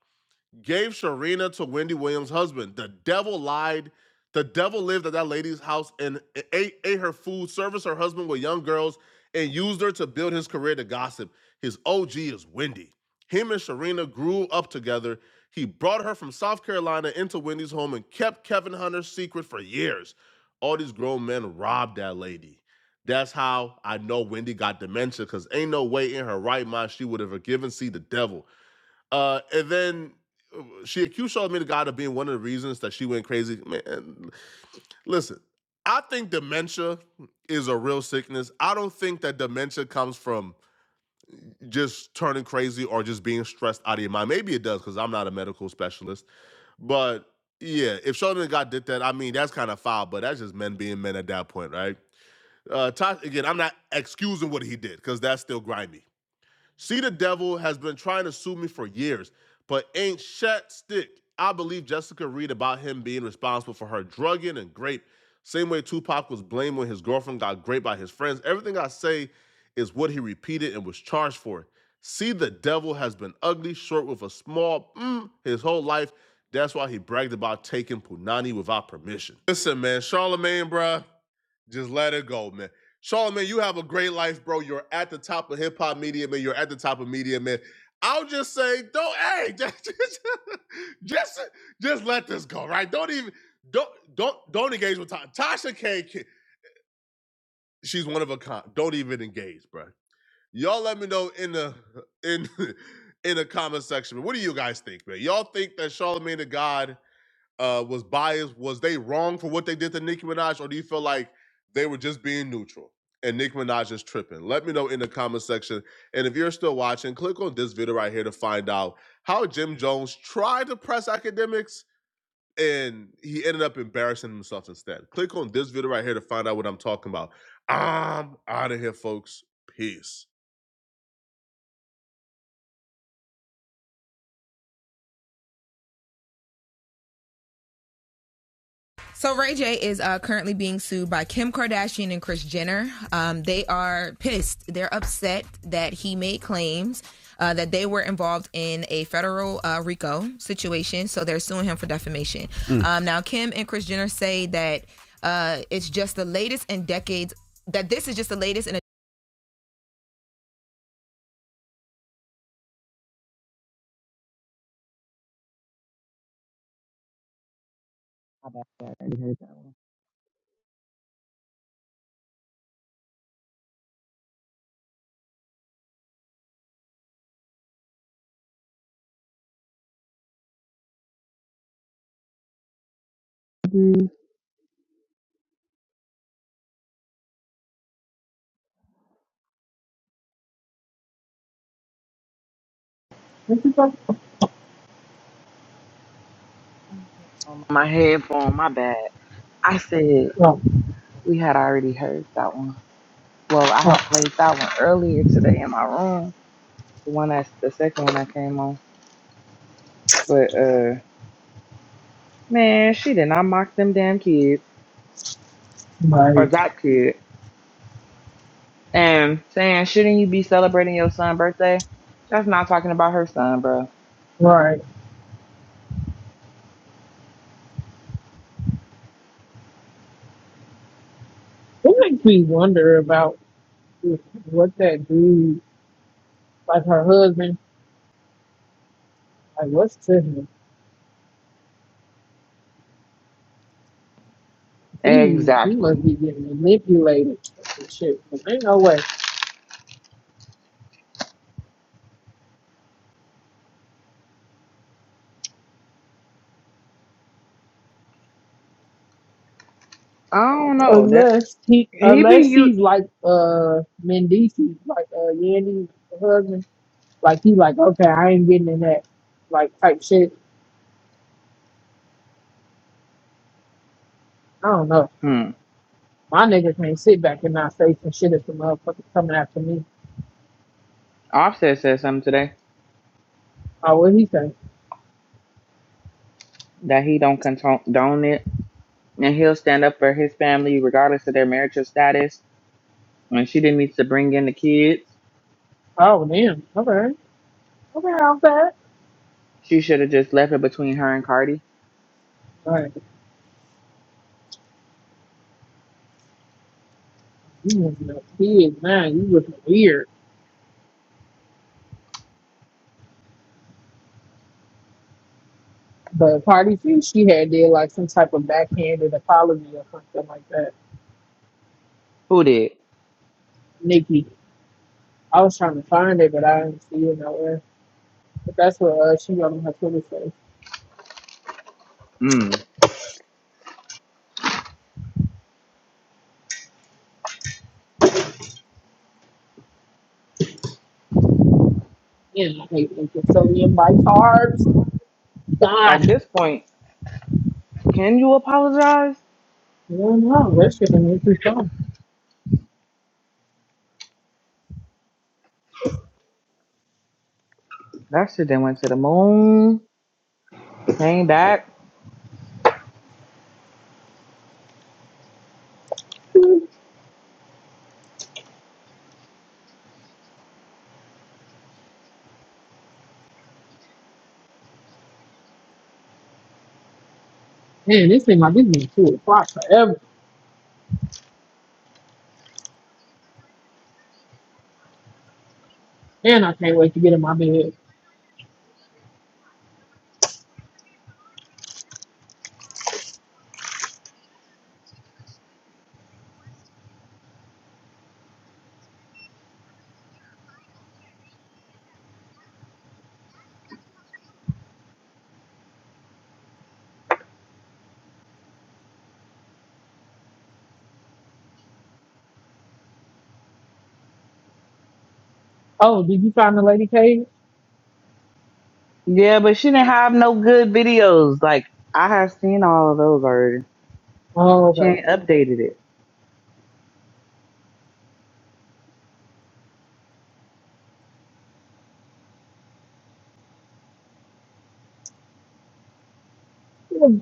[SPEAKER 9] gave Sharina to Wendy Williams' husband. The devil lied. The devil lived at that lady's house and ate, ate her food, serviced her husband with young girls, and used her to build his career to gossip. His OG is Wendy. Him and Sharina grew up together. He brought her from South Carolina into Wendy's home and kept Kevin Hunter's secret for years. All these grown men robbed that lady. That's how I know Wendy got dementia, because ain't no way in her right mind she would have forgiven C the devil. Uh, and then uh, she accused Charlamagne the God of being one of the reasons that she went crazy. Man, listen, I think dementia is a real sickness. I don't think that dementia comes from just turning crazy or just being stressed out of your mind. Maybe it does because I'm not a medical specialist. But yeah, if Charlamagne the God did that, I mean, that's kind of foul, but that's just men being men at that point, right? Uh, Tosh, again, I'm not excusing what he did because that's still grimy. See, the devil has been trying to sue me for years, but ain't shit stick. I believe Jessica Reed about him being responsible for her drugging and grape. Same way Tupac was blamed when his girlfriend got raped by his friends. Everything I say is what he repeated and was charged for. See, the devil has been ugly, short with a small mm his whole life. That's why he bragged about taking Punani without permission. Listen, man, Charlemagne, bruh, just let it go, man. Charlamagne, you have a great life, bro. You're at the top of hip hop media, man. You're at the top of media, man. I'll just say, don't, hey, just, just, just, just let this go, right? Don't even, don't, don't, don't engage with Tasha. Tasha can she's one of a kind. Don't even engage, bro. Y'all let me know in the, in, in the comment section. What do you guys think, man? Y'all think that Charlamagne the God uh, was biased? Was they wrong for what they did to Nicki Minaj, or do you feel like they were just being neutral and Nicki Minaj is tripping? Let me know in the comment section. And if you're still watching, click on this video right here to find out how Jim Jones tried to press academics and he ended up embarrassing himself instead. Click on this video right here to find out what I'm talking about. I'm out of here, folks. Peace. So Ray J is uh, currently being sued by Kim Kardashian and Kris Jenner. Um, they are pissed. They're upset that he made claims uh, that they were involved in a federal uh, RICO situation. So they're suing him for defamation. Mm. Um, now Kim and Kris Jenner say that uh, it's just the latest in decades. That this is just the latest in a
[SPEAKER 1] How about that? I already heard that one. on my headphone, my bad. I said
[SPEAKER 5] Oh,
[SPEAKER 1] we had already heard that one. Well, I had
[SPEAKER 5] oh,
[SPEAKER 1] played that one earlier today in my room. The one that's the second one I came on. But uh man, she did not mock them damn kids or
[SPEAKER 5] right,
[SPEAKER 1] that kid and saying, Shouldn't you be celebrating your son's birthday? That's not talking about her son, bro.
[SPEAKER 5] right. It makes me wonder about what that dude, like her husband, like what's to him? He he
[SPEAKER 1] Exactly.
[SPEAKER 5] must be getting manipulated and shit. But ain't no way,
[SPEAKER 1] I don't know. That
[SPEAKER 5] unless he
[SPEAKER 1] he be
[SPEAKER 5] unless
[SPEAKER 1] you
[SPEAKER 5] he's like uh Mendici, like uh Yandy's husband, like he like okay, I ain't getting in that like type shit. I don't know.
[SPEAKER 1] hmm.
[SPEAKER 5] My nigga can't sit back and not say some shit if the motherfucker coming after me.
[SPEAKER 1] Offset said something today
[SPEAKER 5] Oh, what he say?
[SPEAKER 1] that he don't condone it and he'll stand up for his family regardless of their marital status. When she didn't need to bring in the kids,
[SPEAKER 5] Oh, damn. Okay. Okay, I'm fat.
[SPEAKER 1] she should have just left it between her and Cardi.
[SPEAKER 5] Like, you looking a kid, man. You looking weird. But Party C, she had did like some type of backhanded apology or something like that.
[SPEAKER 1] Who did?
[SPEAKER 5] Nikki, I was trying to find it, but I didn't see it nowhere. But that's what uh, she wrote on her Twitter page.
[SPEAKER 1] Mm.
[SPEAKER 5] Yeah, I hate Nikki. So the invite carbs.
[SPEAKER 1] At
[SPEAKER 5] God. I
[SPEAKER 1] this point, can you apologize?
[SPEAKER 5] don't know. That shit done made me strong.
[SPEAKER 1] That shit then went to the moon, came back.
[SPEAKER 5] Man, this thing like this been two o'clock forever. Man, I can't wait to get in my bed. Oh, did you find the lady cave?
[SPEAKER 1] Yeah, but she didn't have no good videos. Like I have seen all of those already.
[SPEAKER 5] Oh,
[SPEAKER 1] She
[SPEAKER 5] okay.
[SPEAKER 1] ain't updated it.
[SPEAKER 5] Well,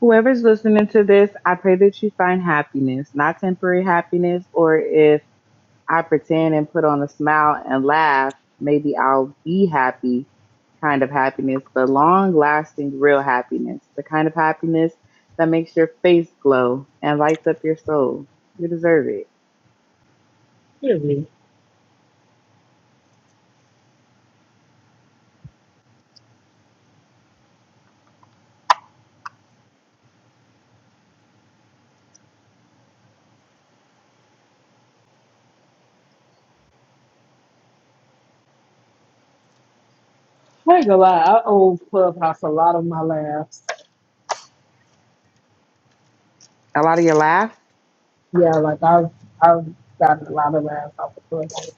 [SPEAKER 1] Whoever's listening to this, I pray that you find happiness, not temporary happiness, or if I pretend and put on a smile and laugh, maybe I'll be happy kind of happiness, but long lasting, real happiness, the kind of happiness that makes your face glow and lights up your soul. You deserve it.
[SPEAKER 5] Excuse me. I ain't gonna lie, I owe Clubhouse a lot of my laughs.
[SPEAKER 1] A lot of your laughs.
[SPEAKER 5] Yeah, like I've I've gotten a lot of laughs off of Clubhouse.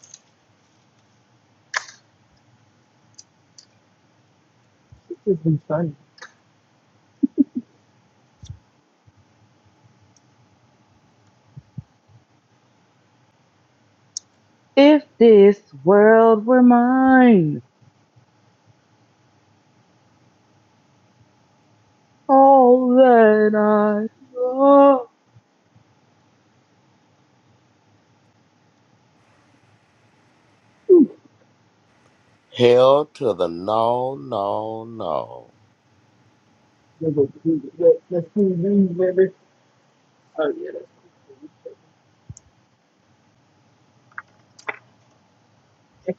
[SPEAKER 5] It's just been funny.
[SPEAKER 1] If this world were mine, all that I love.
[SPEAKER 5] Ooh,
[SPEAKER 15] Hell to the no, no, no.
[SPEAKER 5] Let's go do it. Let- let's do it, baby. Oh yeah, that's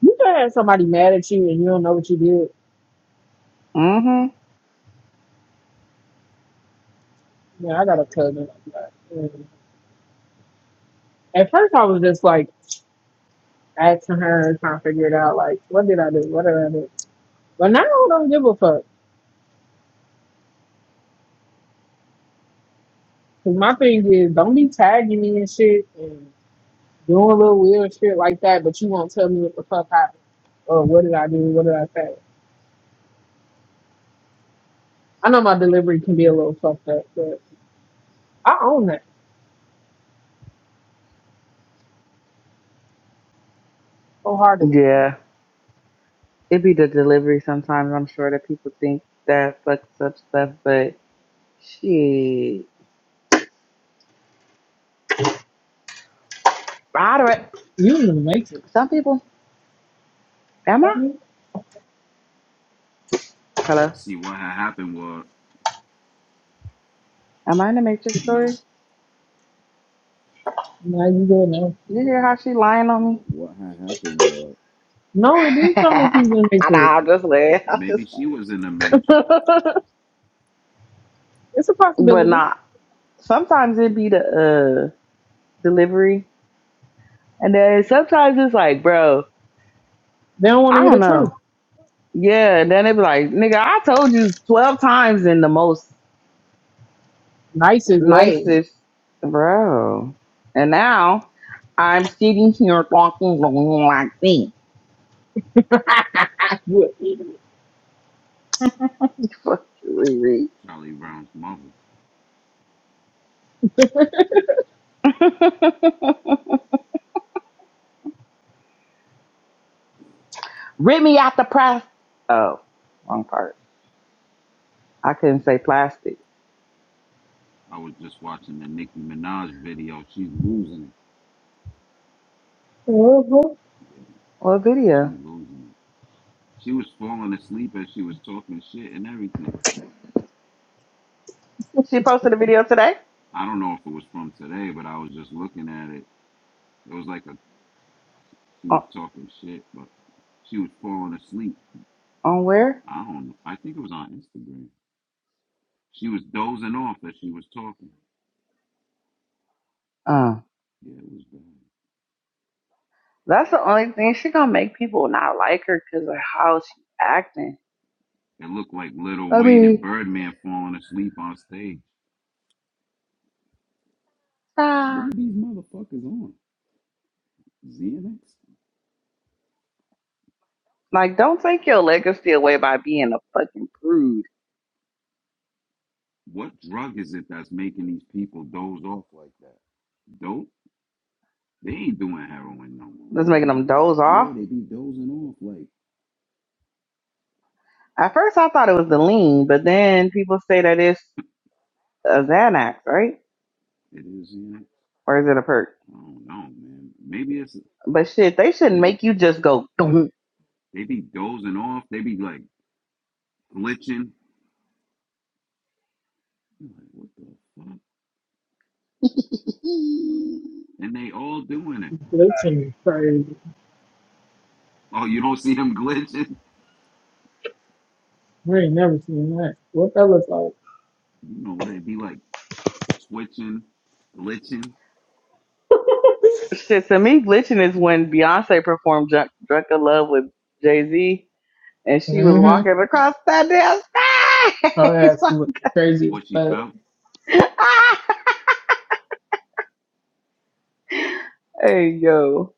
[SPEAKER 5] you can have somebody mad at you and you don't know what you did.
[SPEAKER 1] Mm-hmm.
[SPEAKER 5] Yeah, I got a cousin like that. And At first, I was just like. asking her trying to figure it out. Like, what did I do? What did I do? But now I don't give a fuck. Cause my thing is, don't be tagging me and shit and doing little weird shit like that, but you won't tell me what the fuck happened or what did I do? What did I say? I know my delivery can be a little fucked up, but I own that wholeheartedly.
[SPEAKER 1] Yeah. It'd be the delivery sometimes. I'm sure that people think that fucks up stuff, but shit. All right.
[SPEAKER 5] You didn't even make it.
[SPEAKER 1] Some people, am I?
[SPEAKER 5] That me?
[SPEAKER 1] Hello,
[SPEAKER 16] See, what had happened was,
[SPEAKER 1] am I in the Matrix
[SPEAKER 16] no,
[SPEAKER 1] story?
[SPEAKER 5] Now you go now.
[SPEAKER 1] You hear how she lying on me?
[SPEAKER 16] What what had happened was
[SPEAKER 5] No, it is some of you didn't make
[SPEAKER 1] I know,
[SPEAKER 5] it.
[SPEAKER 1] I'm just laying. I'm
[SPEAKER 16] maybe
[SPEAKER 1] just
[SPEAKER 16] she
[SPEAKER 1] playing.
[SPEAKER 16] was in the Matrix,
[SPEAKER 5] it's a
[SPEAKER 1] But
[SPEAKER 5] possibility.
[SPEAKER 1] not. Sometimes it be the uh delivery, and then sometimes it's like, bro,
[SPEAKER 5] They don't want to
[SPEAKER 1] I
[SPEAKER 5] hear
[SPEAKER 1] don't
[SPEAKER 5] the
[SPEAKER 1] know.
[SPEAKER 5] truth.
[SPEAKER 1] Yeah, and then it be like, nigga, I told you twelve times in the most
[SPEAKER 5] Nicest way.
[SPEAKER 1] nicest, bro. And now I'm sitting here talking like me.
[SPEAKER 5] You an idiot.
[SPEAKER 1] Fuck you,
[SPEAKER 16] Charlie Brown's mother.
[SPEAKER 1] Riri. Rip me out the plastic. Oh, wrong part. I couldn't say plastic.
[SPEAKER 16] I was just watching the Nicki Minaj video. She's losing it.
[SPEAKER 5] Uh-huh.
[SPEAKER 16] Yeah,
[SPEAKER 1] Well,
[SPEAKER 16] she
[SPEAKER 1] video.
[SPEAKER 16] losing it. She was falling asleep as she was talking shit and everything.
[SPEAKER 1] She posted a video today.
[SPEAKER 16] I don't know if it was from today, but I was just looking at it. It was like a she
[SPEAKER 1] On,
[SPEAKER 16] was talking shit, but she was falling asleep.
[SPEAKER 1] on where?
[SPEAKER 16] I don't know. I think it was on Instagram. She was dozing off as she was talking.
[SPEAKER 1] Uh,
[SPEAKER 16] Yeah, it was bad.
[SPEAKER 1] that's the only thing she gonna make people not like her because of how she acting.
[SPEAKER 16] It looked like Little
[SPEAKER 1] I
[SPEAKER 16] Wayne and
[SPEAKER 1] mean,
[SPEAKER 16] Birdman falling asleep on stage. What
[SPEAKER 1] ah,
[SPEAKER 16] are these motherfuckers on? Xanax?
[SPEAKER 1] like don't take your legacy away by being a fucking prude.
[SPEAKER 16] What drug is it that's making these people doze off like that? Dope? They ain't doing heroin no more.
[SPEAKER 1] That's making them doze off.
[SPEAKER 16] Yeah, they be dozing off like
[SPEAKER 1] At first, I thought it was the lean, but then people say that it's a Xanax, right?
[SPEAKER 16] it is Xanax.
[SPEAKER 1] Or is it a perk?
[SPEAKER 16] I don't know, man. Maybe it's
[SPEAKER 1] But shit, they shouldn't make you just go.
[SPEAKER 16] they be dozing off. They be like glitching. You're like, what the fuck? And they all doing it.
[SPEAKER 5] Glitching is crazy.
[SPEAKER 16] Oh, you don't see them glitching?
[SPEAKER 5] We ain't never seen that. What that looks like?
[SPEAKER 16] You know, they be like twitching, glitching.
[SPEAKER 1] Shit, to me, glitching is when Beyonce performed Drunk, Drunk in Love with Jay Z and she was
[SPEAKER 5] Mm-hmm.
[SPEAKER 1] walking across that damn
[SPEAKER 5] Her
[SPEAKER 1] stage.
[SPEAKER 5] ass look crazy as
[SPEAKER 16] What she
[SPEAKER 5] fuck.
[SPEAKER 16] felt.
[SPEAKER 1] Like, ah! Hey, yo.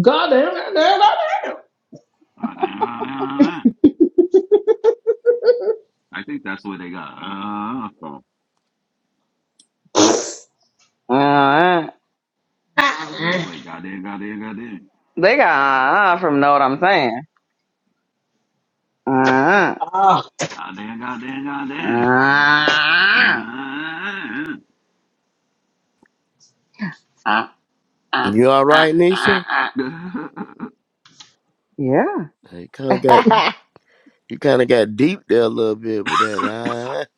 [SPEAKER 5] Goddamn, goddamn,
[SPEAKER 16] I think that's what they got uh, from.
[SPEAKER 1] Uh,
[SPEAKER 16] Yeah,
[SPEAKER 5] goddamn.
[SPEAKER 16] it's like goddamn, goddamn, goddamn,
[SPEAKER 1] they got uh, from Know What I'm Saying. Uh,
[SPEAKER 5] Ah. Ah.
[SPEAKER 16] goddamn, goddamn, goddamn.
[SPEAKER 1] uh,
[SPEAKER 16] Uh,
[SPEAKER 1] uh, uh,
[SPEAKER 15] You all
[SPEAKER 1] uh,
[SPEAKER 15] right,
[SPEAKER 1] uh,
[SPEAKER 15] Nisha?
[SPEAKER 1] uh. Yeah.
[SPEAKER 15] You kind of got you kind of got deep there a little bit with that.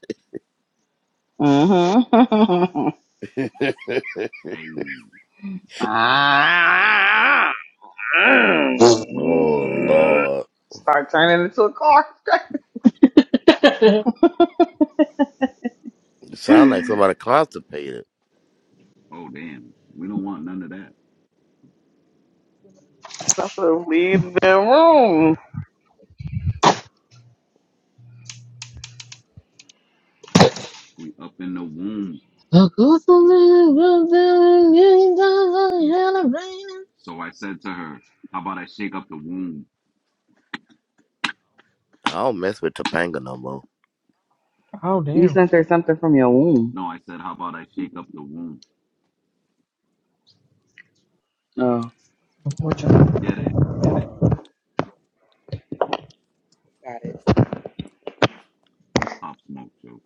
[SPEAKER 1] mm-hmm.
[SPEAKER 15] huh?
[SPEAKER 16] hey,
[SPEAKER 1] uh-uh.
[SPEAKER 15] oh Lord,
[SPEAKER 1] Start turning into a car.
[SPEAKER 15] you sound like somebody constipated.
[SPEAKER 16] oh damn, we don't want none of that.
[SPEAKER 1] I said, leave the room.
[SPEAKER 16] We up in the womb.
[SPEAKER 5] Oh
[SPEAKER 16] So I said to her, "How about I shake up the womb?"
[SPEAKER 15] I don't mess with Topanga no more.
[SPEAKER 1] You
[SPEAKER 5] damn!
[SPEAKER 1] sent her something from your womb.
[SPEAKER 16] No, I said, "How about I shake up the womb?"
[SPEAKER 1] Oh.
[SPEAKER 5] Unfortunate.
[SPEAKER 16] Get it, get it.
[SPEAKER 1] Got it.
[SPEAKER 16] Pop smoke, Joe.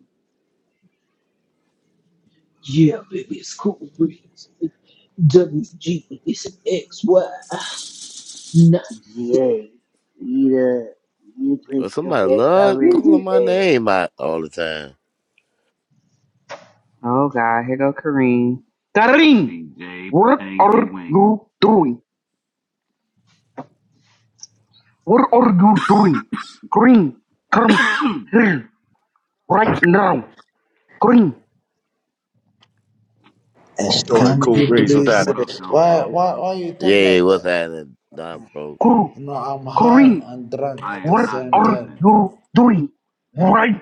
[SPEAKER 5] No.
[SPEAKER 1] Yeah, eat up. You
[SPEAKER 15] Well,
[SPEAKER 1] placed your
[SPEAKER 15] somebody
[SPEAKER 1] bets
[SPEAKER 15] love
[SPEAKER 1] already
[SPEAKER 15] calling my
[SPEAKER 1] today.
[SPEAKER 15] name out all the time.
[SPEAKER 1] Oh, God. Here go Kareem. Kareem!
[SPEAKER 16] DJ
[SPEAKER 1] What
[SPEAKER 16] Pangy Wangy.
[SPEAKER 1] are you doing? Kareem! Kareem! Kareem! Here! Right Kareem!
[SPEAKER 12] Eh,
[SPEAKER 2] Story
[SPEAKER 12] Can
[SPEAKER 2] cool
[SPEAKER 12] you
[SPEAKER 2] breeze with
[SPEAKER 12] please?
[SPEAKER 2] that.
[SPEAKER 16] what
[SPEAKER 12] eh,
[SPEAKER 16] up, Dumb
[SPEAKER 12] Why
[SPEAKER 16] Pro?
[SPEAKER 12] why why you talk
[SPEAKER 15] Yeah,
[SPEAKER 12] like
[SPEAKER 15] what's
[SPEAKER 12] that?
[SPEAKER 15] happening, Don Pro?
[SPEAKER 1] Kareem!
[SPEAKER 12] You know I'm high
[SPEAKER 1] Kareem!
[SPEAKER 12] and drunk
[SPEAKER 16] I
[SPEAKER 12] at the
[SPEAKER 16] am
[SPEAKER 1] What
[SPEAKER 16] not
[SPEAKER 12] same
[SPEAKER 1] are
[SPEAKER 16] doing
[SPEAKER 12] time.
[SPEAKER 16] this.
[SPEAKER 1] you doing? Right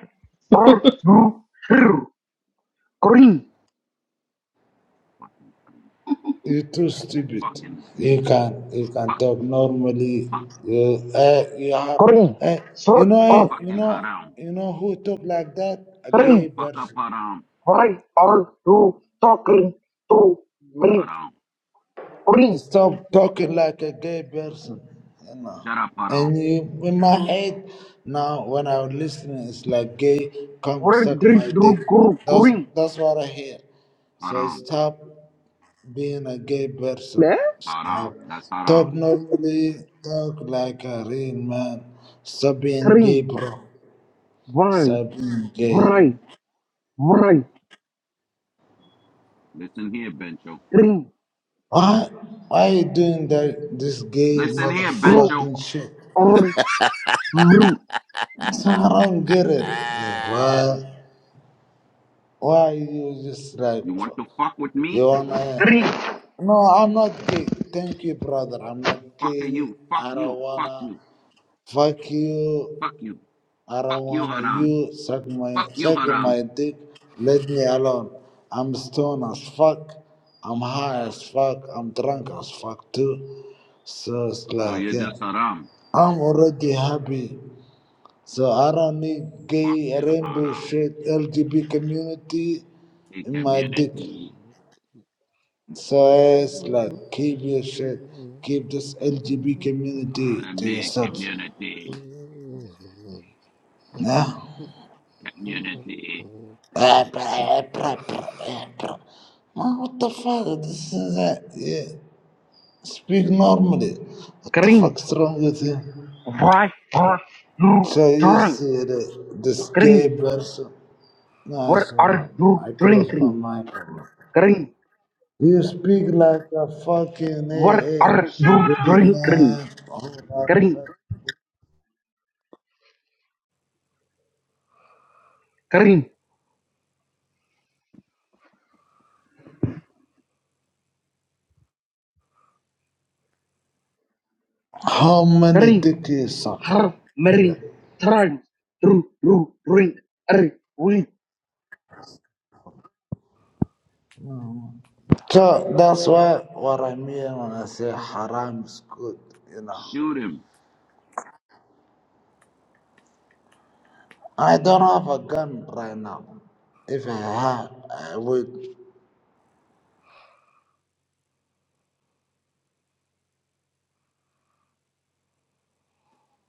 [SPEAKER 1] are you here? Kareem!
[SPEAKER 16] Fucking,
[SPEAKER 12] You're too stupid.
[SPEAKER 16] fucking
[SPEAKER 12] You can you can
[SPEAKER 16] fucking.
[SPEAKER 12] talk normally.
[SPEAKER 16] Fuck
[SPEAKER 12] You uh, you have
[SPEAKER 1] Kareem!
[SPEAKER 12] uh, you
[SPEAKER 1] Shut
[SPEAKER 12] know eh,
[SPEAKER 1] up!
[SPEAKER 12] you
[SPEAKER 16] fucking
[SPEAKER 12] know
[SPEAKER 16] haram.
[SPEAKER 12] you know who talk like that? A
[SPEAKER 16] Shut the
[SPEAKER 12] gay
[SPEAKER 16] fuck up,
[SPEAKER 12] person.
[SPEAKER 16] haram.
[SPEAKER 1] Why are you talking to me?
[SPEAKER 16] Haram.
[SPEAKER 1] Green,
[SPEAKER 12] Stop talking like a gay person. You know.
[SPEAKER 16] Shut up, haram.
[SPEAKER 12] And you in my head now when I'm listening, it's like gay. Come
[SPEAKER 1] red,
[SPEAKER 12] suck
[SPEAKER 1] green,
[SPEAKER 12] my dick.
[SPEAKER 1] green,
[SPEAKER 12] That's
[SPEAKER 1] green,
[SPEAKER 12] that's what I hear. So
[SPEAKER 16] Haram.
[SPEAKER 12] stop. being a gay person.
[SPEAKER 1] black,
[SPEAKER 12] Stop.
[SPEAKER 16] Haram. That's haram.
[SPEAKER 12] Talk normally. Talk like a real man. Stop being gay,
[SPEAKER 1] green.
[SPEAKER 12] bro.
[SPEAKER 1] Why,
[SPEAKER 12] Stop being gay.
[SPEAKER 1] why, why,
[SPEAKER 16] Listen here, Bencho.
[SPEAKER 1] green,
[SPEAKER 12] Why? Why you doing that? This gay
[SPEAKER 16] Listen here,
[SPEAKER 1] green,
[SPEAKER 16] Bencho.
[SPEAKER 12] motherfucking shit.
[SPEAKER 1] or blue?
[SPEAKER 12] So I don't get it. Yeah, why? Why you just like
[SPEAKER 16] You want to fuck with
[SPEAKER 12] you
[SPEAKER 16] me?
[SPEAKER 12] wanna?
[SPEAKER 1] Green,
[SPEAKER 12] No, I'm not gay. Thank you, brother. I'm not
[SPEAKER 16] Fuck
[SPEAKER 12] gay.
[SPEAKER 16] you. Fuck
[SPEAKER 12] I don't
[SPEAKER 16] you. Fuck
[SPEAKER 12] wanna
[SPEAKER 16] you.
[SPEAKER 12] fuck you.
[SPEAKER 16] Fuck you.
[SPEAKER 12] I
[SPEAKER 16] Fuck
[SPEAKER 12] don't
[SPEAKER 16] you,
[SPEAKER 12] want
[SPEAKER 16] haram.
[SPEAKER 12] you suck my
[SPEAKER 16] Fuck you,
[SPEAKER 12] sucking
[SPEAKER 16] haram.
[SPEAKER 12] my dick. Let me alone. I'm stoned as fuck. I'm high as fuck. I'm drunk as fuck too. So it's
[SPEAKER 16] So
[SPEAKER 12] like
[SPEAKER 16] you're
[SPEAKER 12] yeah.
[SPEAKER 16] just haram.
[SPEAKER 12] I'm already happy. So I don't need gay
[SPEAKER 16] Fucking
[SPEAKER 12] rainbow
[SPEAKER 16] haram.
[SPEAKER 12] shit LGB community
[SPEAKER 16] Hey,
[SPEAKER 12] in my dick.
[SPEAKER 16] community.
[SPEAKER 12] So it's like keep your shit. Keep this LGB community
[SPEAKER 16] Uh,
[SPEAKER 12] to
[SPEAKER 16] me,
[SPEAKER 12] yourself.
[SPEAKER 16] community.
[SPEAKER 12] Yeah?
[SPEAKER 16] Community.
[SPEAKER 15] Ooh.
[SPEAKER 12] Man, what the fuck? This is that. Yeah. Speak normally. What the
[SPEAKER 1] green.
[SPEAKER 12] fuck's wrong with you?
[SPEAKER 1] Why are you
[SPEAKER 12] So you
[SPEAKER 1] drunk?
[SPEAKER 12] see the, this gay
[SPEAKER 1] Green,
[SPEAKER 12] person. No, I
[SPEAKER 1] what
[SPEAKER 12] shut
[SPEAKER 1] are
[SPEAKER 12] up.
[SPEAKER 1] you
[SPEAKER 12] I close my
[SPEAKER 1] drinking?
[SPEAKER 12] mic.
[SPEAKER 1] Green,
[SPEAKER 12] You speak like a fucking eh,
[SPEAKER 1] what
[SPEAKER 12] eh,
[SPEAKER 1] are you
[SPEAKER 12] gay
[SPEAKER 16] Shoot him!
[SPEAKER 1] drinking?
[SPEAKER 12] man. all that
[SPEAKER 1] Green,
[SPEAKER 12] stuff.
[SPEAKER 1] green,
[SPEAKER 12] How many
[SPEAKER 1] green.
[SPEAKER 12] dick you suck?
[SPEAKER 1] How many times do you drink? Every
[SPEAKER 12] So that's why what I mean when I say haram is good, you know.
[SPEAKER 16] Shoot him.
[SPEAKER 12] I don't have a gun right now. If I have, I would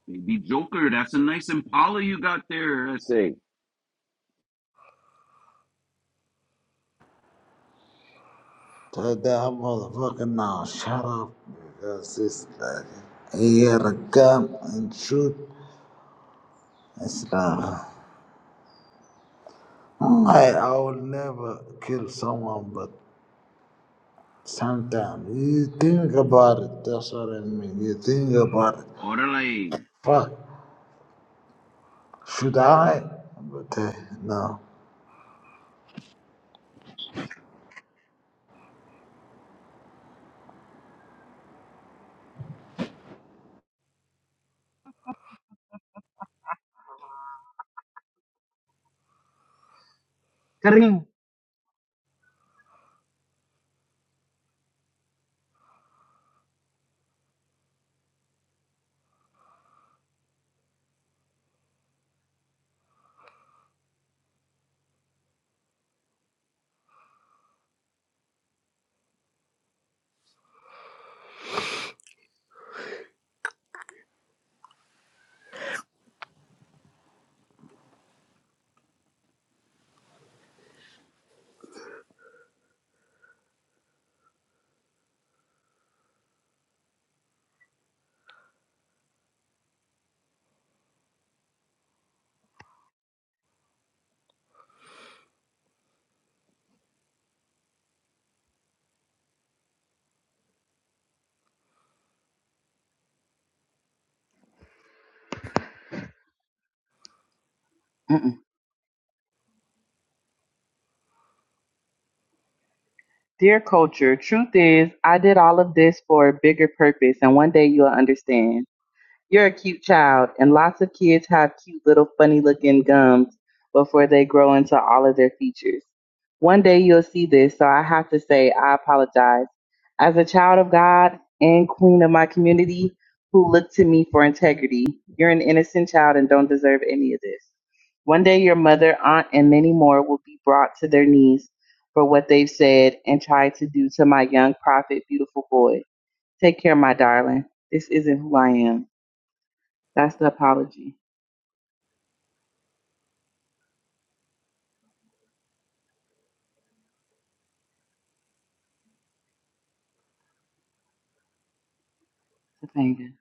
[SPEAKER 16] Baby Joker, that's a nice Impala you got there, I say.
[SPEAKER 12] tell that motherfucker now, shut up, because it's like, he had a gun and shoot. It's like, I, I will never kill someone, but sometimes you think about it, that's what I mean. You think about it.
[SPEAKER 16] Orale.
[SPEAKER 12] Fuck, should I? But eh, no.
[SPEAKER 1] green. Mm-mm. Dear culture, truth is, I did all of this for a bigger purpose, and one day you'll understand. You're a cute child, and lots of kids have cute little funny looking gums before they grow into all of their features. One day you'll see this, so I have to say I apologize. As a child of God and queen of my community who look to me for integrity, you're an innocent child and don't deserve any of this. One day your mother, aunt, and many more will be brought to their knees for what they've said and tried to do to my young prophet, beautiful boy. Take care, my darling. This isn't who I am. That's the apology to Fanga.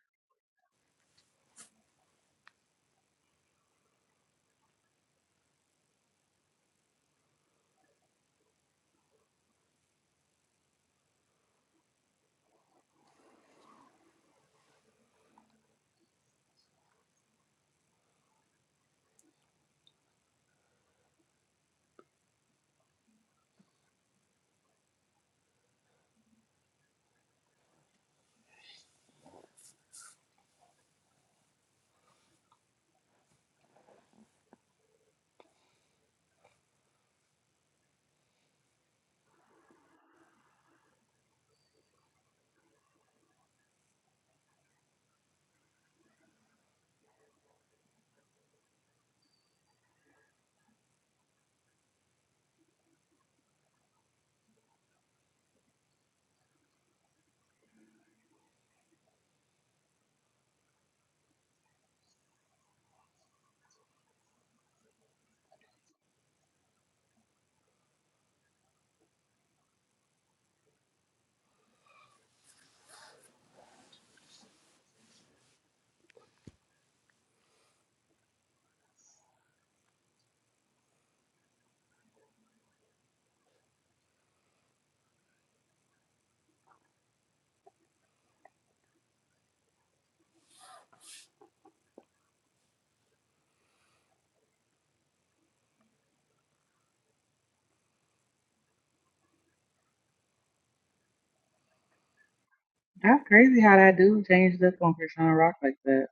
[SPEAKER 1] That's crazy how that dude changed up on Krishan Rock like that.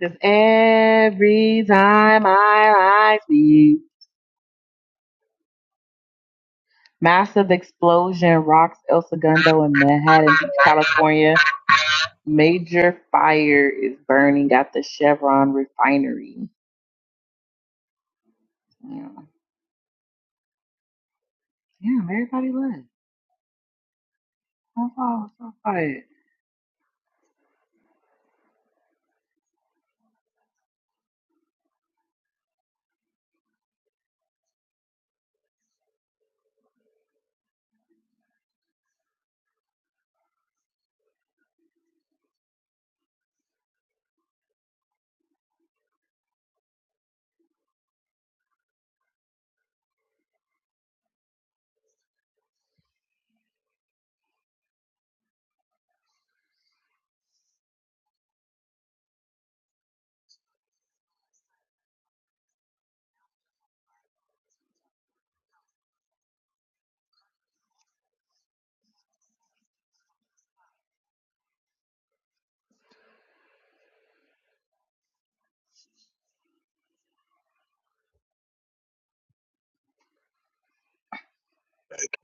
[SPEAKER 1] Cause every time I lie to you, massive explosion rocks El Segundo in Manhattan Beach, California. Major fire is burning at the Chevron refinery. Yeah.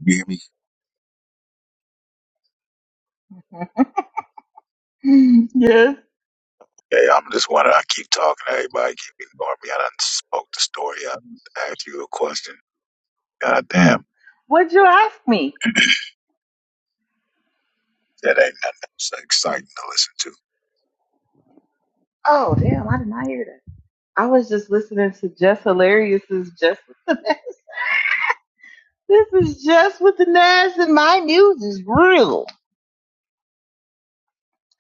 [SPEAKER 2] You hear me?
[SPEAKER 1] Yeah.
[SPEAKER 2] Yeah, I'm just wondering. I keep talking to everybody. Keep ignoring me. I done spoke the story. I done asked you a question God damn,
[SPEAKER 1] What'd you ask me?
[SPEAKER 2] that ain't nothing so exciting to listen to.
[SPEAKER 1] Oh damn, I did not hear that. I was just listening to Jess Hilarious's just. This is just with the Nas and my news is real.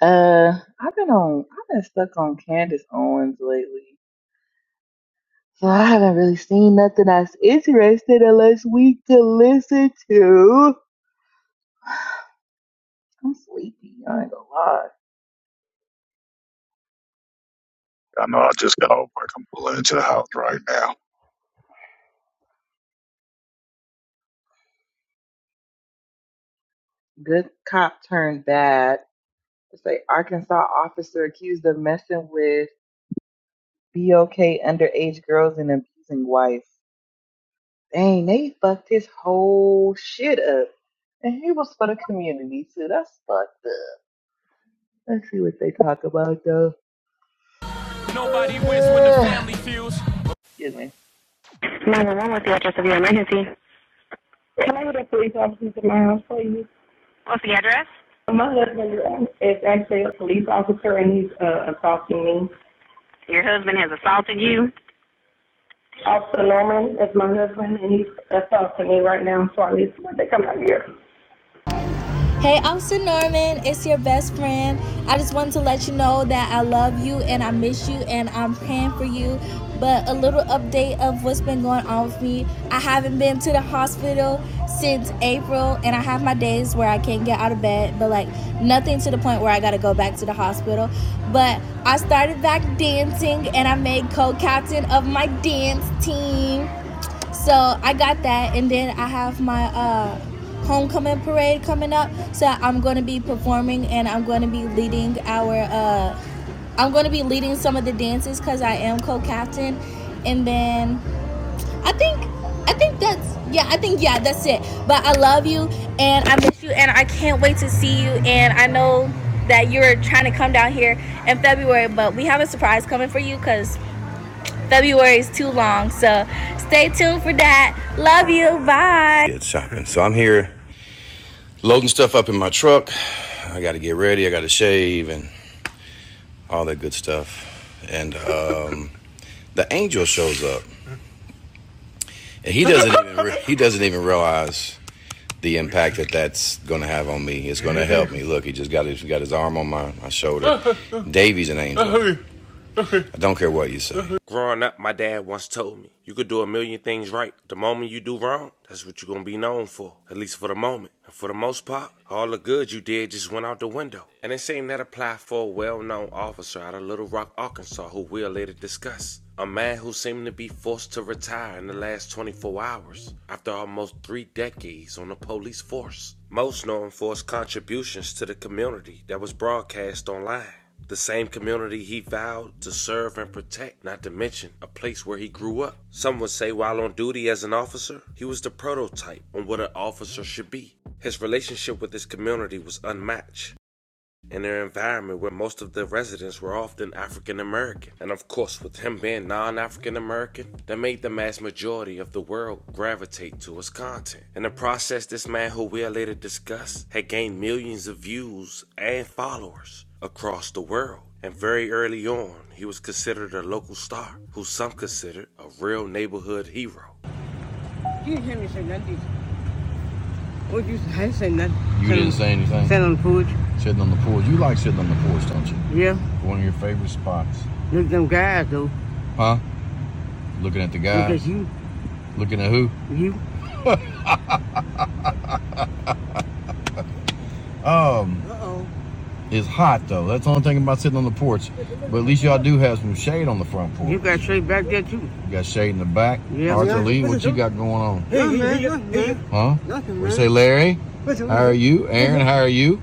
[SPEAKER 1] Uh, I've been on, I've been stuck on Candace Owens lately, so I haven't really seen nothing that's interesting unless we could listen to. I'm sleepy. I ain't gonna lie.
[SPEAKER 2] I know I just got off work. I'm pulling into the house right now.
[SPEAKER 1] Good cop turned bad. It's like Arkansas officer accused of messing with BOK underage girls and abusing wife. Dang, they fucked his whole shit up. And he was for the community, so that's fucked up. Let's see what they talk about though.
[SPEAKER 9] He wins when the
[SPEAKER 1] Ugh.
[SPEAKER 9] family feels.
[SPEAKER 1] Excuse me.
[SPEAKER 9] Nine one one with you, Jesse. So my husband is actually a police officer and he's uh, assaulting me. Your husband has assaulted you. Officer Norman is my husband, and he's assaulting me right now, so I need someone to come out here. Hey, Officer Norman, it's your best friend. I just wanted to let you know that I love you and I miss you and I'm praying for you. But a little update of what's been going on with me. I haven't been to the hospital since April and I have my days where I can't get out of bed, but like nothing to the point where I gotta go back to the hospital. But I started back dancing and I made co captain of my dance team. So I got that, and then I have my uh, homecoming parade coming up. So I'm going to be performing, and I'm going to be leading our. Uh, I'm going to be leading some of the dances because I am co-captain, and then I think I think that's yeah. I think yeah, that's it. But I love you, and I miss you, and I can't wait to see you. And I know that you're trying to come down here in February, but we have a surprise coming for you because February is too long. So stay tuned for that. Love you. Bye. Good shopping. So I'm here loading stuff up in my truck. I got to get ready. I got to shave and all that good stuff. And uh, the angel shows up, and he doesn't even re- he doesn't even realize I had his arm on my, my sh- Growing up, my dad once told me, you could do a million things right. The moment you do wrong, that's what you're gonna be known for, at least for the moment. And for the most part, all the good you did just went out the window. And it seemed that applied for a well known officer out of Little Rock, Arkansas, who we'll later discuss. A man who seemed to be forced to retire in the last 24 hours after almost three decades on the post. Most known for contributions to the community that was broadcast online. The same community he vowed to serve and protect, not to mention a place where he grew up. While on duty as an officer, he was the prototype on what an officer would be. The Relationship was unmatched in their environment where most of the residents were often African American. An African American star who some considered a real neighborhood hero. I didn't say nothing. You Didn't say anything. Sandwich. Yeah. Huh? Looking at the guy. Because you. Looking at who? Oh, it's hot though. That's the only thing about sitting on the porch. But at least y'all do front porch. Yeah. You got shade in the back. Yeah. Arthur Yeah. Lee, what you got going on? Hey, No, hey, man, hey, nothing, hey, man. Huh? Nothing, man. We say, Larry, how are you? Aaron, how are you?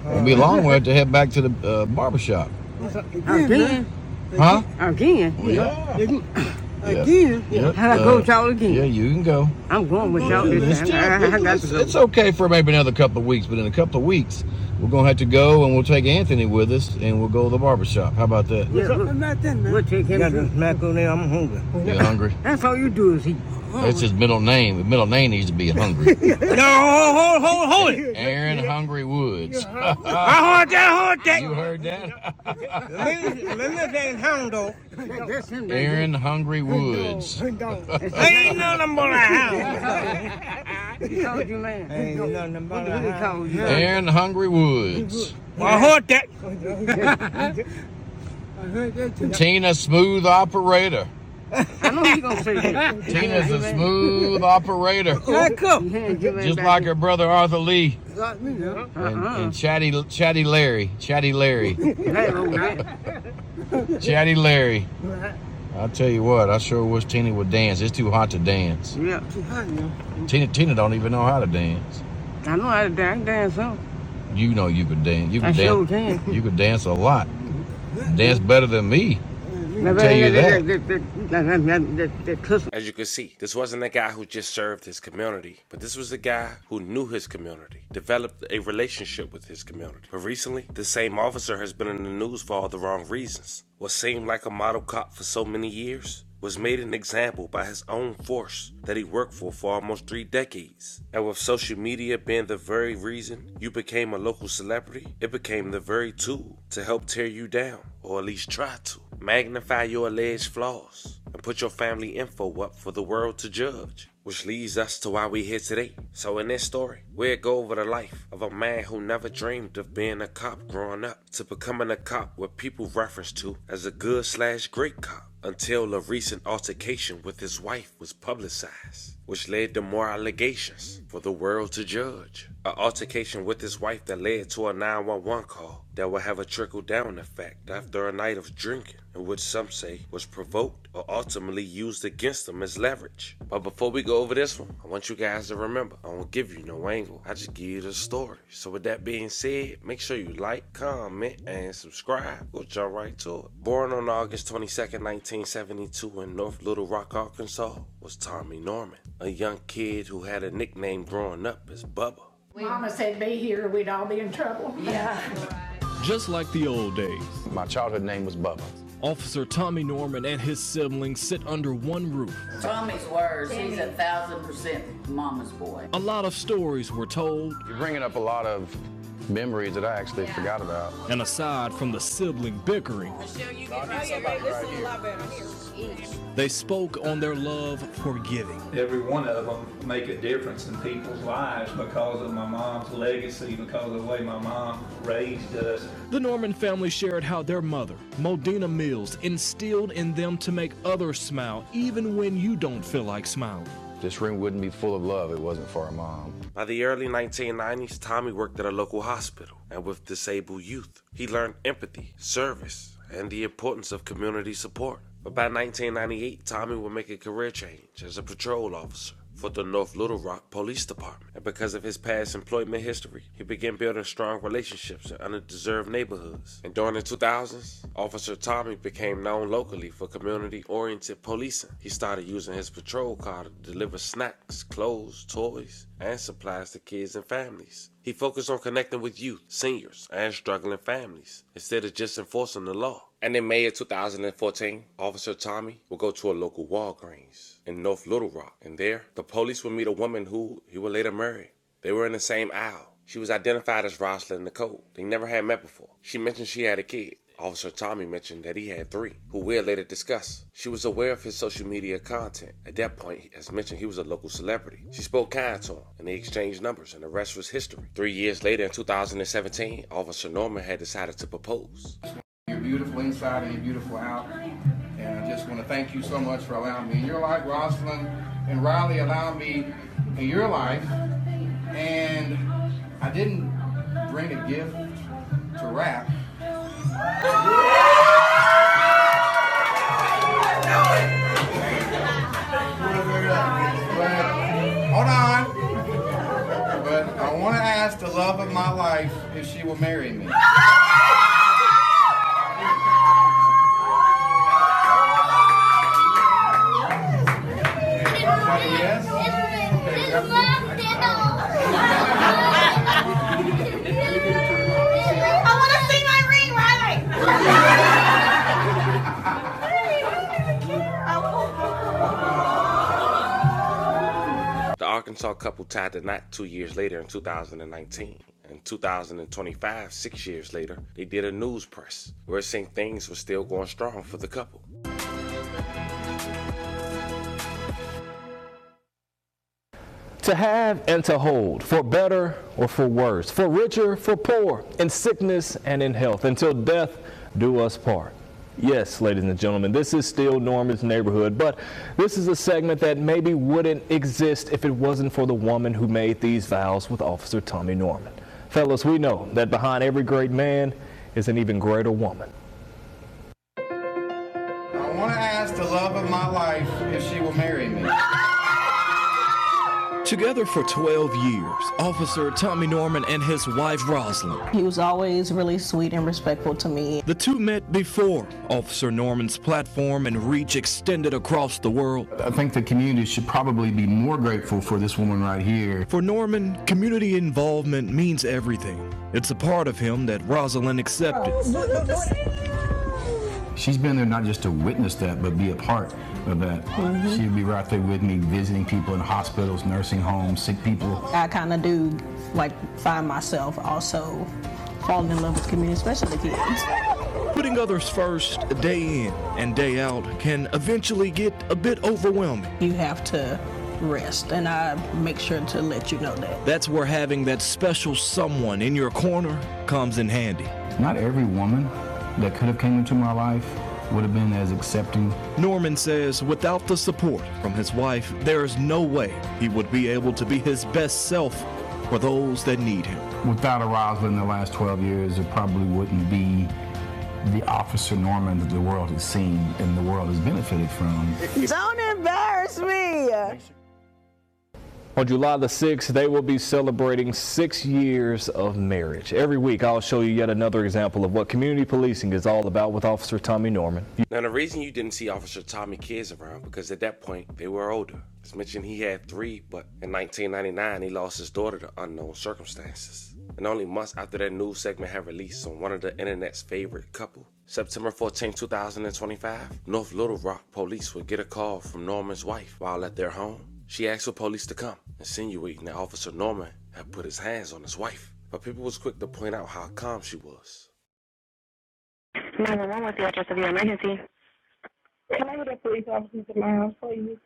[SPEAKER 9] It'll be a long way to head back to the uh, barber Huh? Yeah. Again? Yep. Yeah, Yeah, you can go. I'm going with you. It's okay for maybe another couple of weeks, but in a couple of weeks, we're going to have to go and we'll take Anthony with us and we'll go to the barbershop. How about that? Yeah, something about that, man. You hungry? That's his middle name. His middle name needs to be Hungry. Aaron Hungry Woods. Aaron Hungry Woods. And Hungry Woods. Tina Smooth Operator. Tina's a smooth operator. Just like her brother Arthur Lee. And, and Chatty Chatty Larry. Chatty Larry. Chatty Larry. I'll tell you what, I sure wish Tina would dance. It's too hot to dance. Tina Tina don't even know how to dance. You know you could dance. You could I dance. sure can. You could dance a lot. Dance better than me. I tell you that. As you can see, this wasn't a guy who just served his community, but this was a guy who knew his community, developed a relationship with his community. But recently, this same officer has been in the news for all the wrong reasons. What seemed like a model cop for so many years was made an example by his own force that he worked for for almost three decades. And with social media, the very reason became a celebrity, it became the very tool to help tear you down, or at least try to. Magnify your alleged flaws and put your family info up for the world to judge. why we here today. So in this story, we'll go over the life of a man who never dreamed of being a cop growing up to becoming a cop what people reference to as a good slash great cop until a recent altercation with his wife was publicized, which led to more allegations for the world to judge. An altercation with his wife that led to a 911 call that will have a trickle down effect after a night which some say was provoked or ultimately used against them as leverage. But before we go over this one, I want you guys to remember I won't give you no angle, I just give you the story. So, with that being said, make sure you Tony same growing up as Bubba. Just like the old days, My childhood name was Bubba. Officer Tommy Norman and his siblings sit under one roof. he's a mama's boy. A lot of stories were told, You're bringing up a lot of memories about and aside from the sibling bickering, they spoke on their love for giving. because of my mom's legacy, because of the way my mom raised. We shared others smile, even you feel like smiling. By the early 1990s, Tommy worked at a local hospital and with disabled youth. He learned empathy, service, and the importance of community support. But by 1998, Tommy would make a career change as a patrol officer for the North Little Rock Police Department. And because of his past employment history, he began building strong relationships in underdeserved neighborhoods. And during the 2000s, Officer controversial topic became known locally for community oriented policing. He started using his patrol car to deliver snacks, clothes, toys, and supplies to kids and families. He focused on connecting with youth, seniors, and struggling families instead of just enforcing the law. And in May of 2014, Officer Tommy would go to a local Walgreens in North Little Rock, and there the police would meet a woman who he would later marry. They were in the same aisle. She was identified as Rosalind Nicole. They never had met before. She mentioned she had a kid. Officer Tommy mentioned that he had three, who we'll later discuss. She was aware of his social media content. At that point, as mentioned, he was a local celebrity. She spoke kind to him, and they exchanged numbers, and the rest was history. Three years later, in 2017, Officer Norman had decided to propose. You're beautiful inside and you're beautiful out. And I just want to thank you so much for allowing me in your life, Rosalind and Riley, allowing me in your life and I didn't bring a gift to wrap. Hold on, but I want to ask the love of my life if she will marry me. Everybody, Yes. Okay, I Is that a yes? Okay, that's The Arkansas couple tied the knot two years later in 2019. In 2025, six years later, they did a news press where it seemed things were still going strong for the couple. To have and to hold, for better or for worse, for richer, for poor, in sickness and in health, until death do us part. Yes, ladies and gentlemen, this is still Norman's neighborhood, but this is a segment that maybe wouldn't exist if it wasn't for the woman who made these vows with Officer Tommy Norman. Fellas, we know that behind every great man is an even greater woman. Together for 12 years, Officer Tommy Norman and his wife Rosalind. He was always really sweet and respectful to me. The two met before Officer Norman's platform and reach extended across the world. Probably be great woman right here. For Norman, community involvement means everything. It's a part of him that Rosalind accepted. She's been there not just to witness that, but be a part of that. Mm-hmm. She'd be right there with me, visiting people in hospitals, nursing homes, sick people. I kind of do like find myself also falling in love with community, especially the kids. can eventually get a bit overwhelming. You have to rest, and I make sure to let you know that. That's where having that special someone in your corner comes in handy. Norman says without the support from his wife, there is no way he would be able to be his best self for those that need him. Without a Rosalind in the last 12 years, it probably wouldn't be the officer Norman that the world has seen and the world has benefited from. Curse me! On July the 6th, they will be celebrating six years of marriage. Every week, I'll show you yet another example of what community policing is all about with Officer Tommy Norman. Now, the reason you didn't see Officer Tommy Kids around because at that point they were older. As mentioned, he had three, but in 1999 he lost his daughter to unknown circumstances. And only months after that news segment had released on one of the internet's favorite couple, September 14, 2025, North Little Rock police would get a call from Norman's wife while at their home. She asked for police to come, insinuating that Officer Norman had put his hands on his wife. But people was quick to point out how calm she was. 911, what's the address of your emergency? with the police officers in my house, please.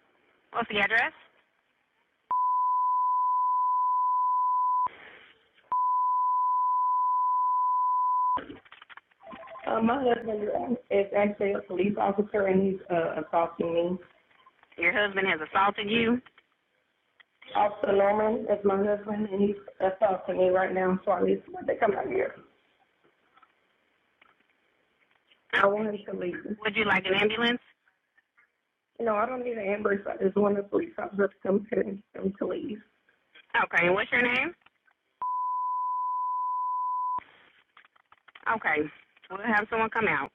[SPEAKER 9] Uh, my husband is actually a police officer and he's uh, assaulting me. Your husband has assaulted you? Officer Norman is my husband and he's assaulting me right now, so I need someone to come out here. I want him to leave. Would you like an ambulance? No, I don't need an ambulance. I just want the police officer to come here and tell to leave. Okay, and what's your name? Okay, we'll have someone come out.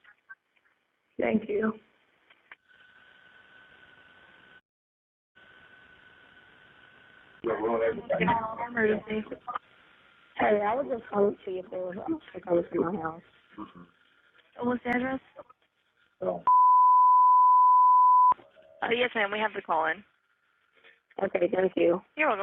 [SPEAKER 9] Thank you. You're welcome.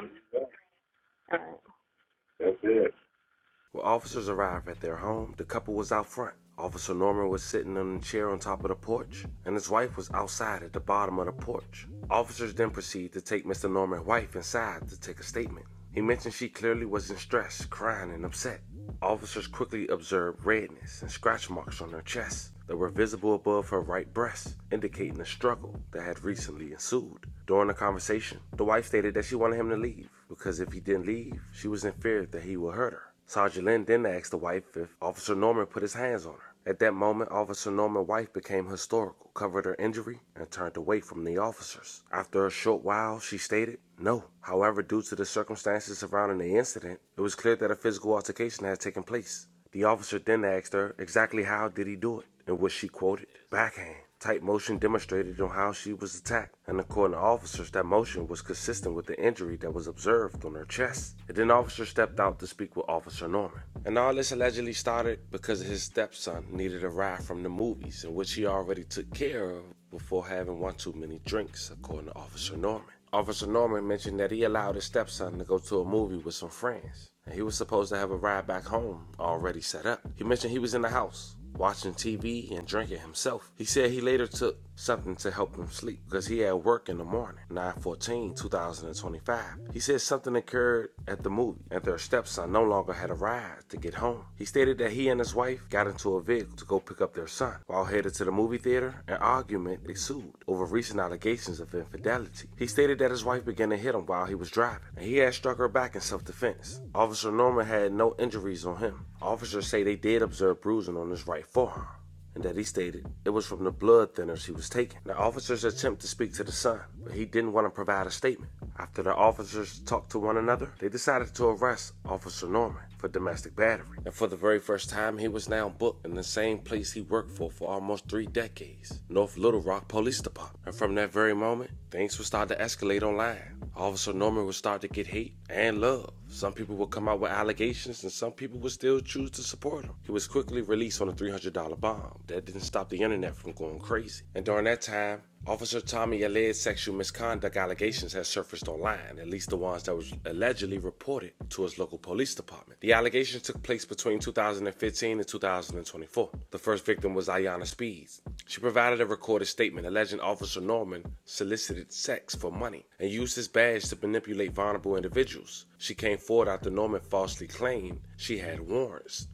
[SPEAKER 9] When officers arrived at their home, the couple was out front. Officer Norman was sitting on a chair on top of the porch, and his wife was outside at the bottom of the porch. Officers then proceeded to take Mr. Norman's wife inside to take a statement. He mentioned she clearly was in stress, crying, and upset. Officers quickly observed redness and scratch marks on her chest that were visible above her right breast, indicating a struggle that had recently ensued. During the conversation, the wife stated that she wanted him to leave because if he didn't leave, she was in fear that he would hurt her. Sergeant Lynn then asked the wife if Officer Norman put his hands on her. At that moment, Officer Norman's wife became hysterical, covered her injury, and turned away from the officers. After a short while, she stated, No. However, due to the circumstances surrounding the incident, it was clear that a physical altercation had taken place. The officer then asked her exactly how did he do it, in which she quoted, Backhand. Tight motion demonstrated on how she was attacked, and according to officers, that motion was consistent with the injury that was observed on her chest. And then officer stepped out to speak with Officer Norman. And all this allegedly started because his stepson needed a ride from the movies, in which he already took care of before having one too many drinks, according to Officer Norman. Officer Norman mentioned that he allowed his stepson to go to a movie with some friends, and he was supposed to have a ride back home already set up. He mentioned he was in the house watching TV and drinking himself. He said he later took something to help him sleep because he had work in the morning, Nine fourteen two thousand and twenty-five. He said something occurred at the movie and their stepson no longer had a ride to get home. He stated that he and his wife got into a vehicle to go pick up their son. While headed to the movie theater, an argument ensued over recent allegations of infidelity. He stated that his wife began to hit him while he was driving and he had struck her back in self-defense. Officer Norman had no injuries on him. Officers say they did observe bruises bruising on his right forearm, and that he stated it was from the blood thinners he was taking. The officers attempted to speak to the son, but he didn't want to provide a statement. After the officers talked to one another, they decided to arrest Officer Norman for domestic battery. And for the very first time, he was now booked in the same place he worked for for almost three decades, North Little Rock Police Department. And from that very moment, things would start to escalate online. Officer Norman would start to get hate and love some people would come out with allegations and some people would still choose to support him. He was quickly released on a $300 bond. That didn't stop the internet from going crazy. And during that time, Officer Tommy Aled's sexual misconduct allegations had surfaced online, at least the ones that was allegedly reported to his local police department. The allegations took place between 2015 and 2024. The first victim was Ayanna Speeds. She provided a recorded statement alleging Officer Norman solicited sex for money and used his badge to manipulate vulnerable individuals. She came forward after Norman falsely claimed she had warrants.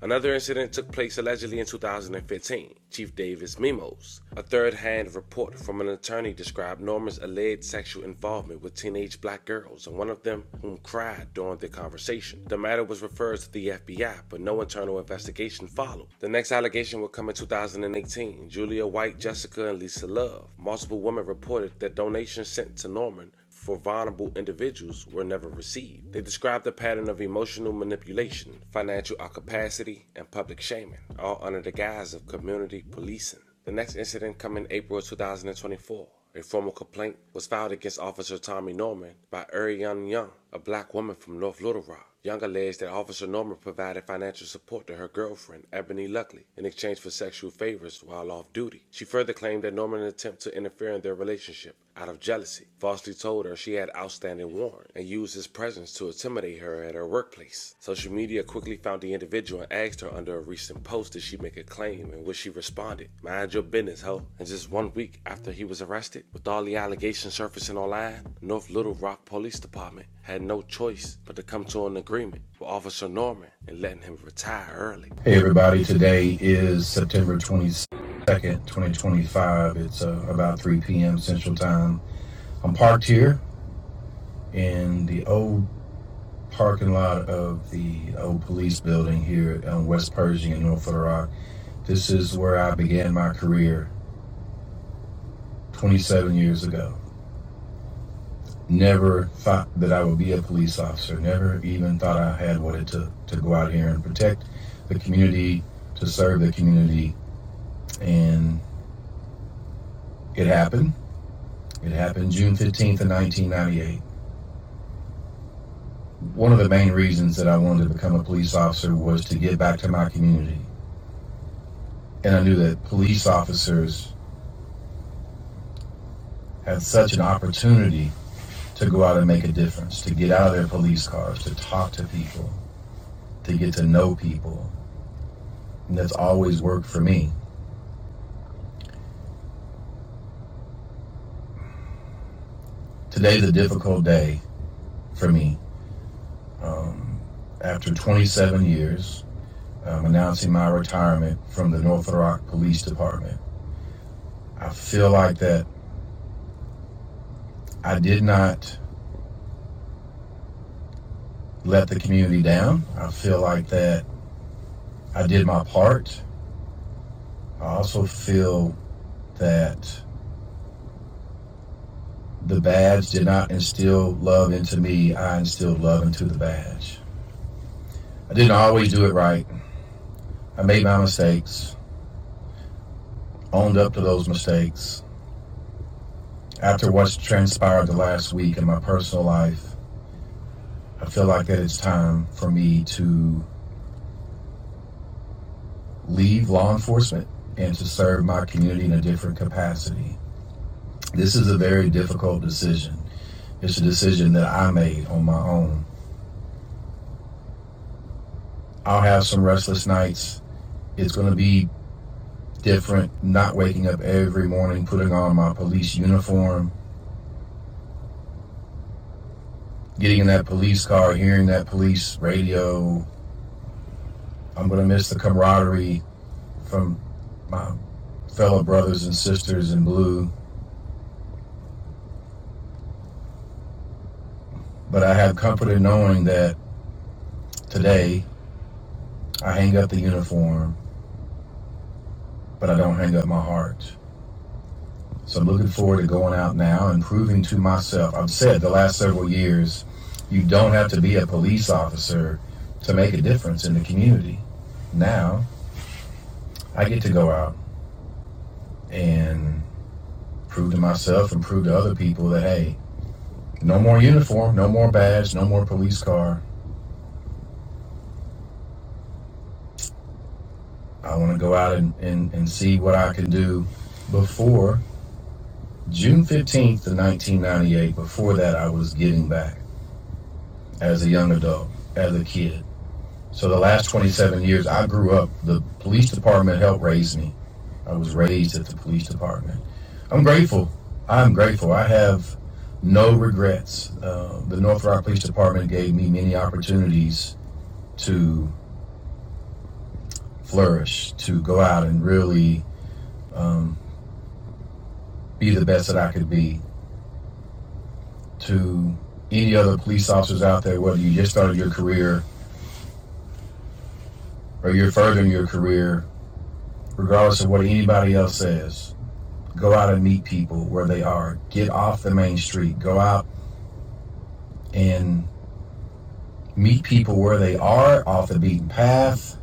[SPEAKER 9] Another incident took place allegedly in 2015. Chief Davis Mimos, a third hand report from an attorney, described Norman's alleged sexual involvement with teenage black girls, and one of them whom cried during the conversation. The matter was referred to the FBI, but no internal investigation followed. The next allegation would come in 2018. Julia White, Jessica, and Lisa Love. Multiple women reported that donations sent to Norman for vulnerable individuals were never received. They described a pattern of emotional manipulation, financial incapacity, and public shaming, all under the guise of community policing. The next incident come in April 2024. A formal complaint was filed against Officer Tommy Norman by Ariane Young, a black woman from North Little Rock. Young alleged that Officer Norman provided financial support to her girlfriend, Ebony Luckley, in exchange for sexual favors while off duty. She further claimed that Norman attempted to interfere in their relationship, out of jealousy, falsely told her she had outstanding warrant and used his presence to intimidate her at her workplace. Social media quickly found the individual and asked her under a recent post did she make a claim, in which she responded, Mind your business, ho. And just one week after he was arrested, with all the allegations surfacing online, the North Little Rock Police Department had no choice but to come to an agreement with Officer Norman and letting him retire early. Hey everybody, today is September 22nd, 2025. It's uh, about 3 p.m. Central Time. I'm parked here in the old parking lot of the old police building here on West Pershing in North Little Rock. This is where I began my career 27 years ago. Never thought that I would be a police officer. Never even thought I had what it took to go out here and protect the community, to serve the community. And it happened. It happened June 15th of 1998. One of the main reasons that I wanted to become a police officer was to give back to my community. And I knew that police officers had such an opportunity to go out and make a difference, to get out of their police cars, to talk to people, to get to know people. And that's always worked for me. Today's a difficult day for me. After 27 years, I'm announcing my retirement from the North Little Rock Police Department. I feel like that I did not let the community down. I feel like that I did my part. I also feel that The badge did not instill love into me, I instilled love into the badge. I didn't always do it right. I made my mistakes, owned up to those mistakes. After what's transpired the last week in my personal life, I feel like that it's time for me to leave law enforcement and to serve my community in a different capacity. This is a very difficult decision. It's a decision that I made on my own. I'll have some restless nights. It's going to be different, not waking up every morning, putting on my police uniform, getting in that police car, hearing that police radio. I'm going to miss the camaraderie from my fellow brothers and sisters in blue. But I have comfort in knowing that today I hang up the uniform, but I don't hang up my heart. So I'm looking forward to going out now and proving to myself. I've said the last several years, you don't have to be a police officer to make a difference in the community. Now I get to go out and prove to myself and prove to other people that hey, no more uniform, no more badge, no more police car. I want to go out and, and, and see what I can do before June 15th of 1998. Before that, I was getting back as a young adult, as a kid. So the last 27 years, I grew up. The police department helped raise me. I was raised at the police department. I'm grateful. I'm grateful. I have no regrets. Uh, the North Rock Police Department gave me many opportunities to flourish, to go out and really be the best that I could be. To any other police officers out there, whether you just started your career or you're furthering your career, regardless of what anybody else says, go out and meet people where they are. Get off the main street. Go out and meet people where they are off the beaten path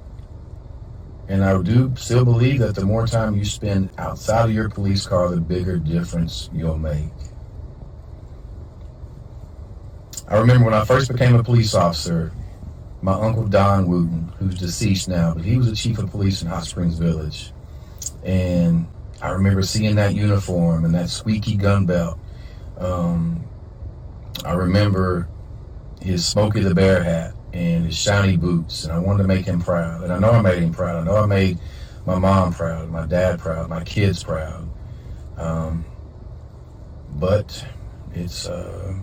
[SPEAKER 9] And I do still believe that the more time you spend outside of your police car, the bigger difference you'll make. I remember when I first became a police officer, my uncle Don Wooten, who's deceased now, but he was the chief of police in Hot Springs Village. And I remember seeing that uniform and that squeaky gun belt. I remember his Smokey the Bear hat and his shiny boots, and I wanted to make him proud. And I know I made him proud. I know I made my mom proud, my dad proud, my kids proud. But it's uh,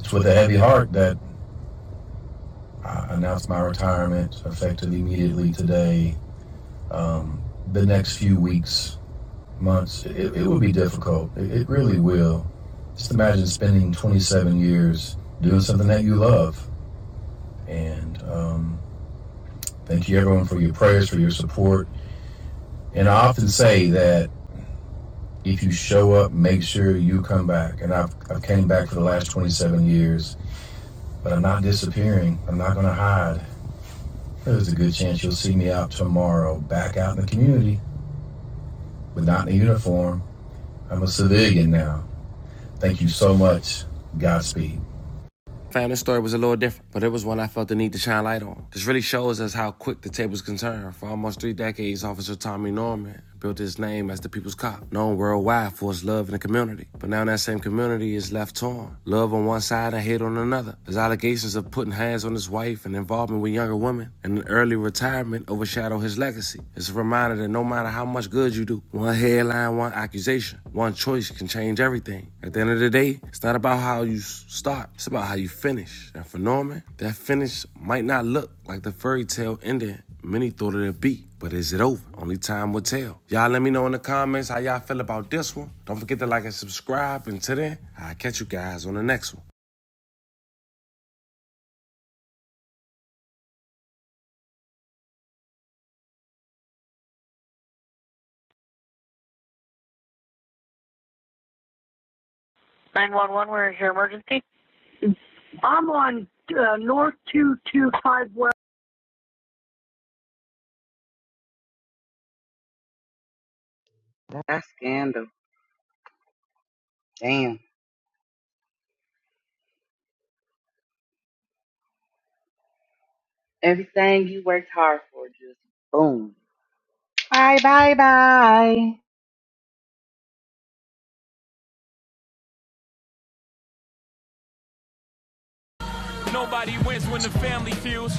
[SPEAKER 9] It's with a heavy heart that I announced my retirement effective immediately today. The next few weeks, months, it, it will be difficult. It, it really will. Just imagine spending 27 years doing something that you love. And um, thank you, everyone, for your prayers, for your support. And I often say that if you show up, make sure you come back. And I've, I've came back for the last 27 years, but I'm not disappearing. I'm not going to hide. There's a good chance you'll see me out tomorrow, back out in the community, but not in a uniform. I'm a civilian now. Thank you so much. Godspeed. Fam, this story was a little different, but it was one I felt the need to shine light on. This really shows us how quick the tables can turn. For almost three decades, Officer Tommy Norman built his name as the people's cop, known worldwide for his love in the community. But now that same community is left torn. Love on one side and hate on another. His allegations of putting hands on his wife and involvement with younger women and an early retirement overshadow his legacy. It's a reminder that no matter how much good you do, one headline, one accusation, one choice can change everything. At the end of the day, it's not about how you start, it's about how you finish. And for Norman, that finish might not look like the fairy tale ending many thought it'd be. But is it over? Only time will tell. Y'all let me know in the comments how y'all feel about this one. Don't forget to like and subscribe. And till then, I'll catch you guys on the next one. 911, where is your emergency? One, four, two, five.
[SPEAKER 1] That's scandal. Damn. Everything you worked hard for just boom. Bye bye bye.
[SPEAKER 9] Nobody wins when the
[SPEAKER 2] Crazy.
[SPEAKER 9] family feels.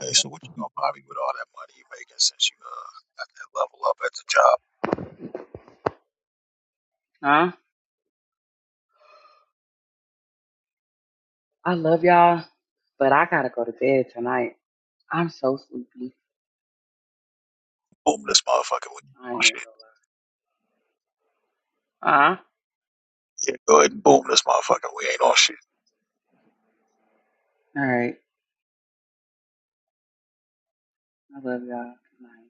[SPEAKER 2] Hey, so what you gonna buy me with all that money you making since you uh got that level up at the job?
[SPEAKER 1] Huh? I love y'all, but I gotta go to bed tonight. I'm so sleepy.
[SPEAKER 2] Boom this motherfucker. We
[SPEAKER 1] I
[SPEAKER 2] ain't on
[SPEAKER 1] am.
[SPEAKER 2] shit.
[SPEAKER 1] Uh Huh?
[SPEAKER 2] Yeah, go ahead and boom this motherfucker. We ain't on shit.
[SPEAKER 1] All right. I love y'all. Good night.